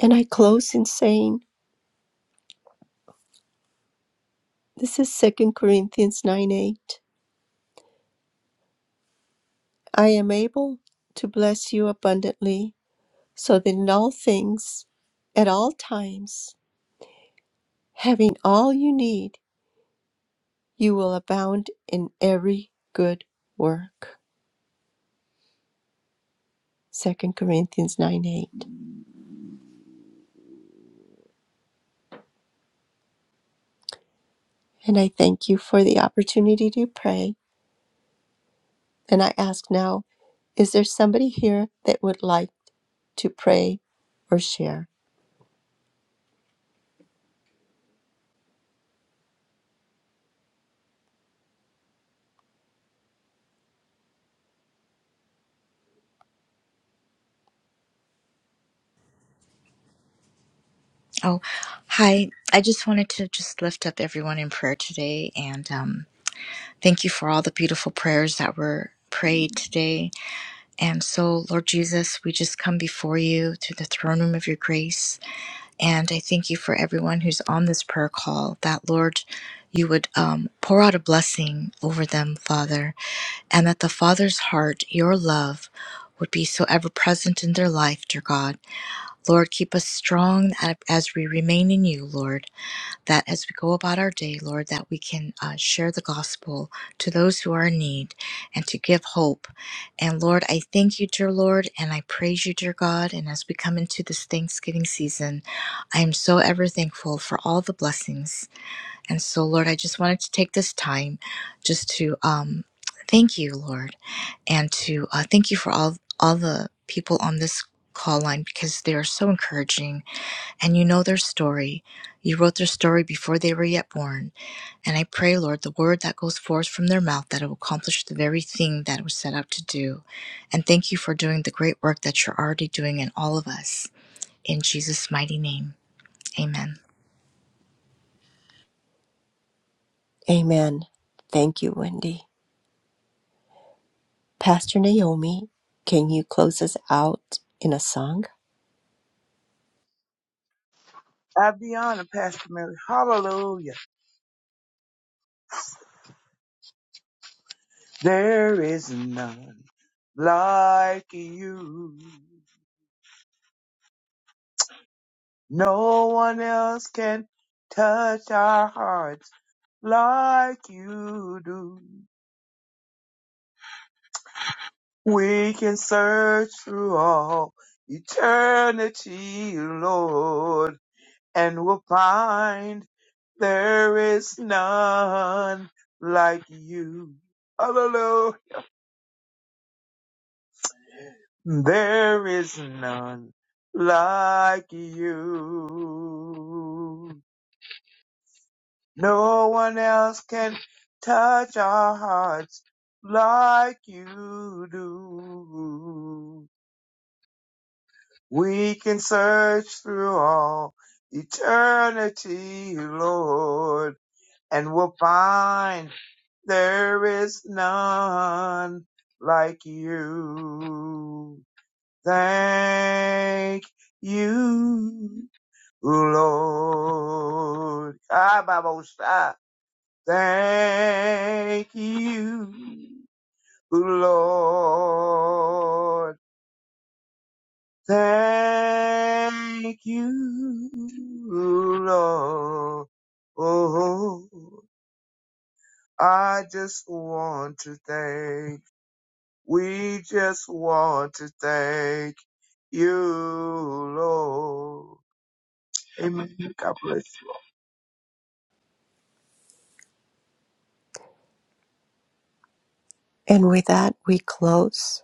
[SPEAKER 10] And I close in saying, this is Second Corinthians 9 8. I am able to bless you abundantly, so that in all things, at all times, having all you need, you will abound in every good work. Second Corinthians 9 8. And I thank you for the opportunity to pray. And I ask now, is there somebody here that would like to pray or share?
[SPEAKER 11] Oh, hi. I just wanted to just lift up everyone in prayer today and um, thank you for all the beautiful prayers that were prayed today. And so, Lord Jesus, we just come before you to the throne room of your grace. And I thank you for everyone who's on this prayer call that, Lord, you would um, pour out a blessing over them, Father, and that the Father's heart, your love, would be so ever present in their life, dear God. Lord, keep us strong a- as we remain in you, Lord that as we go about our day, Lord, that we can uh, share the gospel to those who are in need and to give hope. And Lord, I thank you, dear Lord, and I praise you, dear God. And as we come into this Thanksgiving season, I am so ever thankful for all the blessings. And so, Lord, I just wanted to take this time just to um, thank you, Lord, and to uh, thank you for all all the people on this call line because they are so encouraging and you know their story. You wrote their story before they were yet born. And I pray, Lord, the word that goes forth from their mouth that it will accomplish the very thing that it was set out to do. And thank you for doing the great work that you're already doing in all of us. In Jesus' mighty name, amen.
[SPEAKER 10] Amen. Thank you, Wendy. Pastor Naomi, can you close us out in a song?
[SPEAKER 8] I be honored, Pastor Mary. Hallelujah. There is none like you. No one else can touch our hearts like you do. We can search through all eternity, Lord, and we'll find there is none like you. Hallelujah. There is none like you. No one else can touch our hearts like you do. We can search through all eternity, Lord, and we'll find there is none like you. Thank you, Lord. Ah, Baba Thank you, Lord. Thank you, Lord. Oh, I just want to thank, we just want to thank you, Lord. Amen. God bless.
[SPEAKER 10] And with that, we close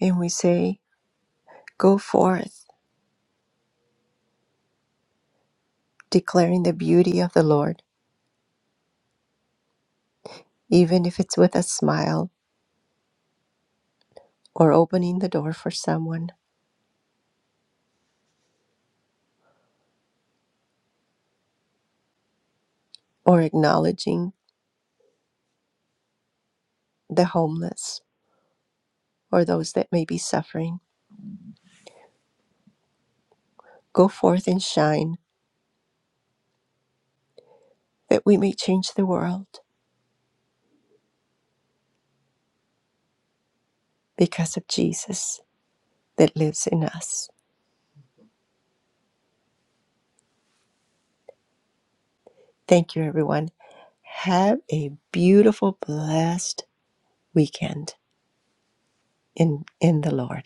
[SPEAKER 10] and we say, Go forth, declaring the beauty of the Lord, even if it's with a smile or opening the door for someone or acknowledging the homeless or those that may be suffering Go forth and shine that we may change the world because of Jesus that lives in us. Thank you, everyone. Have a beautiful, blessed weekend in, in the Lord.